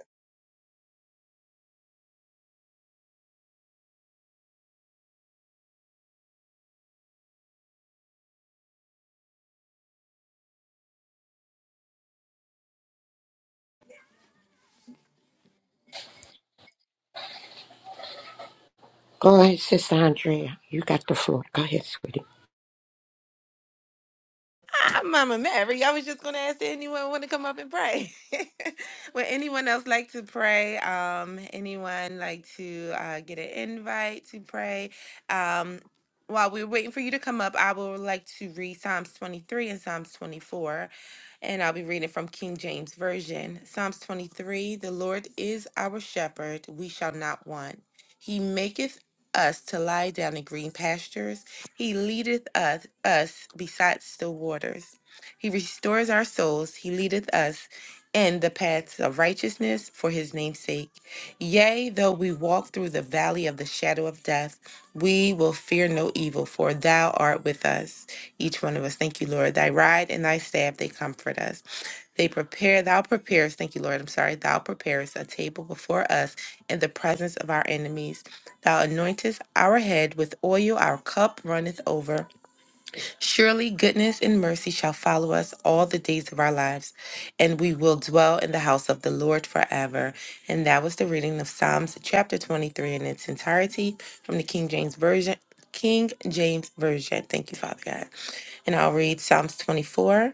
Speaker 7: Go ahead, Sister Andrea. You got the floor. Go ahead, sweetie.
Speaker 3: I'm Mama Mary. I was just going to ask did anyone want to come up and pray. Would anyone else like to pray? Um, anyone like to uh, get an invite to pray? Um, while we're waiting for you to come up, I would like to read Psalms 23 and Psalms 24, and I'll be reading from King James Version. Psalms 23 The Lord is our shepherd, we shall not want. He maketh us to lie down in green pastures. He leadeth us, us beside still waters. He restores our souls. He leadeth us in the paths of righteousness for his name's sake. Yea, though we walk through the valley of the shadow of death, we will fear no evil, for thou art with us. Each one of us. Thank you, Lord. Thy rod and thy staff, they comfort us. They prepare, thou preparest, thank you, Lord, I'm sorry, thou preparest a table before us in the presence of our enemies. Thou anointest our head with oil, our cup runneth over. Surely goodness and mercy shall follow us all the days of our lives, and we will dwell in the house of the Lord forever. And that was the reading of Psalms chapter 23 in its entirety from the King James Version. King James Version. Thank you, Father God. And I'll read Psalms 24.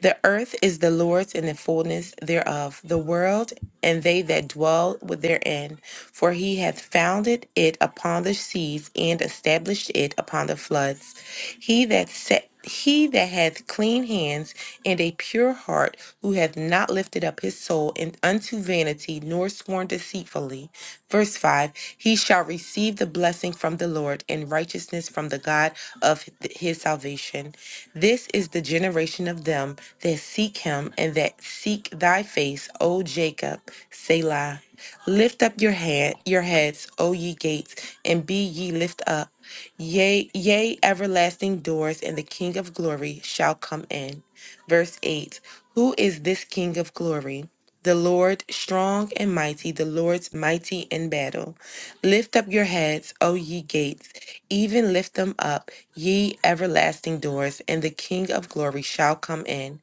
Speaker 3: The earth is the Lord's and the fullness thereof, the world and they that dwell with therein. For he hath founded it upon the seas and established it upon the floods. He that set he that hath clean hands and a pure heart, who hath not lifted up his soul in, unto vanity, nor sworn sworn deceitfully. Verse 5 He shall receive the blessing from the Lord and righteousness from the God of th- his salvation. This is the generation of them that seek him and that seek thy face, O Jacob, Selah. Lift up your hand, your heads, O ye gates, and be ye lift up. Yea, yea, everlasting doors, and the King of glory shall come in. Verse 8 Who is this King of glory? The Lord strong and mighty, the Lord's mighty in battle. Lift up your heads, O ye gates, even lift them up, ye everlasting doors, and the King of glory shall come in.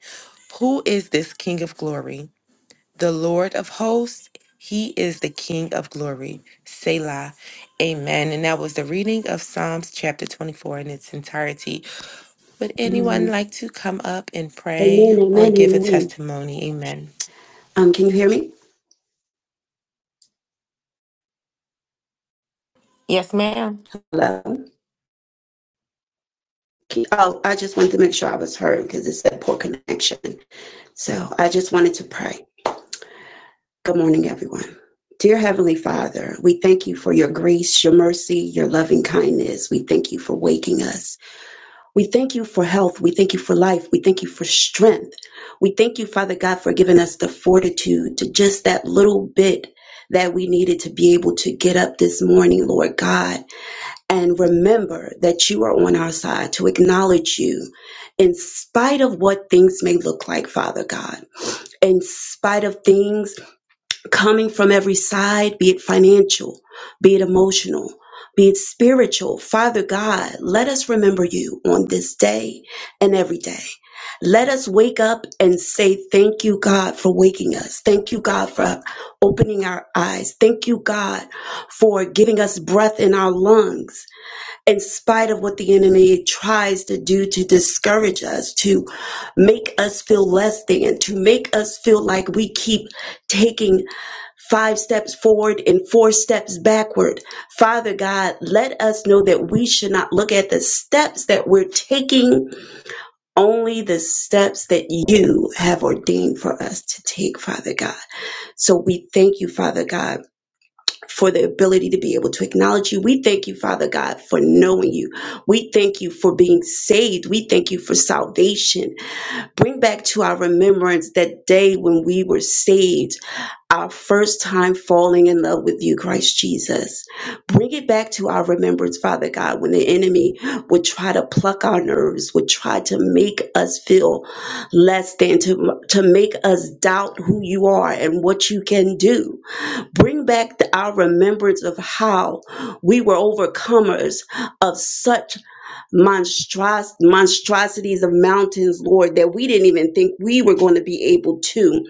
Speaker 3: Who is this King of glory? The Lord of hosts, he is the King of glory. Selah. Amen. And that was the reading of Psalms chapter 24 in its entirety. Would anyone
Speaker 10: Amen,
Speaker 3: like to come up and pray or
Speaker 10: amen,
Speaker 3: give a
Speaker 10: amen.
Speaker 3: testimony? Amen.
Speaker 10: Um, can you hear me?
Speaker 3: Yes, ma'am.
Speaker 10: Hello? Can- Oh, I just wanted to make sure I was heard because it said poor connection. So I just wanted to pray. Good morning, everyone. Dear Heavenly Father, we thank you for your grace, your mercy, your loving kindness. We thank you for waking us. We thank you for health. We thank you for life. We thank you for strength. We thank you, Father God, for giving us the fortitude to just that little bit that we needed to be able to get up this morning, Lord God and remember that you are on our side to acknowledge you in spite of what things may look like, Father God, in spite of things coming from every side, be it financial, be it emotional. Be it spiritual, Father God, let us remember you on this day and every day. Let us wake up and say, Thank you, God, for waking us. Thank you, God, for opening our eyes. Thank you, God, for giving us breath in our lungs in spite of what the enemy tries to do to discourage us, to make us feel less than, to make us feel like we keep taking five steps forward and four steps backward. Father God, let us know that we should not look at the steps that we're taking, only the steps that you have ordained for us to take, Father God. So we thank you, Father God for the ability to be able to acknowledge you. We thank you, Father God, for knowing you. We thank you for being saved. We thank you for salvation. Bring back to our remembrance that day when we were saved our first time falling in love with you, Christ Jesus. Bring it back to our remembrance, Father God, when the enemy would try to pluck our nerves, would try to make us feel less than, to, to make us doubt who you are and what you can do. Bring back the, our remembrance of how we were overcomers of such monstros- monstrosities of mountains, Lord, that we didn't even think we were going to be able to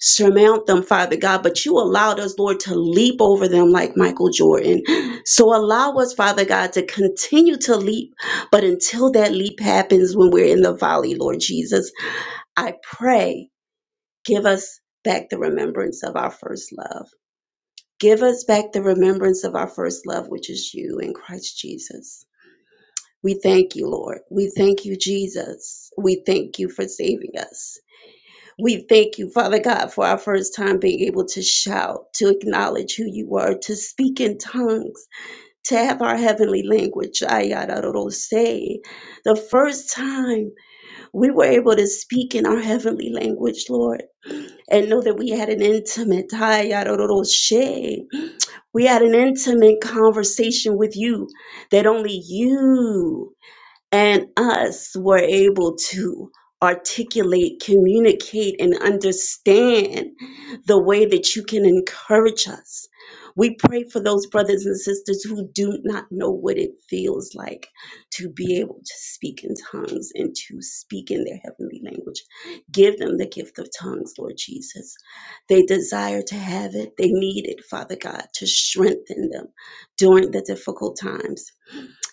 Speaker 10: surmount them, Father God, but you allowed us, Lord, to leap over them like Michael Jordan. So allow us, Father God, to continue to leap. But until that leap happens when we're in the valley, Lord Jesus, I pray, give us back the remembrance of our first love. Give us back the remembrance of our first love, which is you in Christ Jesus. We thank you, Lord. We thank you, Jesus. We thank you for saving us. We thank you, Father God, for our first time being able to shout, to acknowledge who you are, to speak in tongues, to have our heavenly language. Ayararorose. The first time we were able to speak in our heavenly language, Lord, and know that we had an intimate, ayararorose. we had an intimate conversation with you that only you and us were able to articulate, communicate, and understand the way that you can encourage us. We pray for those brothers and sisters who do not know what it feels like to be able to speak in tongues and to speak in their heavenly language. Give them the gift of tongues, Lord Jesus. They desire to have it, they need it, Father God, to strengthen them during the difficult times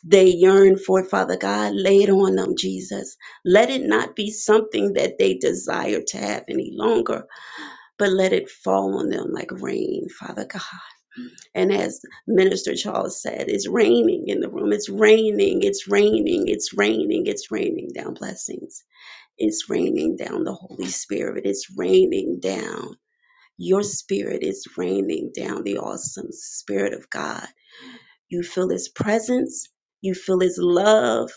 Speaker 10: they yearn for, Father God. Lay it on them, Jesus. Let it not be something that they desire to have any longer, but let it fall on them like rain, Father God. And as Minister Charles said, it's raining in the room. It's raining, it's raining, it's raining, it's raining down blessings. It's raining down the Holy Spirit. It's raining down your spirit. It's raining down the awesome Spirit of God. You feel His presence, you feel His love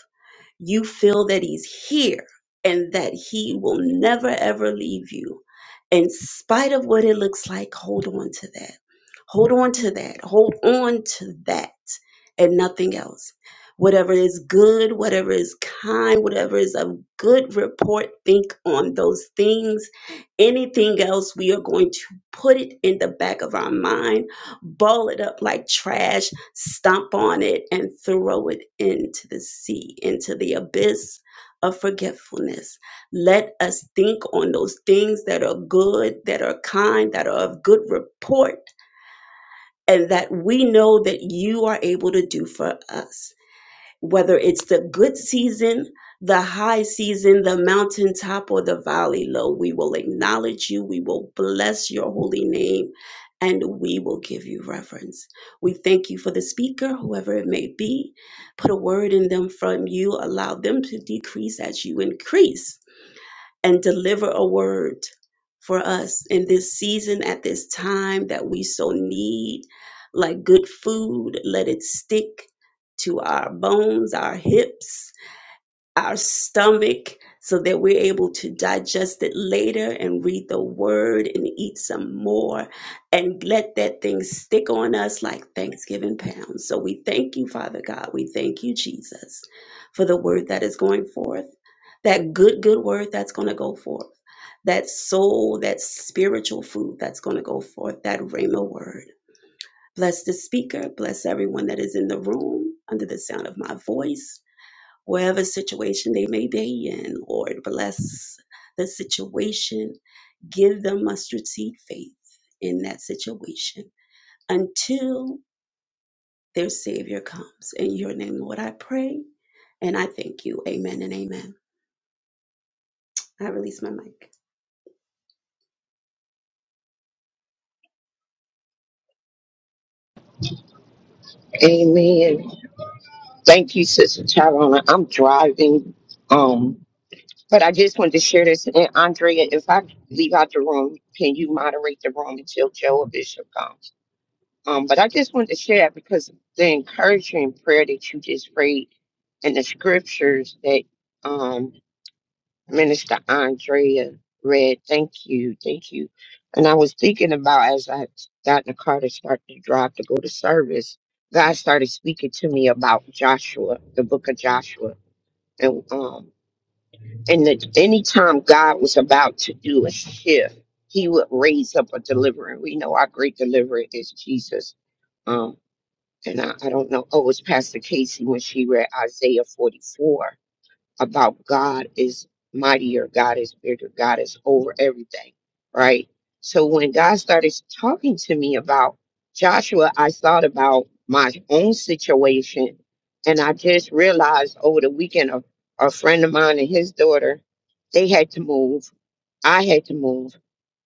Speaker 10: you feel that he's here and that he will never ever leave you in spite of what it looks like hold on to that hold on to that hold on to that and nothing else whatever is good whatever is kind whatever is of good report think on those things anything else we are going to put it in the back of our mind Ball it up like trash, stomp on it, and throw it into the sea, into the abyss of forgetfulness. Let us think on those things that are good, that are kind, that are of good report, and that we know that you are able to do for us whether it's the good season, the high season, the mountaintop, or the valley low. We will acknowledge you. We will bless your holy name and we will give you reverence. We thank you for the speaker, whoever it may be. Put a word in them from you. Allow them to decrease as you increase and deliver a word for us in this season at this time that we so need like good food let it stick to our bones our hips our stomach so that we're able to digest it later and read the word and eat some more and let that thing stick on us like Thanksgiving pounds. So we thank you, Father God. We thank you, Jesus, for the word that is going forth, that good, good word that's going to go forth, that soul, that spiritual food that's going to go forth, that Rhema word. Bless the speaker, bless everyone that is in the room under the sound of my voice whatever situation they may be in. Lord, bless the situation. Give them mustard seed faith in that situation until their Savior comes. In your name, Lord, I pray and I thank you. Amen and amen. I release my mic.
Speaker 7: Amen. Thank you, Sister Tyrona. I'm driving. Um, but I just wanted to share this. And Andrea, if I leave out the room, can you moderate the room until Joe or Bishop comes? Um, but I just wanted to share that because the encouraging prayer that you just prayed and the scriptures that um, Minister Andrea read. Thank you, thank you. And I was thinking about as I got in the car to start to drive to go to service, God started speaking to me about Joshua, the book of Joshua, and um, and that anytime God was about to do a shift, He would raise up a deliverer. We know our great deliverer is Jesus. Um, and I, I don't know. Oh, it was Pastor Casey when she read Isaiah 44 about God is mightier, God is bigger, God is over everything, right? So when God started talking to me about Joshua, I thought about my own situation. And I just realized over the weekend, a, a friend of mine and his daughter, they had to move. I had to move.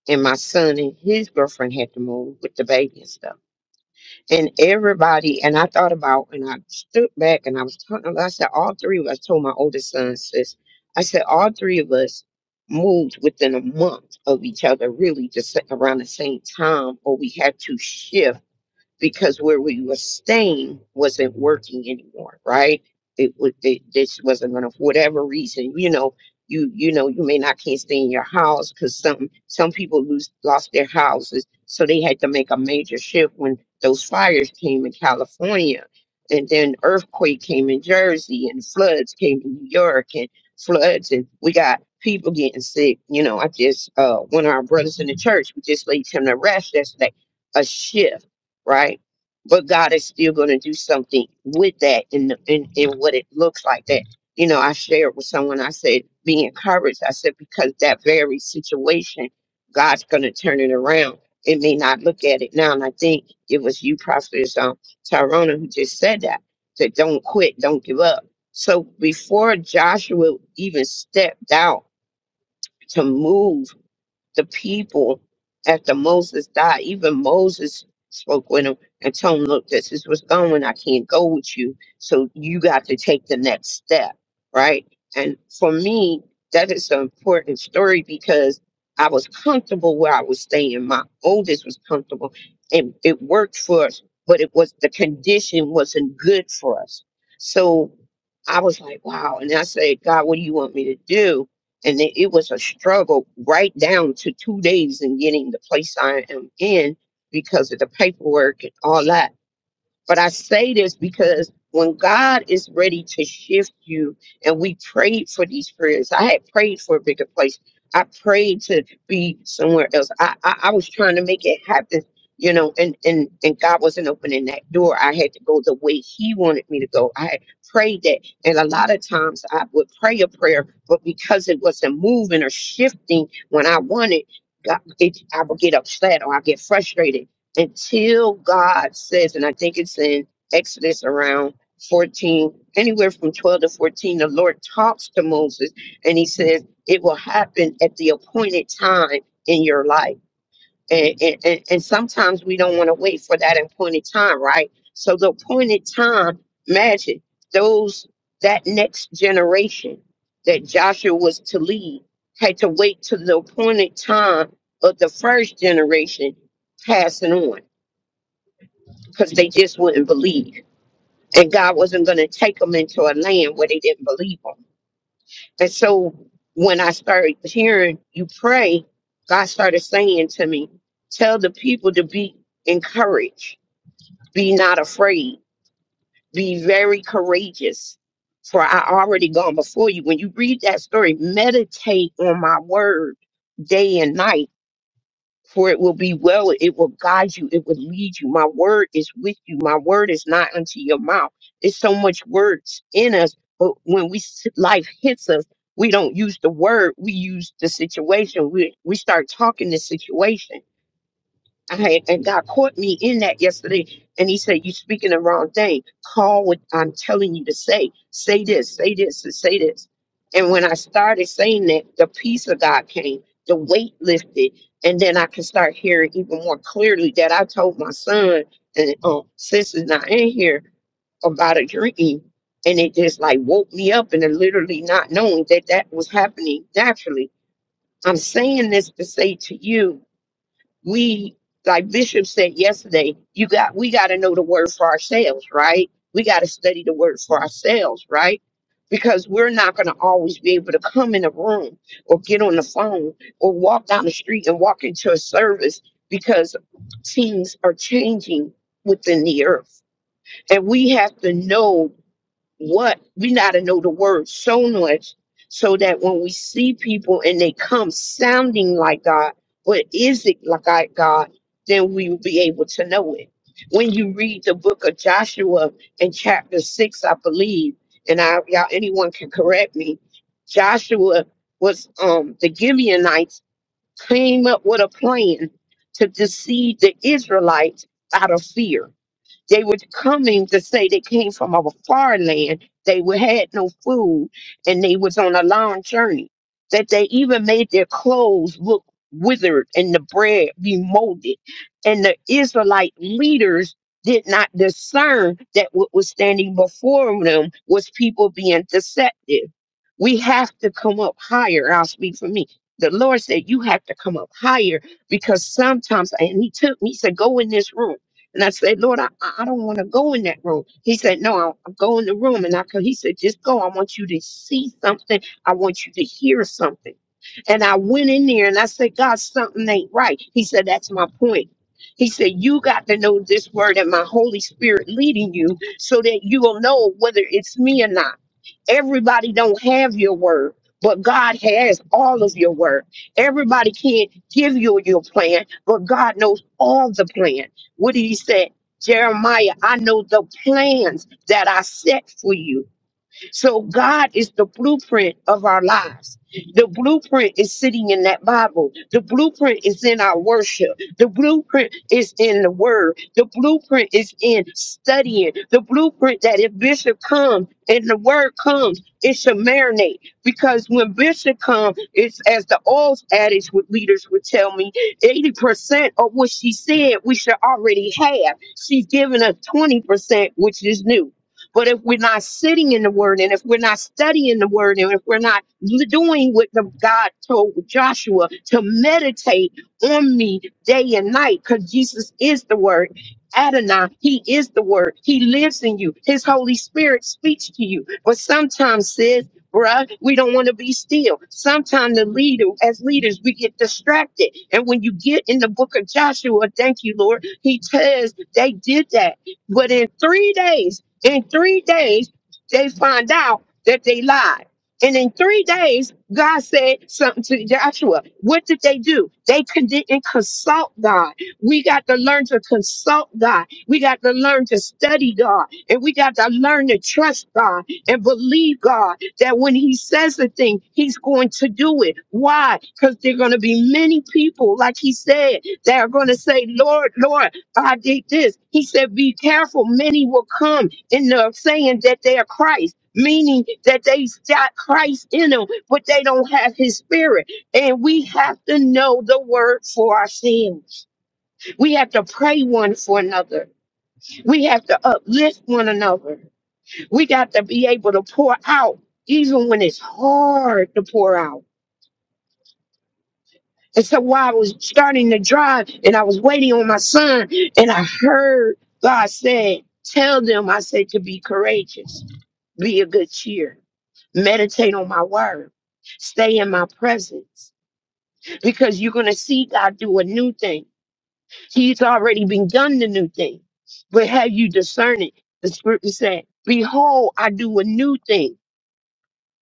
Speaker 7: And my son and his girlfriend had to move with the baby and stuff and everybody and I thought about and I stood back and I was talking I said all three of us I told my oldest son sis I said all three of us moved within a month of each other really just around the same time or we had to shift because where we were staying wasn't working anymore, right? It would it, this wasn't gonna for whatever reason, you know, you you know, you may not can't stay in your house because some some people lose lost their houses, so they had to make a major shift when those fires came in California, and then earthquake came in Jersey, and floods came in New York, and floods, and we got people getting sick. You know, I just uh one of our brothers in the church we just laid him to rest yesterday. A shift right? But God is still going to do something with that in, the, in in what it looks like. That you know, I shared with someone. I said, "Be encouraged." I said because that very situation, God's going to turn it around. It may not look at it now, and I think it was you, Prophetess um, Tyrona, who just said that. That don't quit, don't give up. So before Joshua even stepped out to move the people after Moses died. Even Moses spoke with him and told him, Look, this is what's going. I can't go with you. So you got to take the next step, right? And for me, that is an important story because I was comfortable where I was staying. My oldest was comfortable and it worked for us, but it was the condition wasn't good for us. So I was like, wow. And I said, God, what do you want me to do? and it, it was a struggle right down to two days in getting the place I am in because of the paperwork and all that. But I say this because when God is ready to shift you, and we prayed for these prayers, I had prayed for a bigger place. I prayed to be somewhere else. I, I, I was trying to make it happen, you know, and, and, and God wasn't opening that door. I had to go the way He wanted me to go. I had prayed that. And a lot of times I would pray a prayer, but because it wasn't moving or shifting when I wanted, God, it, I would get upset or I get frustrated until God says, and I think it's in Exodus around 14, anywhere from 12 to 14, the Lord talks to Moses and he says, It will happen at the appointed time in your life. And, and, and and sometimes we don't want to wait for that appointed time, right? So the appointed time, imagine those, that next generation that Joshua was to lead had to wait till the appointed time of the first generation passing on because they just wouldn't believe. And God wasn't going to take them into a land where they didn't believe him. And so when I started hearing you pray, God started saying to me, Tell the people to be encouraged, be not afraid, be very courageous. For I already gone before you. When you read that story, meditate on my word day and night for it will be well. It will guide you. It will lead you. My word is with you. My word is not unto your mouth. There's so much words in us, but when we s- life hits us, we don't use the word. We use the situation. We we start talking the situation. I had, and God caught me in that yesterday, and He said, "You're speaking the wrong thing. Call what I'm telling you to say. Say this, say this, and say this." And when I started saying that, the peace of God came, the weight lifted, and then I could start hearing even more clearly that I told my son and um, sis is not in here about a dream, and it just like woke me up, and I literally not knowing that that was happening naturally. I'm saying this to say to you we like bishop said yesterday you got we got to know the word for ourselves right we got to study the word for ourselves right because we're not going to always be able to come in a room or get on the phone or walk down the street and walk into a service because things are changing within the earth and we have to know what we gotta know the word so much so that when we see people and they come sounding like God, but is it like I- God, then we will be able to know it. When you read the book of Joshua in chapter six, I believe, and I y'all anyone can correct me, Joshua was um the Gibeonites came up with a plan to deceive the Israelites out of fear they were coming to say they came from a far land. They were, had no food and they was on a long journey. That they even made their clothes look withered and the bread be molded. And the Israelite leaders did not discern that what was standing before them was people being deceptive. We have to come up higher. I'll speak for me. The Lord said, You have to come up higher because sometimes, and He took me, He said, Go in this room. And I said, Lord, I, I I don't want to go in that room. He said, No, I'll, I'll go in the room. And I could, he said, Just go. I want you to see something. I want you to hear something. And I went in there and I said, God, something ain't right. He said, That's my point. He said, You got to know this word and my Holy Spirit leading you so that you will know whether it's me or not. Everybody don't have your word, but God has all of your word. Everybody can't give you your plan, but God knows all the plan. What did he say? Jeremiah, I know the plans that I set for you. So God is the blueprint of our lives. The blueprint is sitting in that Bible. The blueprint is in our worship. The blueprint is in the word. The blueprint is in studying. The blueprint that if Bishop comes and the word comes, it should marinate. Because when Bishop comes, it's as the old adage with leaders would tell me, 80% of what she said we should already have. She's giving us 20%, which is new. But if we're not sitting in the word and if we're not studying the word and if we're not l- doing what the God told Joshua to meditate on me day and night, because Jesus is the word. Adonai, he is the word. He lives in you. His Holy Spirit speaks to you. But sometimes, sis, bruh, we don't want to be still. Sometimes the leader, as leaders, we get distracted. And when you get in the book of Joshua, thank you, Lord, he says they did that. But in three days. In three days, they find out that they lied. And in three days, God said something to Joshua. What did they do? They con- didn't consult God. We got to learn to consult God. We got to learn to study God. And we got to learn to trust God and believe God that when He says a thing, He's going to do it. Why? Because there are going to be many people, like He said, that are going to say, Lord, Lord, I did this. He said, Be careful. Many will come and they're saying that they are Christ, meaning that they got Christ in them, but they don't have his spirit. And we have to know the word for ourselves. We have to pray one for another. We have to uplift one another. We got to be able to pour out, even when it's hard to pour out. And so while I was starting to drive and I was waiting on my son, and I heard God said, Tell them I said to be courageous, be a good cheer. meditate on my word, stay in my presence, because you're going to see God do a new thing. He's already begun the new thing, but have you discern it? The scripture said, Behold, I do a new thing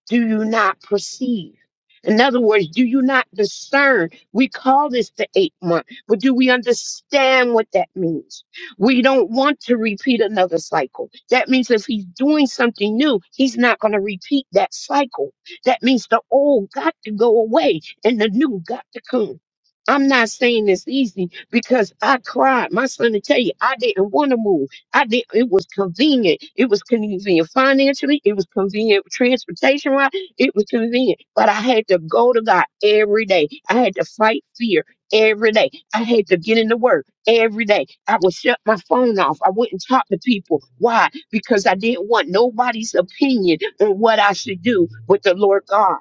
Speaker 7: do you not perceive? In other words, do you not discern? We call this the eight month, but do we understand what that means? We don't want to repeat another cycle. That means if he's doing something new, he's not going to repeat that cycle. That means the old got to go away and the new got to come. I'm not saying it's easy because I cried. My son to tell you, I didn't want to move. I did. It was convenient. It was convenient financially. It was convenient transportation wise. It was convenient. But I had to go to God every day. I had to fight fear every day. I had to get into work every day. I would shut my phone off. I wouldn't talk to people. Why? Because I didn't want nobody's opinion on what I should do with the Lord God.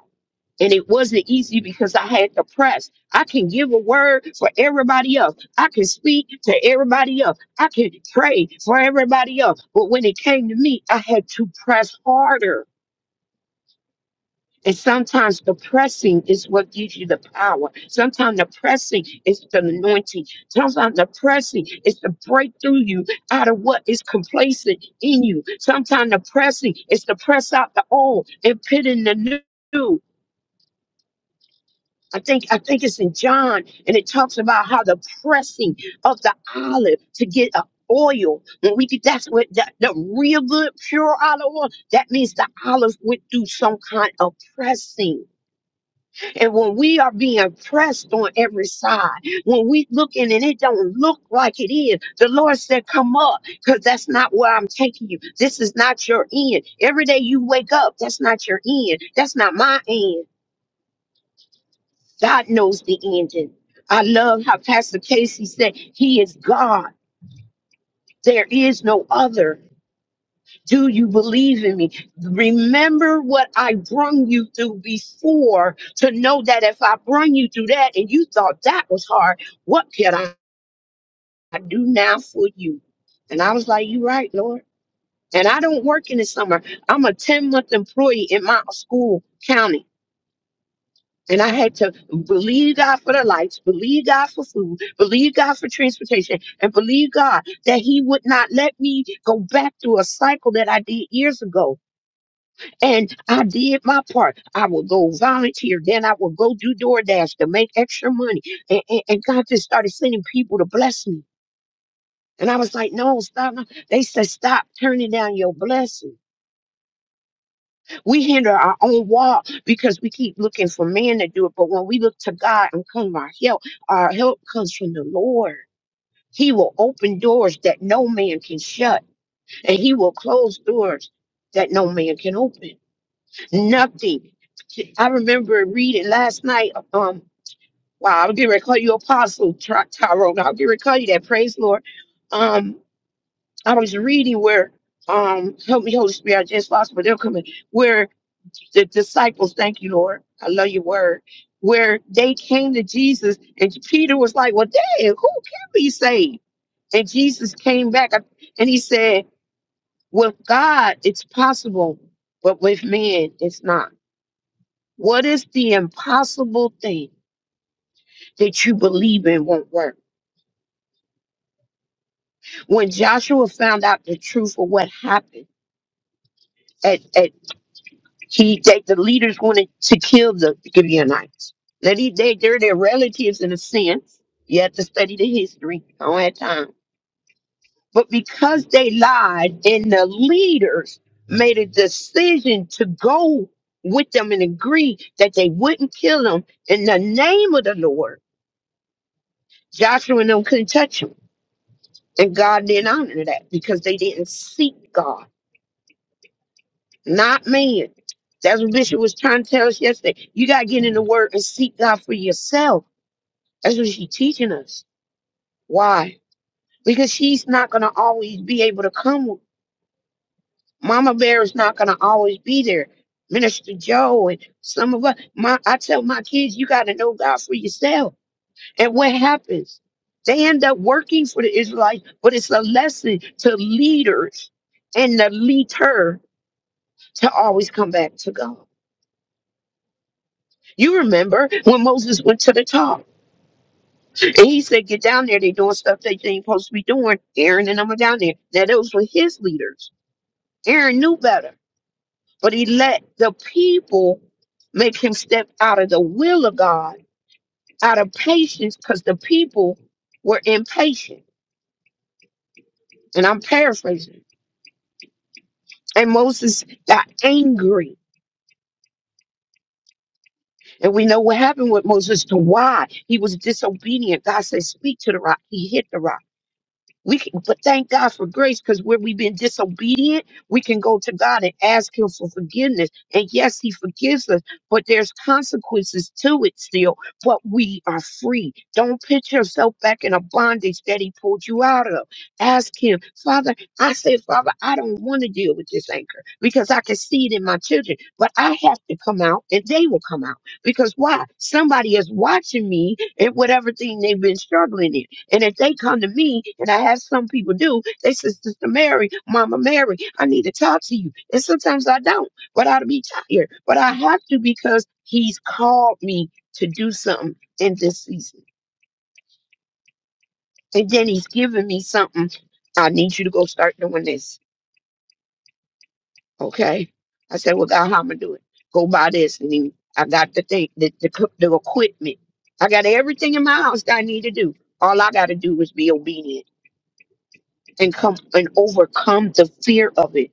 Speaker 7: And it wasn't easy because I had to press. I can give a word for everybody else. I can speak to everybody else. I can pray for everybody else. But when it came to me, I had to press harder. And sometimes the pressing is what gives you the power. Sometimes the pressing is the anointing. Sometimes the pressing is to break through you out of what is complacent in you. Sometimes the pressing is to press out the old and put in the new. I think I think it's in John, and it talks about how the pressing of the olive to get a oil. When we get that's what that, the real good pure olive oil. That means the olive went through some kind of pressing. And when we are being pressed on every side, when we looking and it don't look like it is, the Lord said, "Come up, because that's not where I'm taking you. This is not your end. Every day you wake up, that's not your end. That's not my end." God knows the ending. I love how Pastor Casey said, He is God. There is no other. Do you believe in me? Remember what I brung you through before to know that if I brung you through that and you thought that was hard, what can I do now for you? And I was like, You're right, Lord. And I don't work in the summer. I'm a 10 month employee in my school county. And I had to believe God for the lights, believe God for food, believe God for transportation, and believe God that He would not let me go back through a cycle that I did years ago. And I did my part. I would go volunteer, then I would go do DoorDash to make extra money. And, and, and God just started sending people to bless me. And I was like, no, stop. no. They said, stop turning down your blessing. We hinder our own walk because we keep looking for man to do it. But when we look to God and come our help, our help comes from the Lord. He will open doors that no man can shut, and he will close doors that no man can open. Nothing. I remember reading last night. Um, wow, I'll get ready to call you Apostle Ty- Tyrone. I'll get ready to call you that. Praise Lord. Um, I was reading where um, help me, Holy Spirit. I just lost, but they're coming. Where the disciples, thank you, Lord. I love your word. Where they came to Jesus, and Peter was like, Well, dang, who can be saved? And Jesus came back and he said, With God, it's possible, but with man, it's not. What is the impossible thing that you believe in won't work? When Joshua found out the truth of what happened, at. at He that the leaders wanted to kill the Gibeonites. Now they, they they're their relatives in a sense. You have to study the history. I don't have time. But because they lied and the leaders made a decision to go with them and agree that they wouldn't kill them in the name of the Lord, Joshua and them couldn't touch them. And God didn't honor that because they didn't seek God. not man. That's what Bishop was trying to tell us yesterday. You got to get in the Word and seek God for yourself. That's what she's teaching us. Why? Because she's not going to always be able to come. Mama Bear is not going to always be there. Minister Joe and some of us. My, I tell my kids, you got to know God for yourself. And what happens? They end up working for the Israelites, but it's a lesson to leaders and the leader to always come back to God. You remember when Moses went to the top and he said, Get down there, they're doing stuff that they ain't supposed to be doing. Aaron and them are down there. Now, those were his leaders. Aaron knew better, but he let the people make him step out of the will of God, out of patience, because the people were impatient. And I'm paraphrasing. And Moses got angry. And we know what happened with Moses to why he was disobedient. God said, Speak to the rock. He hit the rock. We can, but thank God for grace because where we've been disobedient, we can go to God and ask Him for forgiveness. And yes, He forgives us, but there's consequences to it still. But we are free. Don't put yourself back in a bondage that He pulled you out of. Ask Him, Father. I said, Father, I don't want to deal with this anchor because I can see it in my children, but I have to come out and they will come out because why? Somebody is watching me and whatever thing they've been struggling in. And if they come to me, and I have some people do, they say, Sister Mary, Mama Mary, I need to talk to you. And sometimes I don't, but I'll be tired. But I have to because He's called me to do something in this season. And then He's given me something. I need you to go start doing this. Okay. I said, Well, God, how am I going to do it? Go buy this. And then I got the thing, the, the, co- the equipment. I got everything in my house that I need to do. All I got to do is be obedient and come and overcome the fear of it.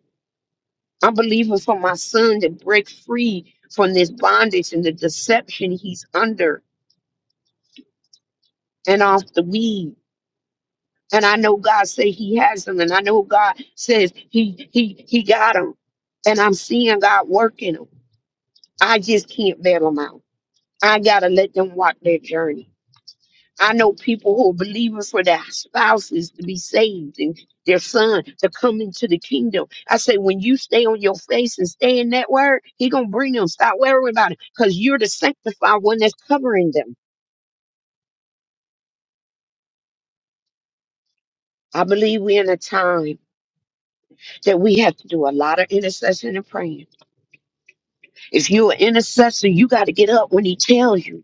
Speaker 7: I'm believing for my son to break free from this bondage and the deception he's under and off the weed. And I know God say he has him, and I know God says he he he got him. And I'm seeing God working him. I just can't bail him out. I gotta let them walk their journey. I know people who are believing for their spouses to be saved and their son to come into the kingdom. I say, when you stay on your face and stay in that word, he gonna bring them. Stop worrying about it, cause you're the sanctified one that's covering them. I believe we're in a time that we have to do a lot of intercession and praying. If you're an intercessor, you got to get up when he tells you.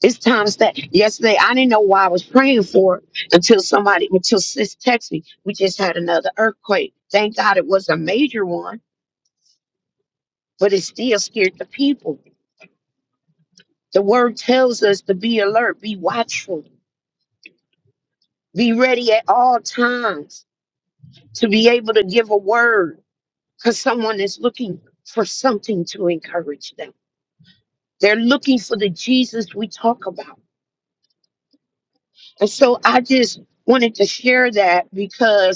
Speaker 7: It's times that yesterday I didn't know why I was praying for it until somebody until sis texted me. We just had another earthquake. Thank God it was a major one, but it still scared the people. The word tells us to be alert, be watchful, be ready at all times to be able to give a word because someone is looking for something to encourage them. They're looking for the Jesus we talk about. And so I just wanted to share that because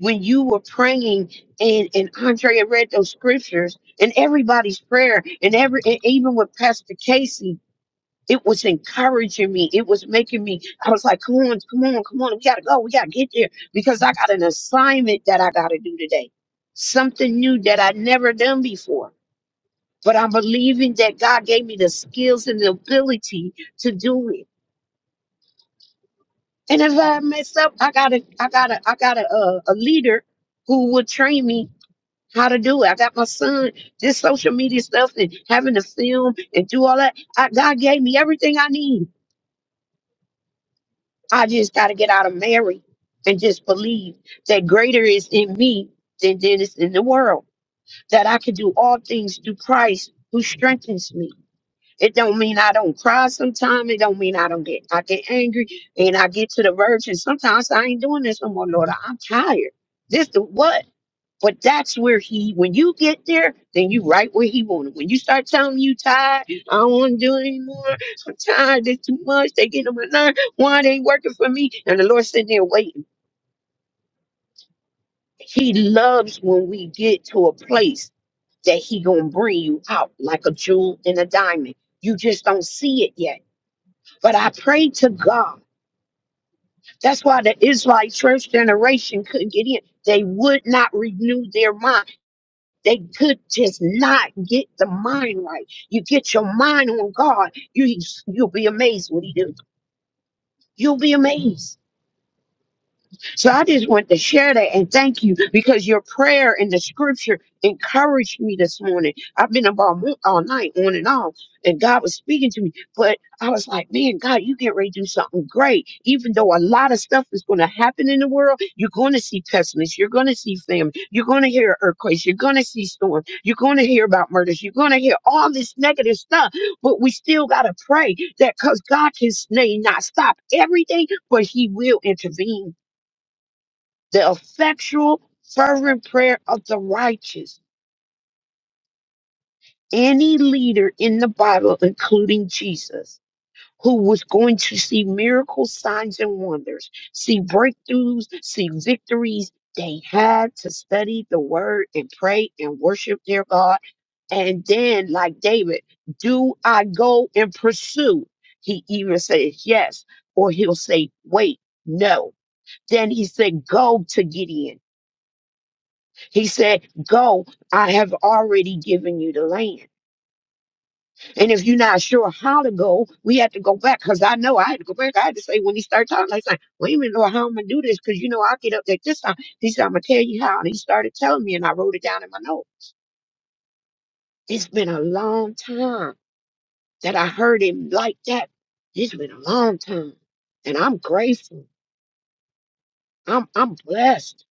Speaker 7: when you were praying and and Andrea read those scriptures and everybody's prayer and every and even with Pastor Casey, it was encouraging me. It was making me. I was like, "Come on, come on, come on! We gotta go. We gotta get there because I got an assignment that I gotta do today. Something new that I never done before. But I'm believing that God gave me the skills and the ability to do it. And if I mess up, I gotta, I gotta, I gotta uh, a leader who will train me how to do it. I got my son this social media stuff and having to film and do all that. I, God gave me everything I need. I just got to get out of Mary and just believe that greater is in me than than is in the world. That I can do all things through Christ who strengthens me. It don't mean I don't cry sometimes. It don't mean I don't get I get angry and I get to the verge and sometimes I ain't doing this no more, Lord. I'm tired. This the what? But that's where he, when you get there, then you right where he wanted. When you start telling him you tired, I don't want to do it anymore. I'm tired. It's too much. They get on my nerve. Why they ain't working for me? And the Lord sitting there waiting. He loves when we get to a place that he gonna bring you out like a jewel and a diamond. You just don't see it yet. But I pray to God. That's why the Israelite church generation couldn't get in. They would not renew their mind. They could just not get the mind right. You get your mind on God, you you'll be amazed what He do. You'll be amazed. So I just want to share that and thank you because your prayer and the scripture encouraged me this morning. I've been about mo- all night on and on, and God was speaking to me. But I was like, man, God, you get ready to do something great. Even though a lot of stuff is going to happen in the world, you're going to see pessimists, you're going to see famine, you're going to hear earthquakes, you're going to see storms, you're going to hear about murders, you're going to hear all this negative stuff. But we still got to pray that because God can s- may not stop everything, but He will intervene the effectual, fervent prayer of the righteous, any leader in the Bible, including Jesus, who was going to see miracles, signs, and wonders, see breakthroughs, see victories, they had to study the word and pray and worship their God. And then, like David, do I go and pursue? He either says yes, or he'll say, wait, no. Then he said, go to Gideon. He said, Go, I have already given you the land. And if you're not sure how to go, we had to go back because I know I had to go back. I had to say, when he started talking, I said, Wait a minute, Lord, how am i going to do this because you know i get up there this time. He said, I'm going to tell you how. And he started telling me, and I wrote it down in my note. It's been a long time that I heard him like that. It's been a long time. And I'm grateful. I'm, I'm blessed.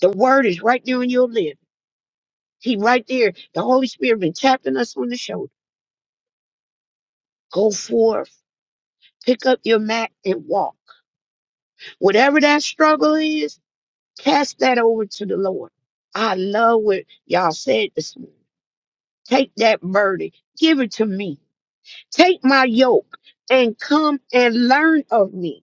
Speaker 7: The word is right there in your lip. He right there. The Holy Spirit been tapping us on the shoulder. Go forth Pick up your mat and walk. Whatever that struggle is, cast that over to the Lord. I love what y'all said this morning. Take that burden, give it to me. Take my yoke and come and learn of me.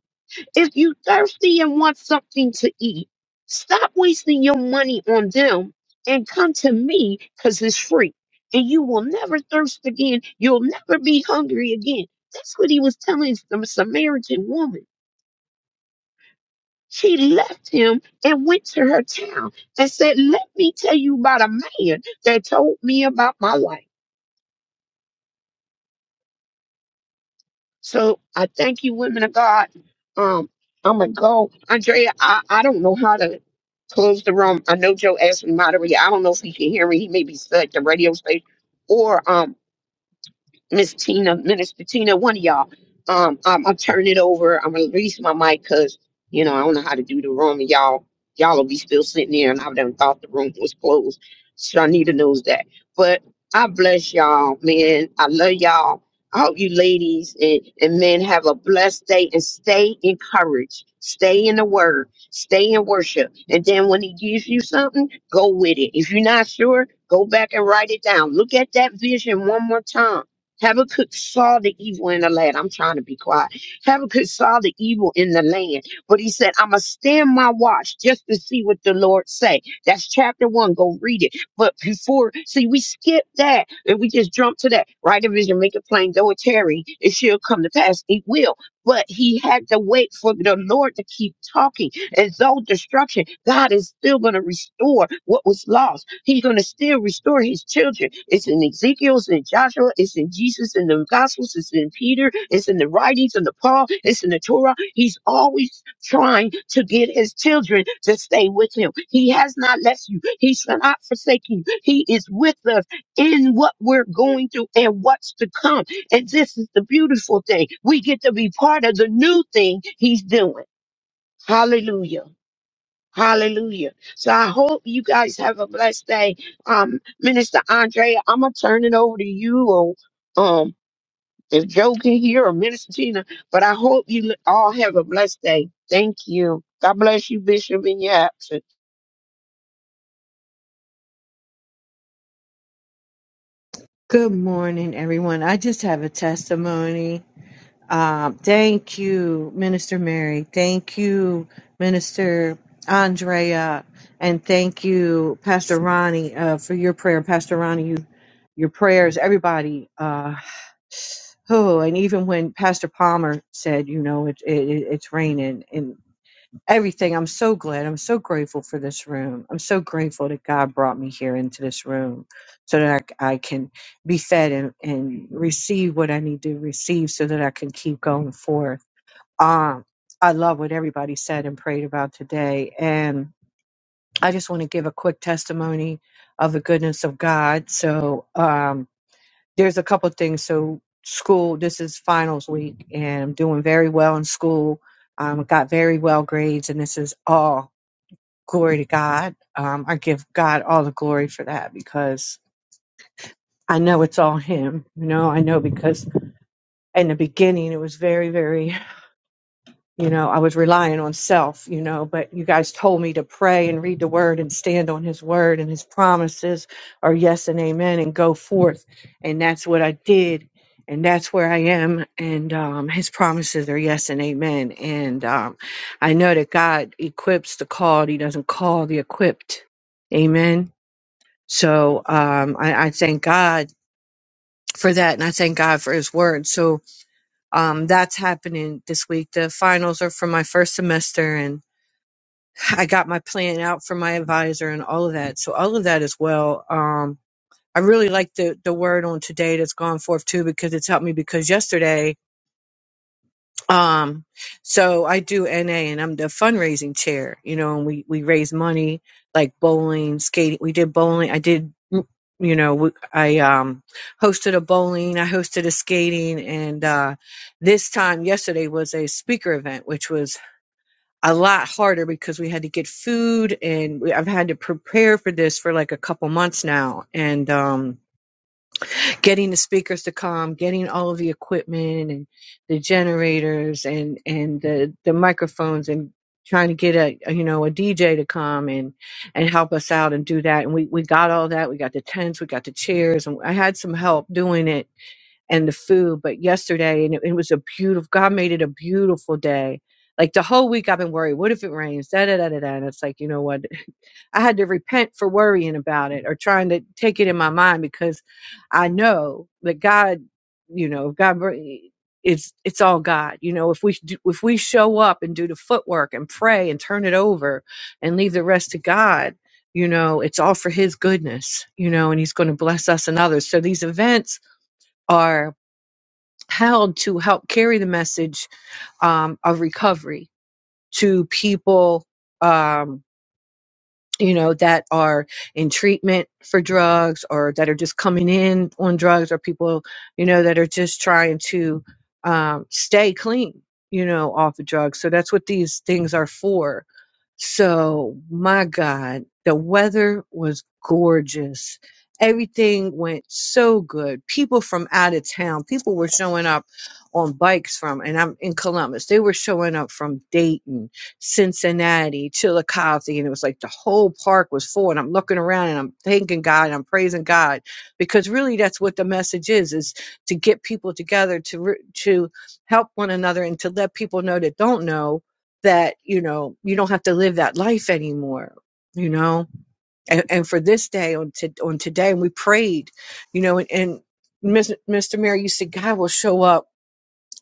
Speaker 7: If you thirsty and want something to eat, stop wasting your money on them and come to me because it's free. And you will never thirst again. You'll never be hungry again. That's what he was telling the Samaritan woman. She left him and went to her town and said, Let me tell you about a man that told me about my life. So I thank you, women of God. Um, I'm gonna go. Andrea, I, I don't know how to close the room. I know Joe asked me moderator. I don't know if he can hear me. He may be stuck at the radio station. Or um Miss Tina, Minister Tina, one of y'all. Um, I'm, I'm turning it over. I'm gonna release my mic because you know I don't know how to do the room. and Y'all, y'all will be still sitting there, and I've done thought the room was closed. so Shanita knows that. But I bless y'all, man. I love y'all. I hope you ladies and, and men have a blessed day and stay encouraged. Stay in the word. Stay in worship. And then when he gives you something, go with it. If you're not sure, go back and write it down. Look at that vision one more time Habakkuk saw the evil in the land. I'm trying to be quiet. Habakkuk saw the evil in the land, but he said, "I'ma stand my watch just to see what the Lord say." That's chapter one. Go read it. But before, see, we skip that and we just jump to that. Write a vision, make it plain. Though it tarry, it shall come to pass. It will. But he had to wait for the Lord to keep talking. And though destruction, God is still going to restore what was lost. He's going to still restore his children. It's in Ezekiel, it's in Joshua, it's in Jesus, in the Gospels, it's in Peter, it's in the writings of the Paul, it's in the Torah. He's always trying to get his children to stay with him. He has not left you. He's not forsaken you. He is with us in what we're going through and what's to come. And this is the beautiful thing. We get to be part of the new thing he's doing. Hallelujah. Hallelujah. So I hope you guys have a blessed day. Um, Minister Andrea, I'm gonna turn it over to you or um if Joe can hear or Minister Tina, but I hope you all have a blessed day. Thank you. God bless you, Bishop, in your absence.
Speaker 6: Good morning, everyone. I just have a testimony. Um, thank you, Minister Mary. Thank you, Minister Andrea, and thank you, Pastor Ronnie, uh, for your prayer. Pastor Ronnie, you, your prayers, everybody. Uh, oh, and even when Pastor Palmer said, you know, it, it, it's raining, everything. I'm so glad. I'm so grateful for this room. I'm so grateful that God brought me here into this room so that I, I can be fed and, and receive what I need to receive so that I can keep going forth. Um, I love what everybody said and prayed about today. And I just want to give a quick testimony of the goodness of God. So, um, there's a couple things. So, school, this is finals week, and I'm doing very well in school um, I got very well grades, and this is all glory to God. Um, I give God all the glory for that because I know it's all Him. You know, I know because in the beginning it was very, very, you know, I was relying on self, you know, but you guys told me to pray and read the word and stand on His word and His promises are yes and amen and go forth. And that's what I did. And that's where I am. And um, his promises are yes and amen. And um, I know that God equips the called, He doesn't call the equipped. Amen So um, I, I thank God for that, and I thank God for His Word. So um, that's happening this week. The finals are for my first semester, and I got my plan out for my advisor and all of that. So all of that as well. Um, I really like the the word on today that's gone forth too because it's helped me. Because yesterday Um, so I do NA and I'm the fundraising chair, you know, and we, we raise money like bowling, skating. We did bowling. I did, mm, you know, we- I, um, hosted a bowling, I hosted a skating and, uh, this time yesterday was a speaker event, which was a lot harder because we had to get food and we, I've had to prepare for this for like a couple months now. And, um, getting the speakers to come, getting all of the equipment and the generators and and the the microphones and trying to get a a, you know a DJ to come and and help us out and do that. And we we got all that. We got the tents, we got the chairs, and I had some help doing it and the food. But yesterday, and it, it was a beautiful. God made it a beautiful day. Like the whole week, I've been worried. What if it rains? Da da da da da. And it's like you know what? I had to repent for worrying about it or trying to take it in my mind because I know that God, you know, God br- eh, it's it's all God. You know, if we do, if we show up and do the footwork and pray and turn it over and leave the rest to God, you know, it's all for his goodness, you know, and he's going to bless us and others. So these events are held to help carry the message um, of recovery to people um, you know, that are in treatment for drugs or that are just coming in on drugs or people, you know, that are just trying to um, stay clean, you know, off of drugs. So that's what these things are for. So, my God, the weather was gorgeous. Everything went so good. People from out of town, people were showing up on bikes from, and I'm in Columbus, they were showing up from Dayton Cincinnati to the Coliseum. And it was like the whole park was full. And I'm looking around and I'm thanking God and I'm praising God because really that's what the message is, is to get people together to, re- to help one another and to let people know that don't know that, you know, you don't have to live that life anymore. You know, and, and for this day on to, on today, and we prayed, you know, and, and Mis- Mr. Mayor, you said God will show up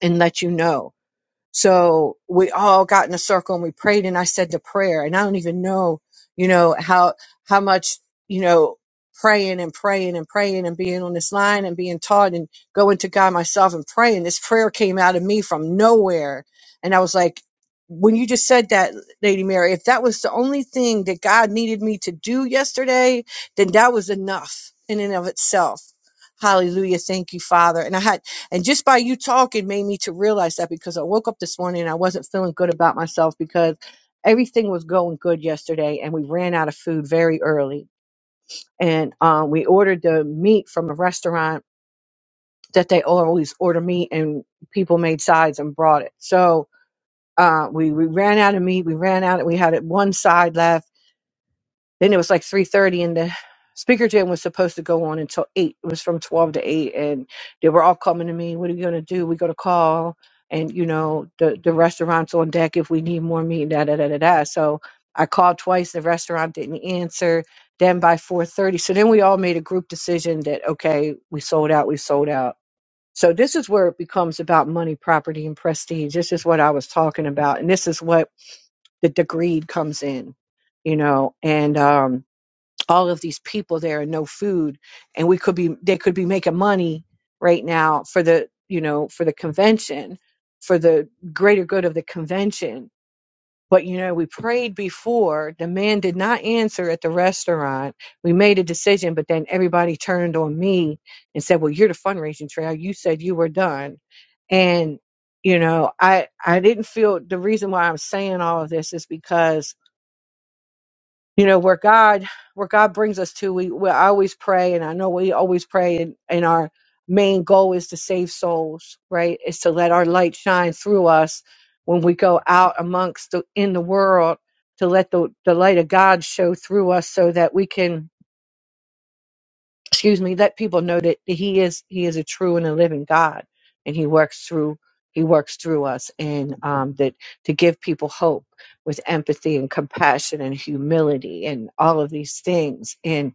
Speaker 6: and let you know so we all got in a circle and we prayed and I said the prayer and I don't even know, you know, how, how much, you know, praying and praying and praying and being on this line and being taught and going to God myself and praying. This prayer came out of me from nowhere. And I was like, when you just said that, Lady Mary, if that was the only thing that God needed me to do yesterday, then that was enough in and of itself. Hallelujah. Thank you, Father. And I had and just by you talking made me to realize that because I woke up this morning and I wasn't feeling good about myself because everything was going good yesterday and we ran out of food very early. And um, we ordered the meat from a restaurant that they always order meat and people made sides and brought it. So uh, we, we ran out of meat. We ran out. We had it one side left then it was like 3.30 and the speaker jam was supposed to go on until 8. It was from 12 to 8. And they were all coming to me, what are you going to do? We're going to call. And, you know, the, the restaurant's on deck if we need more meat, da, da, da, da, da. So I called twice. The restaurant didn't answer. Then by 4.30. So then we all made a group decision that, okay, we sold out, we sold out. So this is where it becomes about money, property, and prestige. This is what I was talking about, and this is what the, the greed comes in, you know. And um, all of these people there and no food and we could be they could be making money right now for the you know for the convention for the greater good of the convention but you know we prayed before the man did not answer at the restaurant we made a decision but then everybody turned on me and said well you're the fundraising trail you said you were done and you know i i didn't feel the reason why i'm saying all of this is because you know where god where god brings us to we, we always pray and i know we always pray and, and our main goal is to save souls right is to let our light shine through us when we go out amongst the in the world to let the, the light of god show through us so that we can excuse me, let people know that he is he is a true and a living God, and he works through he works through us, and um, that to give people hope with empathy and compassion and humility and all of these things. And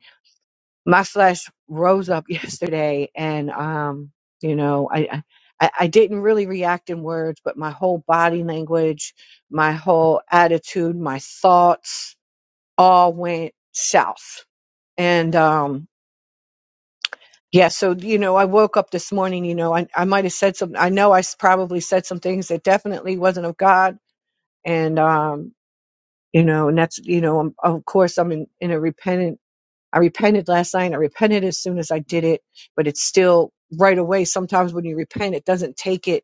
Speaker 6: my flesh rose up yesterday, and um, you know, I. I I I didn't really react in words, but my whole body language, my whole attitude, my thoughts all went south. And um, yeah, so you know, I woke up this morning. You know, I, I might have said some. I know I s- probably said some things that definitely wasn't of God, and um, you know, and that's you know, i of course, I'm in, in a repentant I repented last night. I repented as soon as I did it, but it's still right away. Sometimes when you repent, it doesn't take it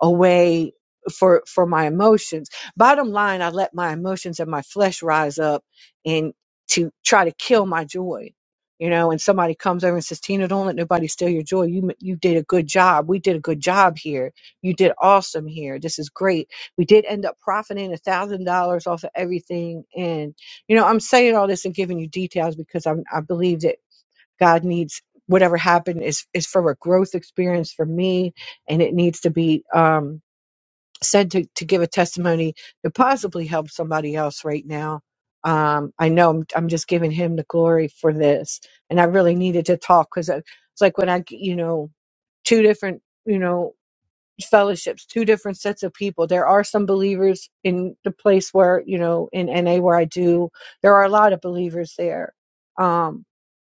Speaker 6: away for for my emotions. Bottom line, I let my emotions and my flesh rise up and to try to kill my joy. You know, and somebody comes over and says, "Tina, don't let nobody steal your joy. You m- you did a good job. We did a good job here. You did awesome here. This is great. We did end up profiting a thousand dollars off of everything, and. You know, I'm saying all this and giving you details because I'm, I believe that God needs whatever happened is is for a growth experience for me, and it needs to be um, said to to give a testimony to possibly help somebody else right now. Um, I know I'm, I'm just giving him the glory for this, and I really needed to talk because it's like when I, you know, two different, you know fellowships, two different sets of people. There are some believers in the place where, you know, in NA where I do, there are a lot of believers there. Um,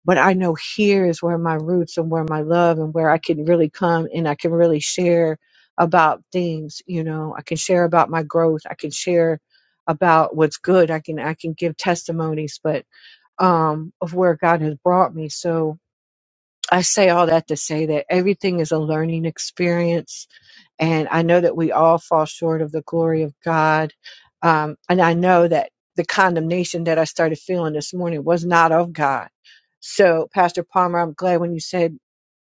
Speaker 6: but I know here is where my roots and where my love and where I can really come and I can really share about things, you know, I can share about my growth. I can share about what's good. I can, I can give testimonies, but, um, of where God has brought me. So I say all that to say that everything is a learning experience and I know that we all fall short of the glory of God. Um, and I know that the condemnation that I started feeling this morning was not of God. So, Pastor Palmer, I'm glad when you said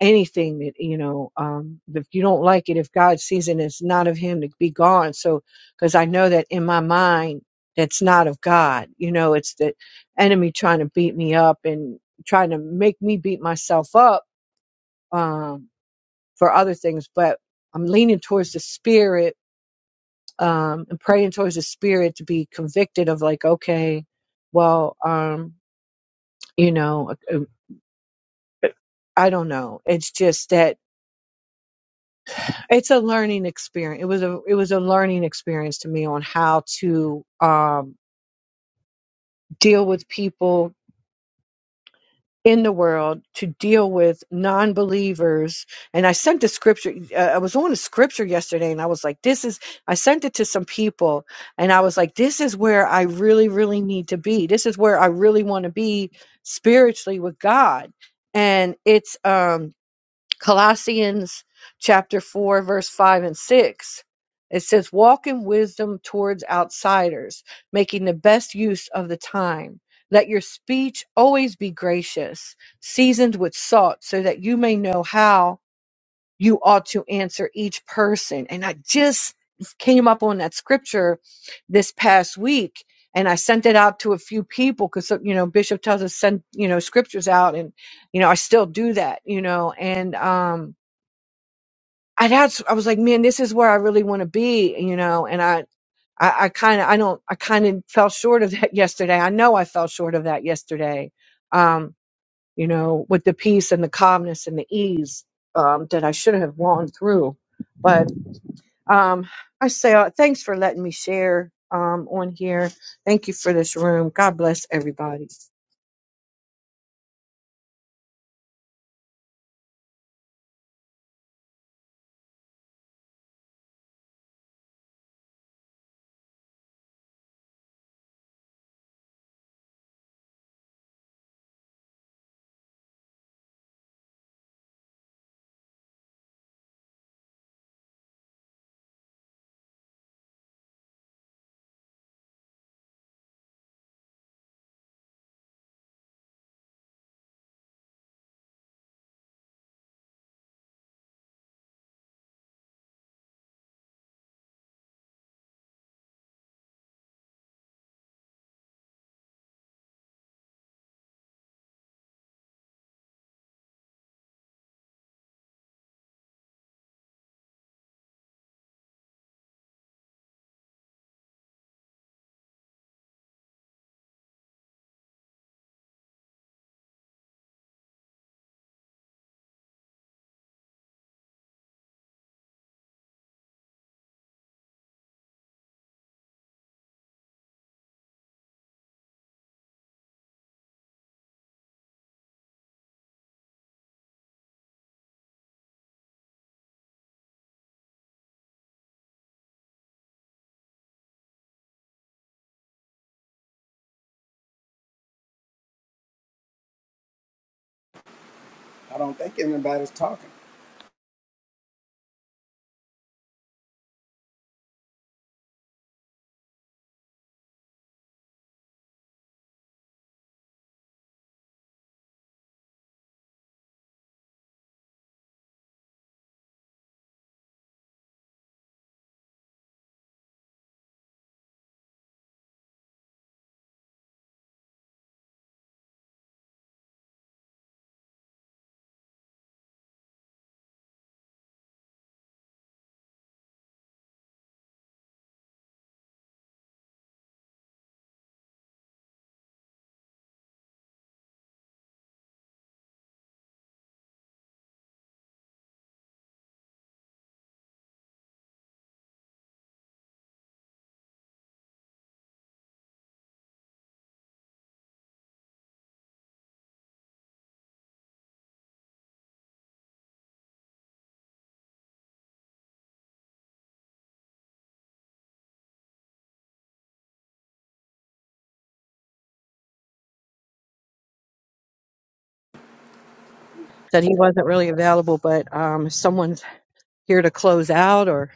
Speaker 6: anything that, you know, um, if you don't like it, if God sees it, it's not of Him to be gone. So, because I know that in my mind, that's not of God. You know, it's the enemy trying to beat me up and trying to make me beat myself up. Um, for other things, but I'm leaning towards the spirit um, and praying towards the spirit to be convicted of like, okay, well, um, you know, uh, uh, I don't know. It's just that it's a learning experience. It was a it was a learning experience to me on how to um, deal with people in the world to deal with non-believers and i sent the scripture uh, i was on a scripture yesterday and i was like this is i sent it to some people and i was like this is where i really really need to be this is where i really want to be spiritually with god and it's um Colossians chapter 4, verse 5 and 6. It says, Walk in wisdom towards outsiders, making the best use of the time. Let your speech always be gracious, seasoned with salt, so that you may know how you ought to answer each person. And I just came up on that scripture this past week and I sent it out to a few people because, you know, Bishop tells us send, you know, scriptures out and, you know, I still do that, you know, and, um, I that's I was like, man, this is where I really want to be, you know. And I I, I kind of I don't I kind of fell short of that yesterday. I know I fell short of that yesterday. Um, you know, with the peace and the calmness and the ease um, that I should have gone through, but. Um, I say uh, thanks for letting me share um, on here. Thank you for this room. God bless everybody.
Speaker 8: I don't think anybody's talking.
Speaker 6: Said he wasn't really available, but um, someone's here to close out. Or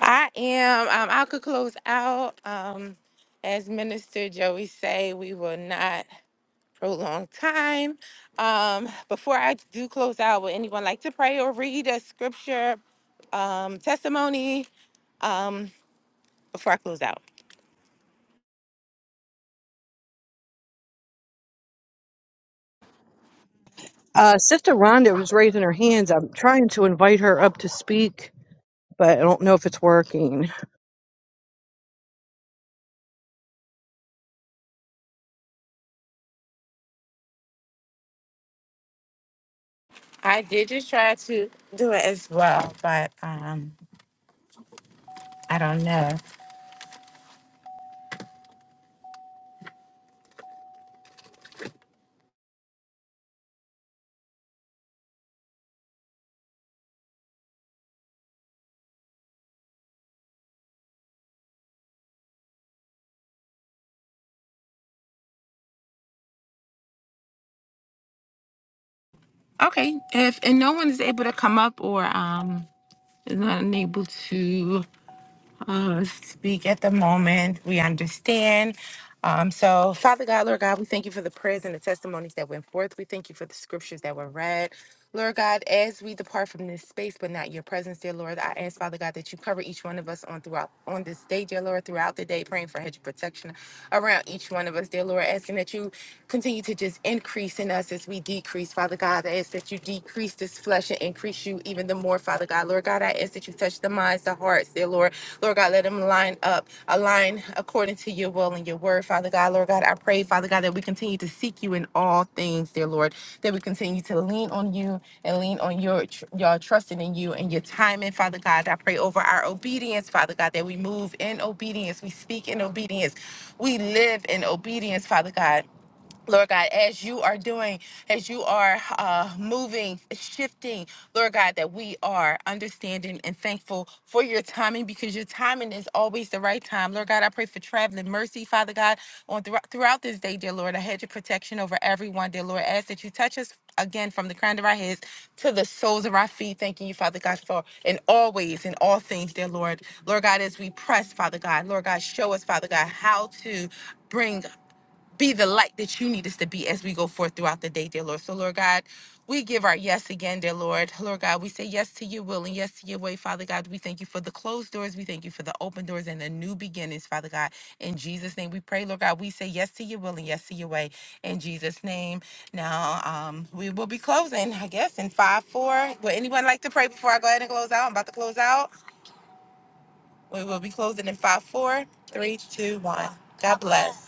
Speaker 3: I am. Um, I could close out. Um, as Minister Joey say, we will not prolong time. Um, before I do close out, would anyone like to pray or read a scripture um, testimony um, before I close out?
Speaker 6: uh, Sister Rhonda was raising her hands. I'm trying to invite her up to speak, but I don't know if it's working.
Speaker 3: I did just try to do it as well, but um, I don't know. Okay, if and no one is able to come up or um is not unable to uh, speak at the moment. We understand. Um, so, Father God, Lord God, we thank you for the prayers and the testimonies that went forth. We thank you for the scriptures that were read. Lord God, as we depart from this space, but not your presence, dear Lord, I ask, Father God, that you cover each one of us on throughout on this day, dear Lord, throughout the day, praying for hedge of protection around each one of us, dear Lord, asking that you continue to just increase in us as we decrease, Father God. I ask that you decrease this flesh and increase you even the more, Father God. Lord God, I ask that you touch the minds, the hearts, dear Lord. Lord God, let them line up, align according to your will and your word, Father God. Lord God, I pray, Father God, that we continue to seek you in all things, dear Lord, that we continue to lean on you and lean on your, tr- your trusting in you and your timing, Father God. I pray over our obedience, Father God, that we move in obedience, we speak in obedience, we live in obedience, Father God. Lord God, as you are doing, as you are uh, moving, shifting, Lord God, that we are understanding and thankful for your timing because your timing is always the right time. Lord God, I pray for traveling mercy, Father God, on thro- throughout this day, dear Lord. I had your protection over everyone, dear Lord. I ask that you touch us again from the crown of our heads to the soles of our feet. Thanking you, Father God, for and always in all things, dear Lord. Lord God, as we press, Father God, Lord God, show us, Father God, how to bring be the light that you need us to be as we go forth throughout the day, dear Lord. So, Lord God, we give our yes again, dear Lord. Lord God, we say yes to your will and yes to your way, Father God. We thank you for the closed doors. We thank you for the open doors and the new beginnings, Father God. In Jesus' name we pray, Lord God. We say yes to your will and yes to your way. In Jesus' name. Now, um, we will be closing, I guess, in 5 4. Would anyone like to pray before I go ahead and close out? I'm about to close out. We will be closing in five, four, three, two, one. God bless.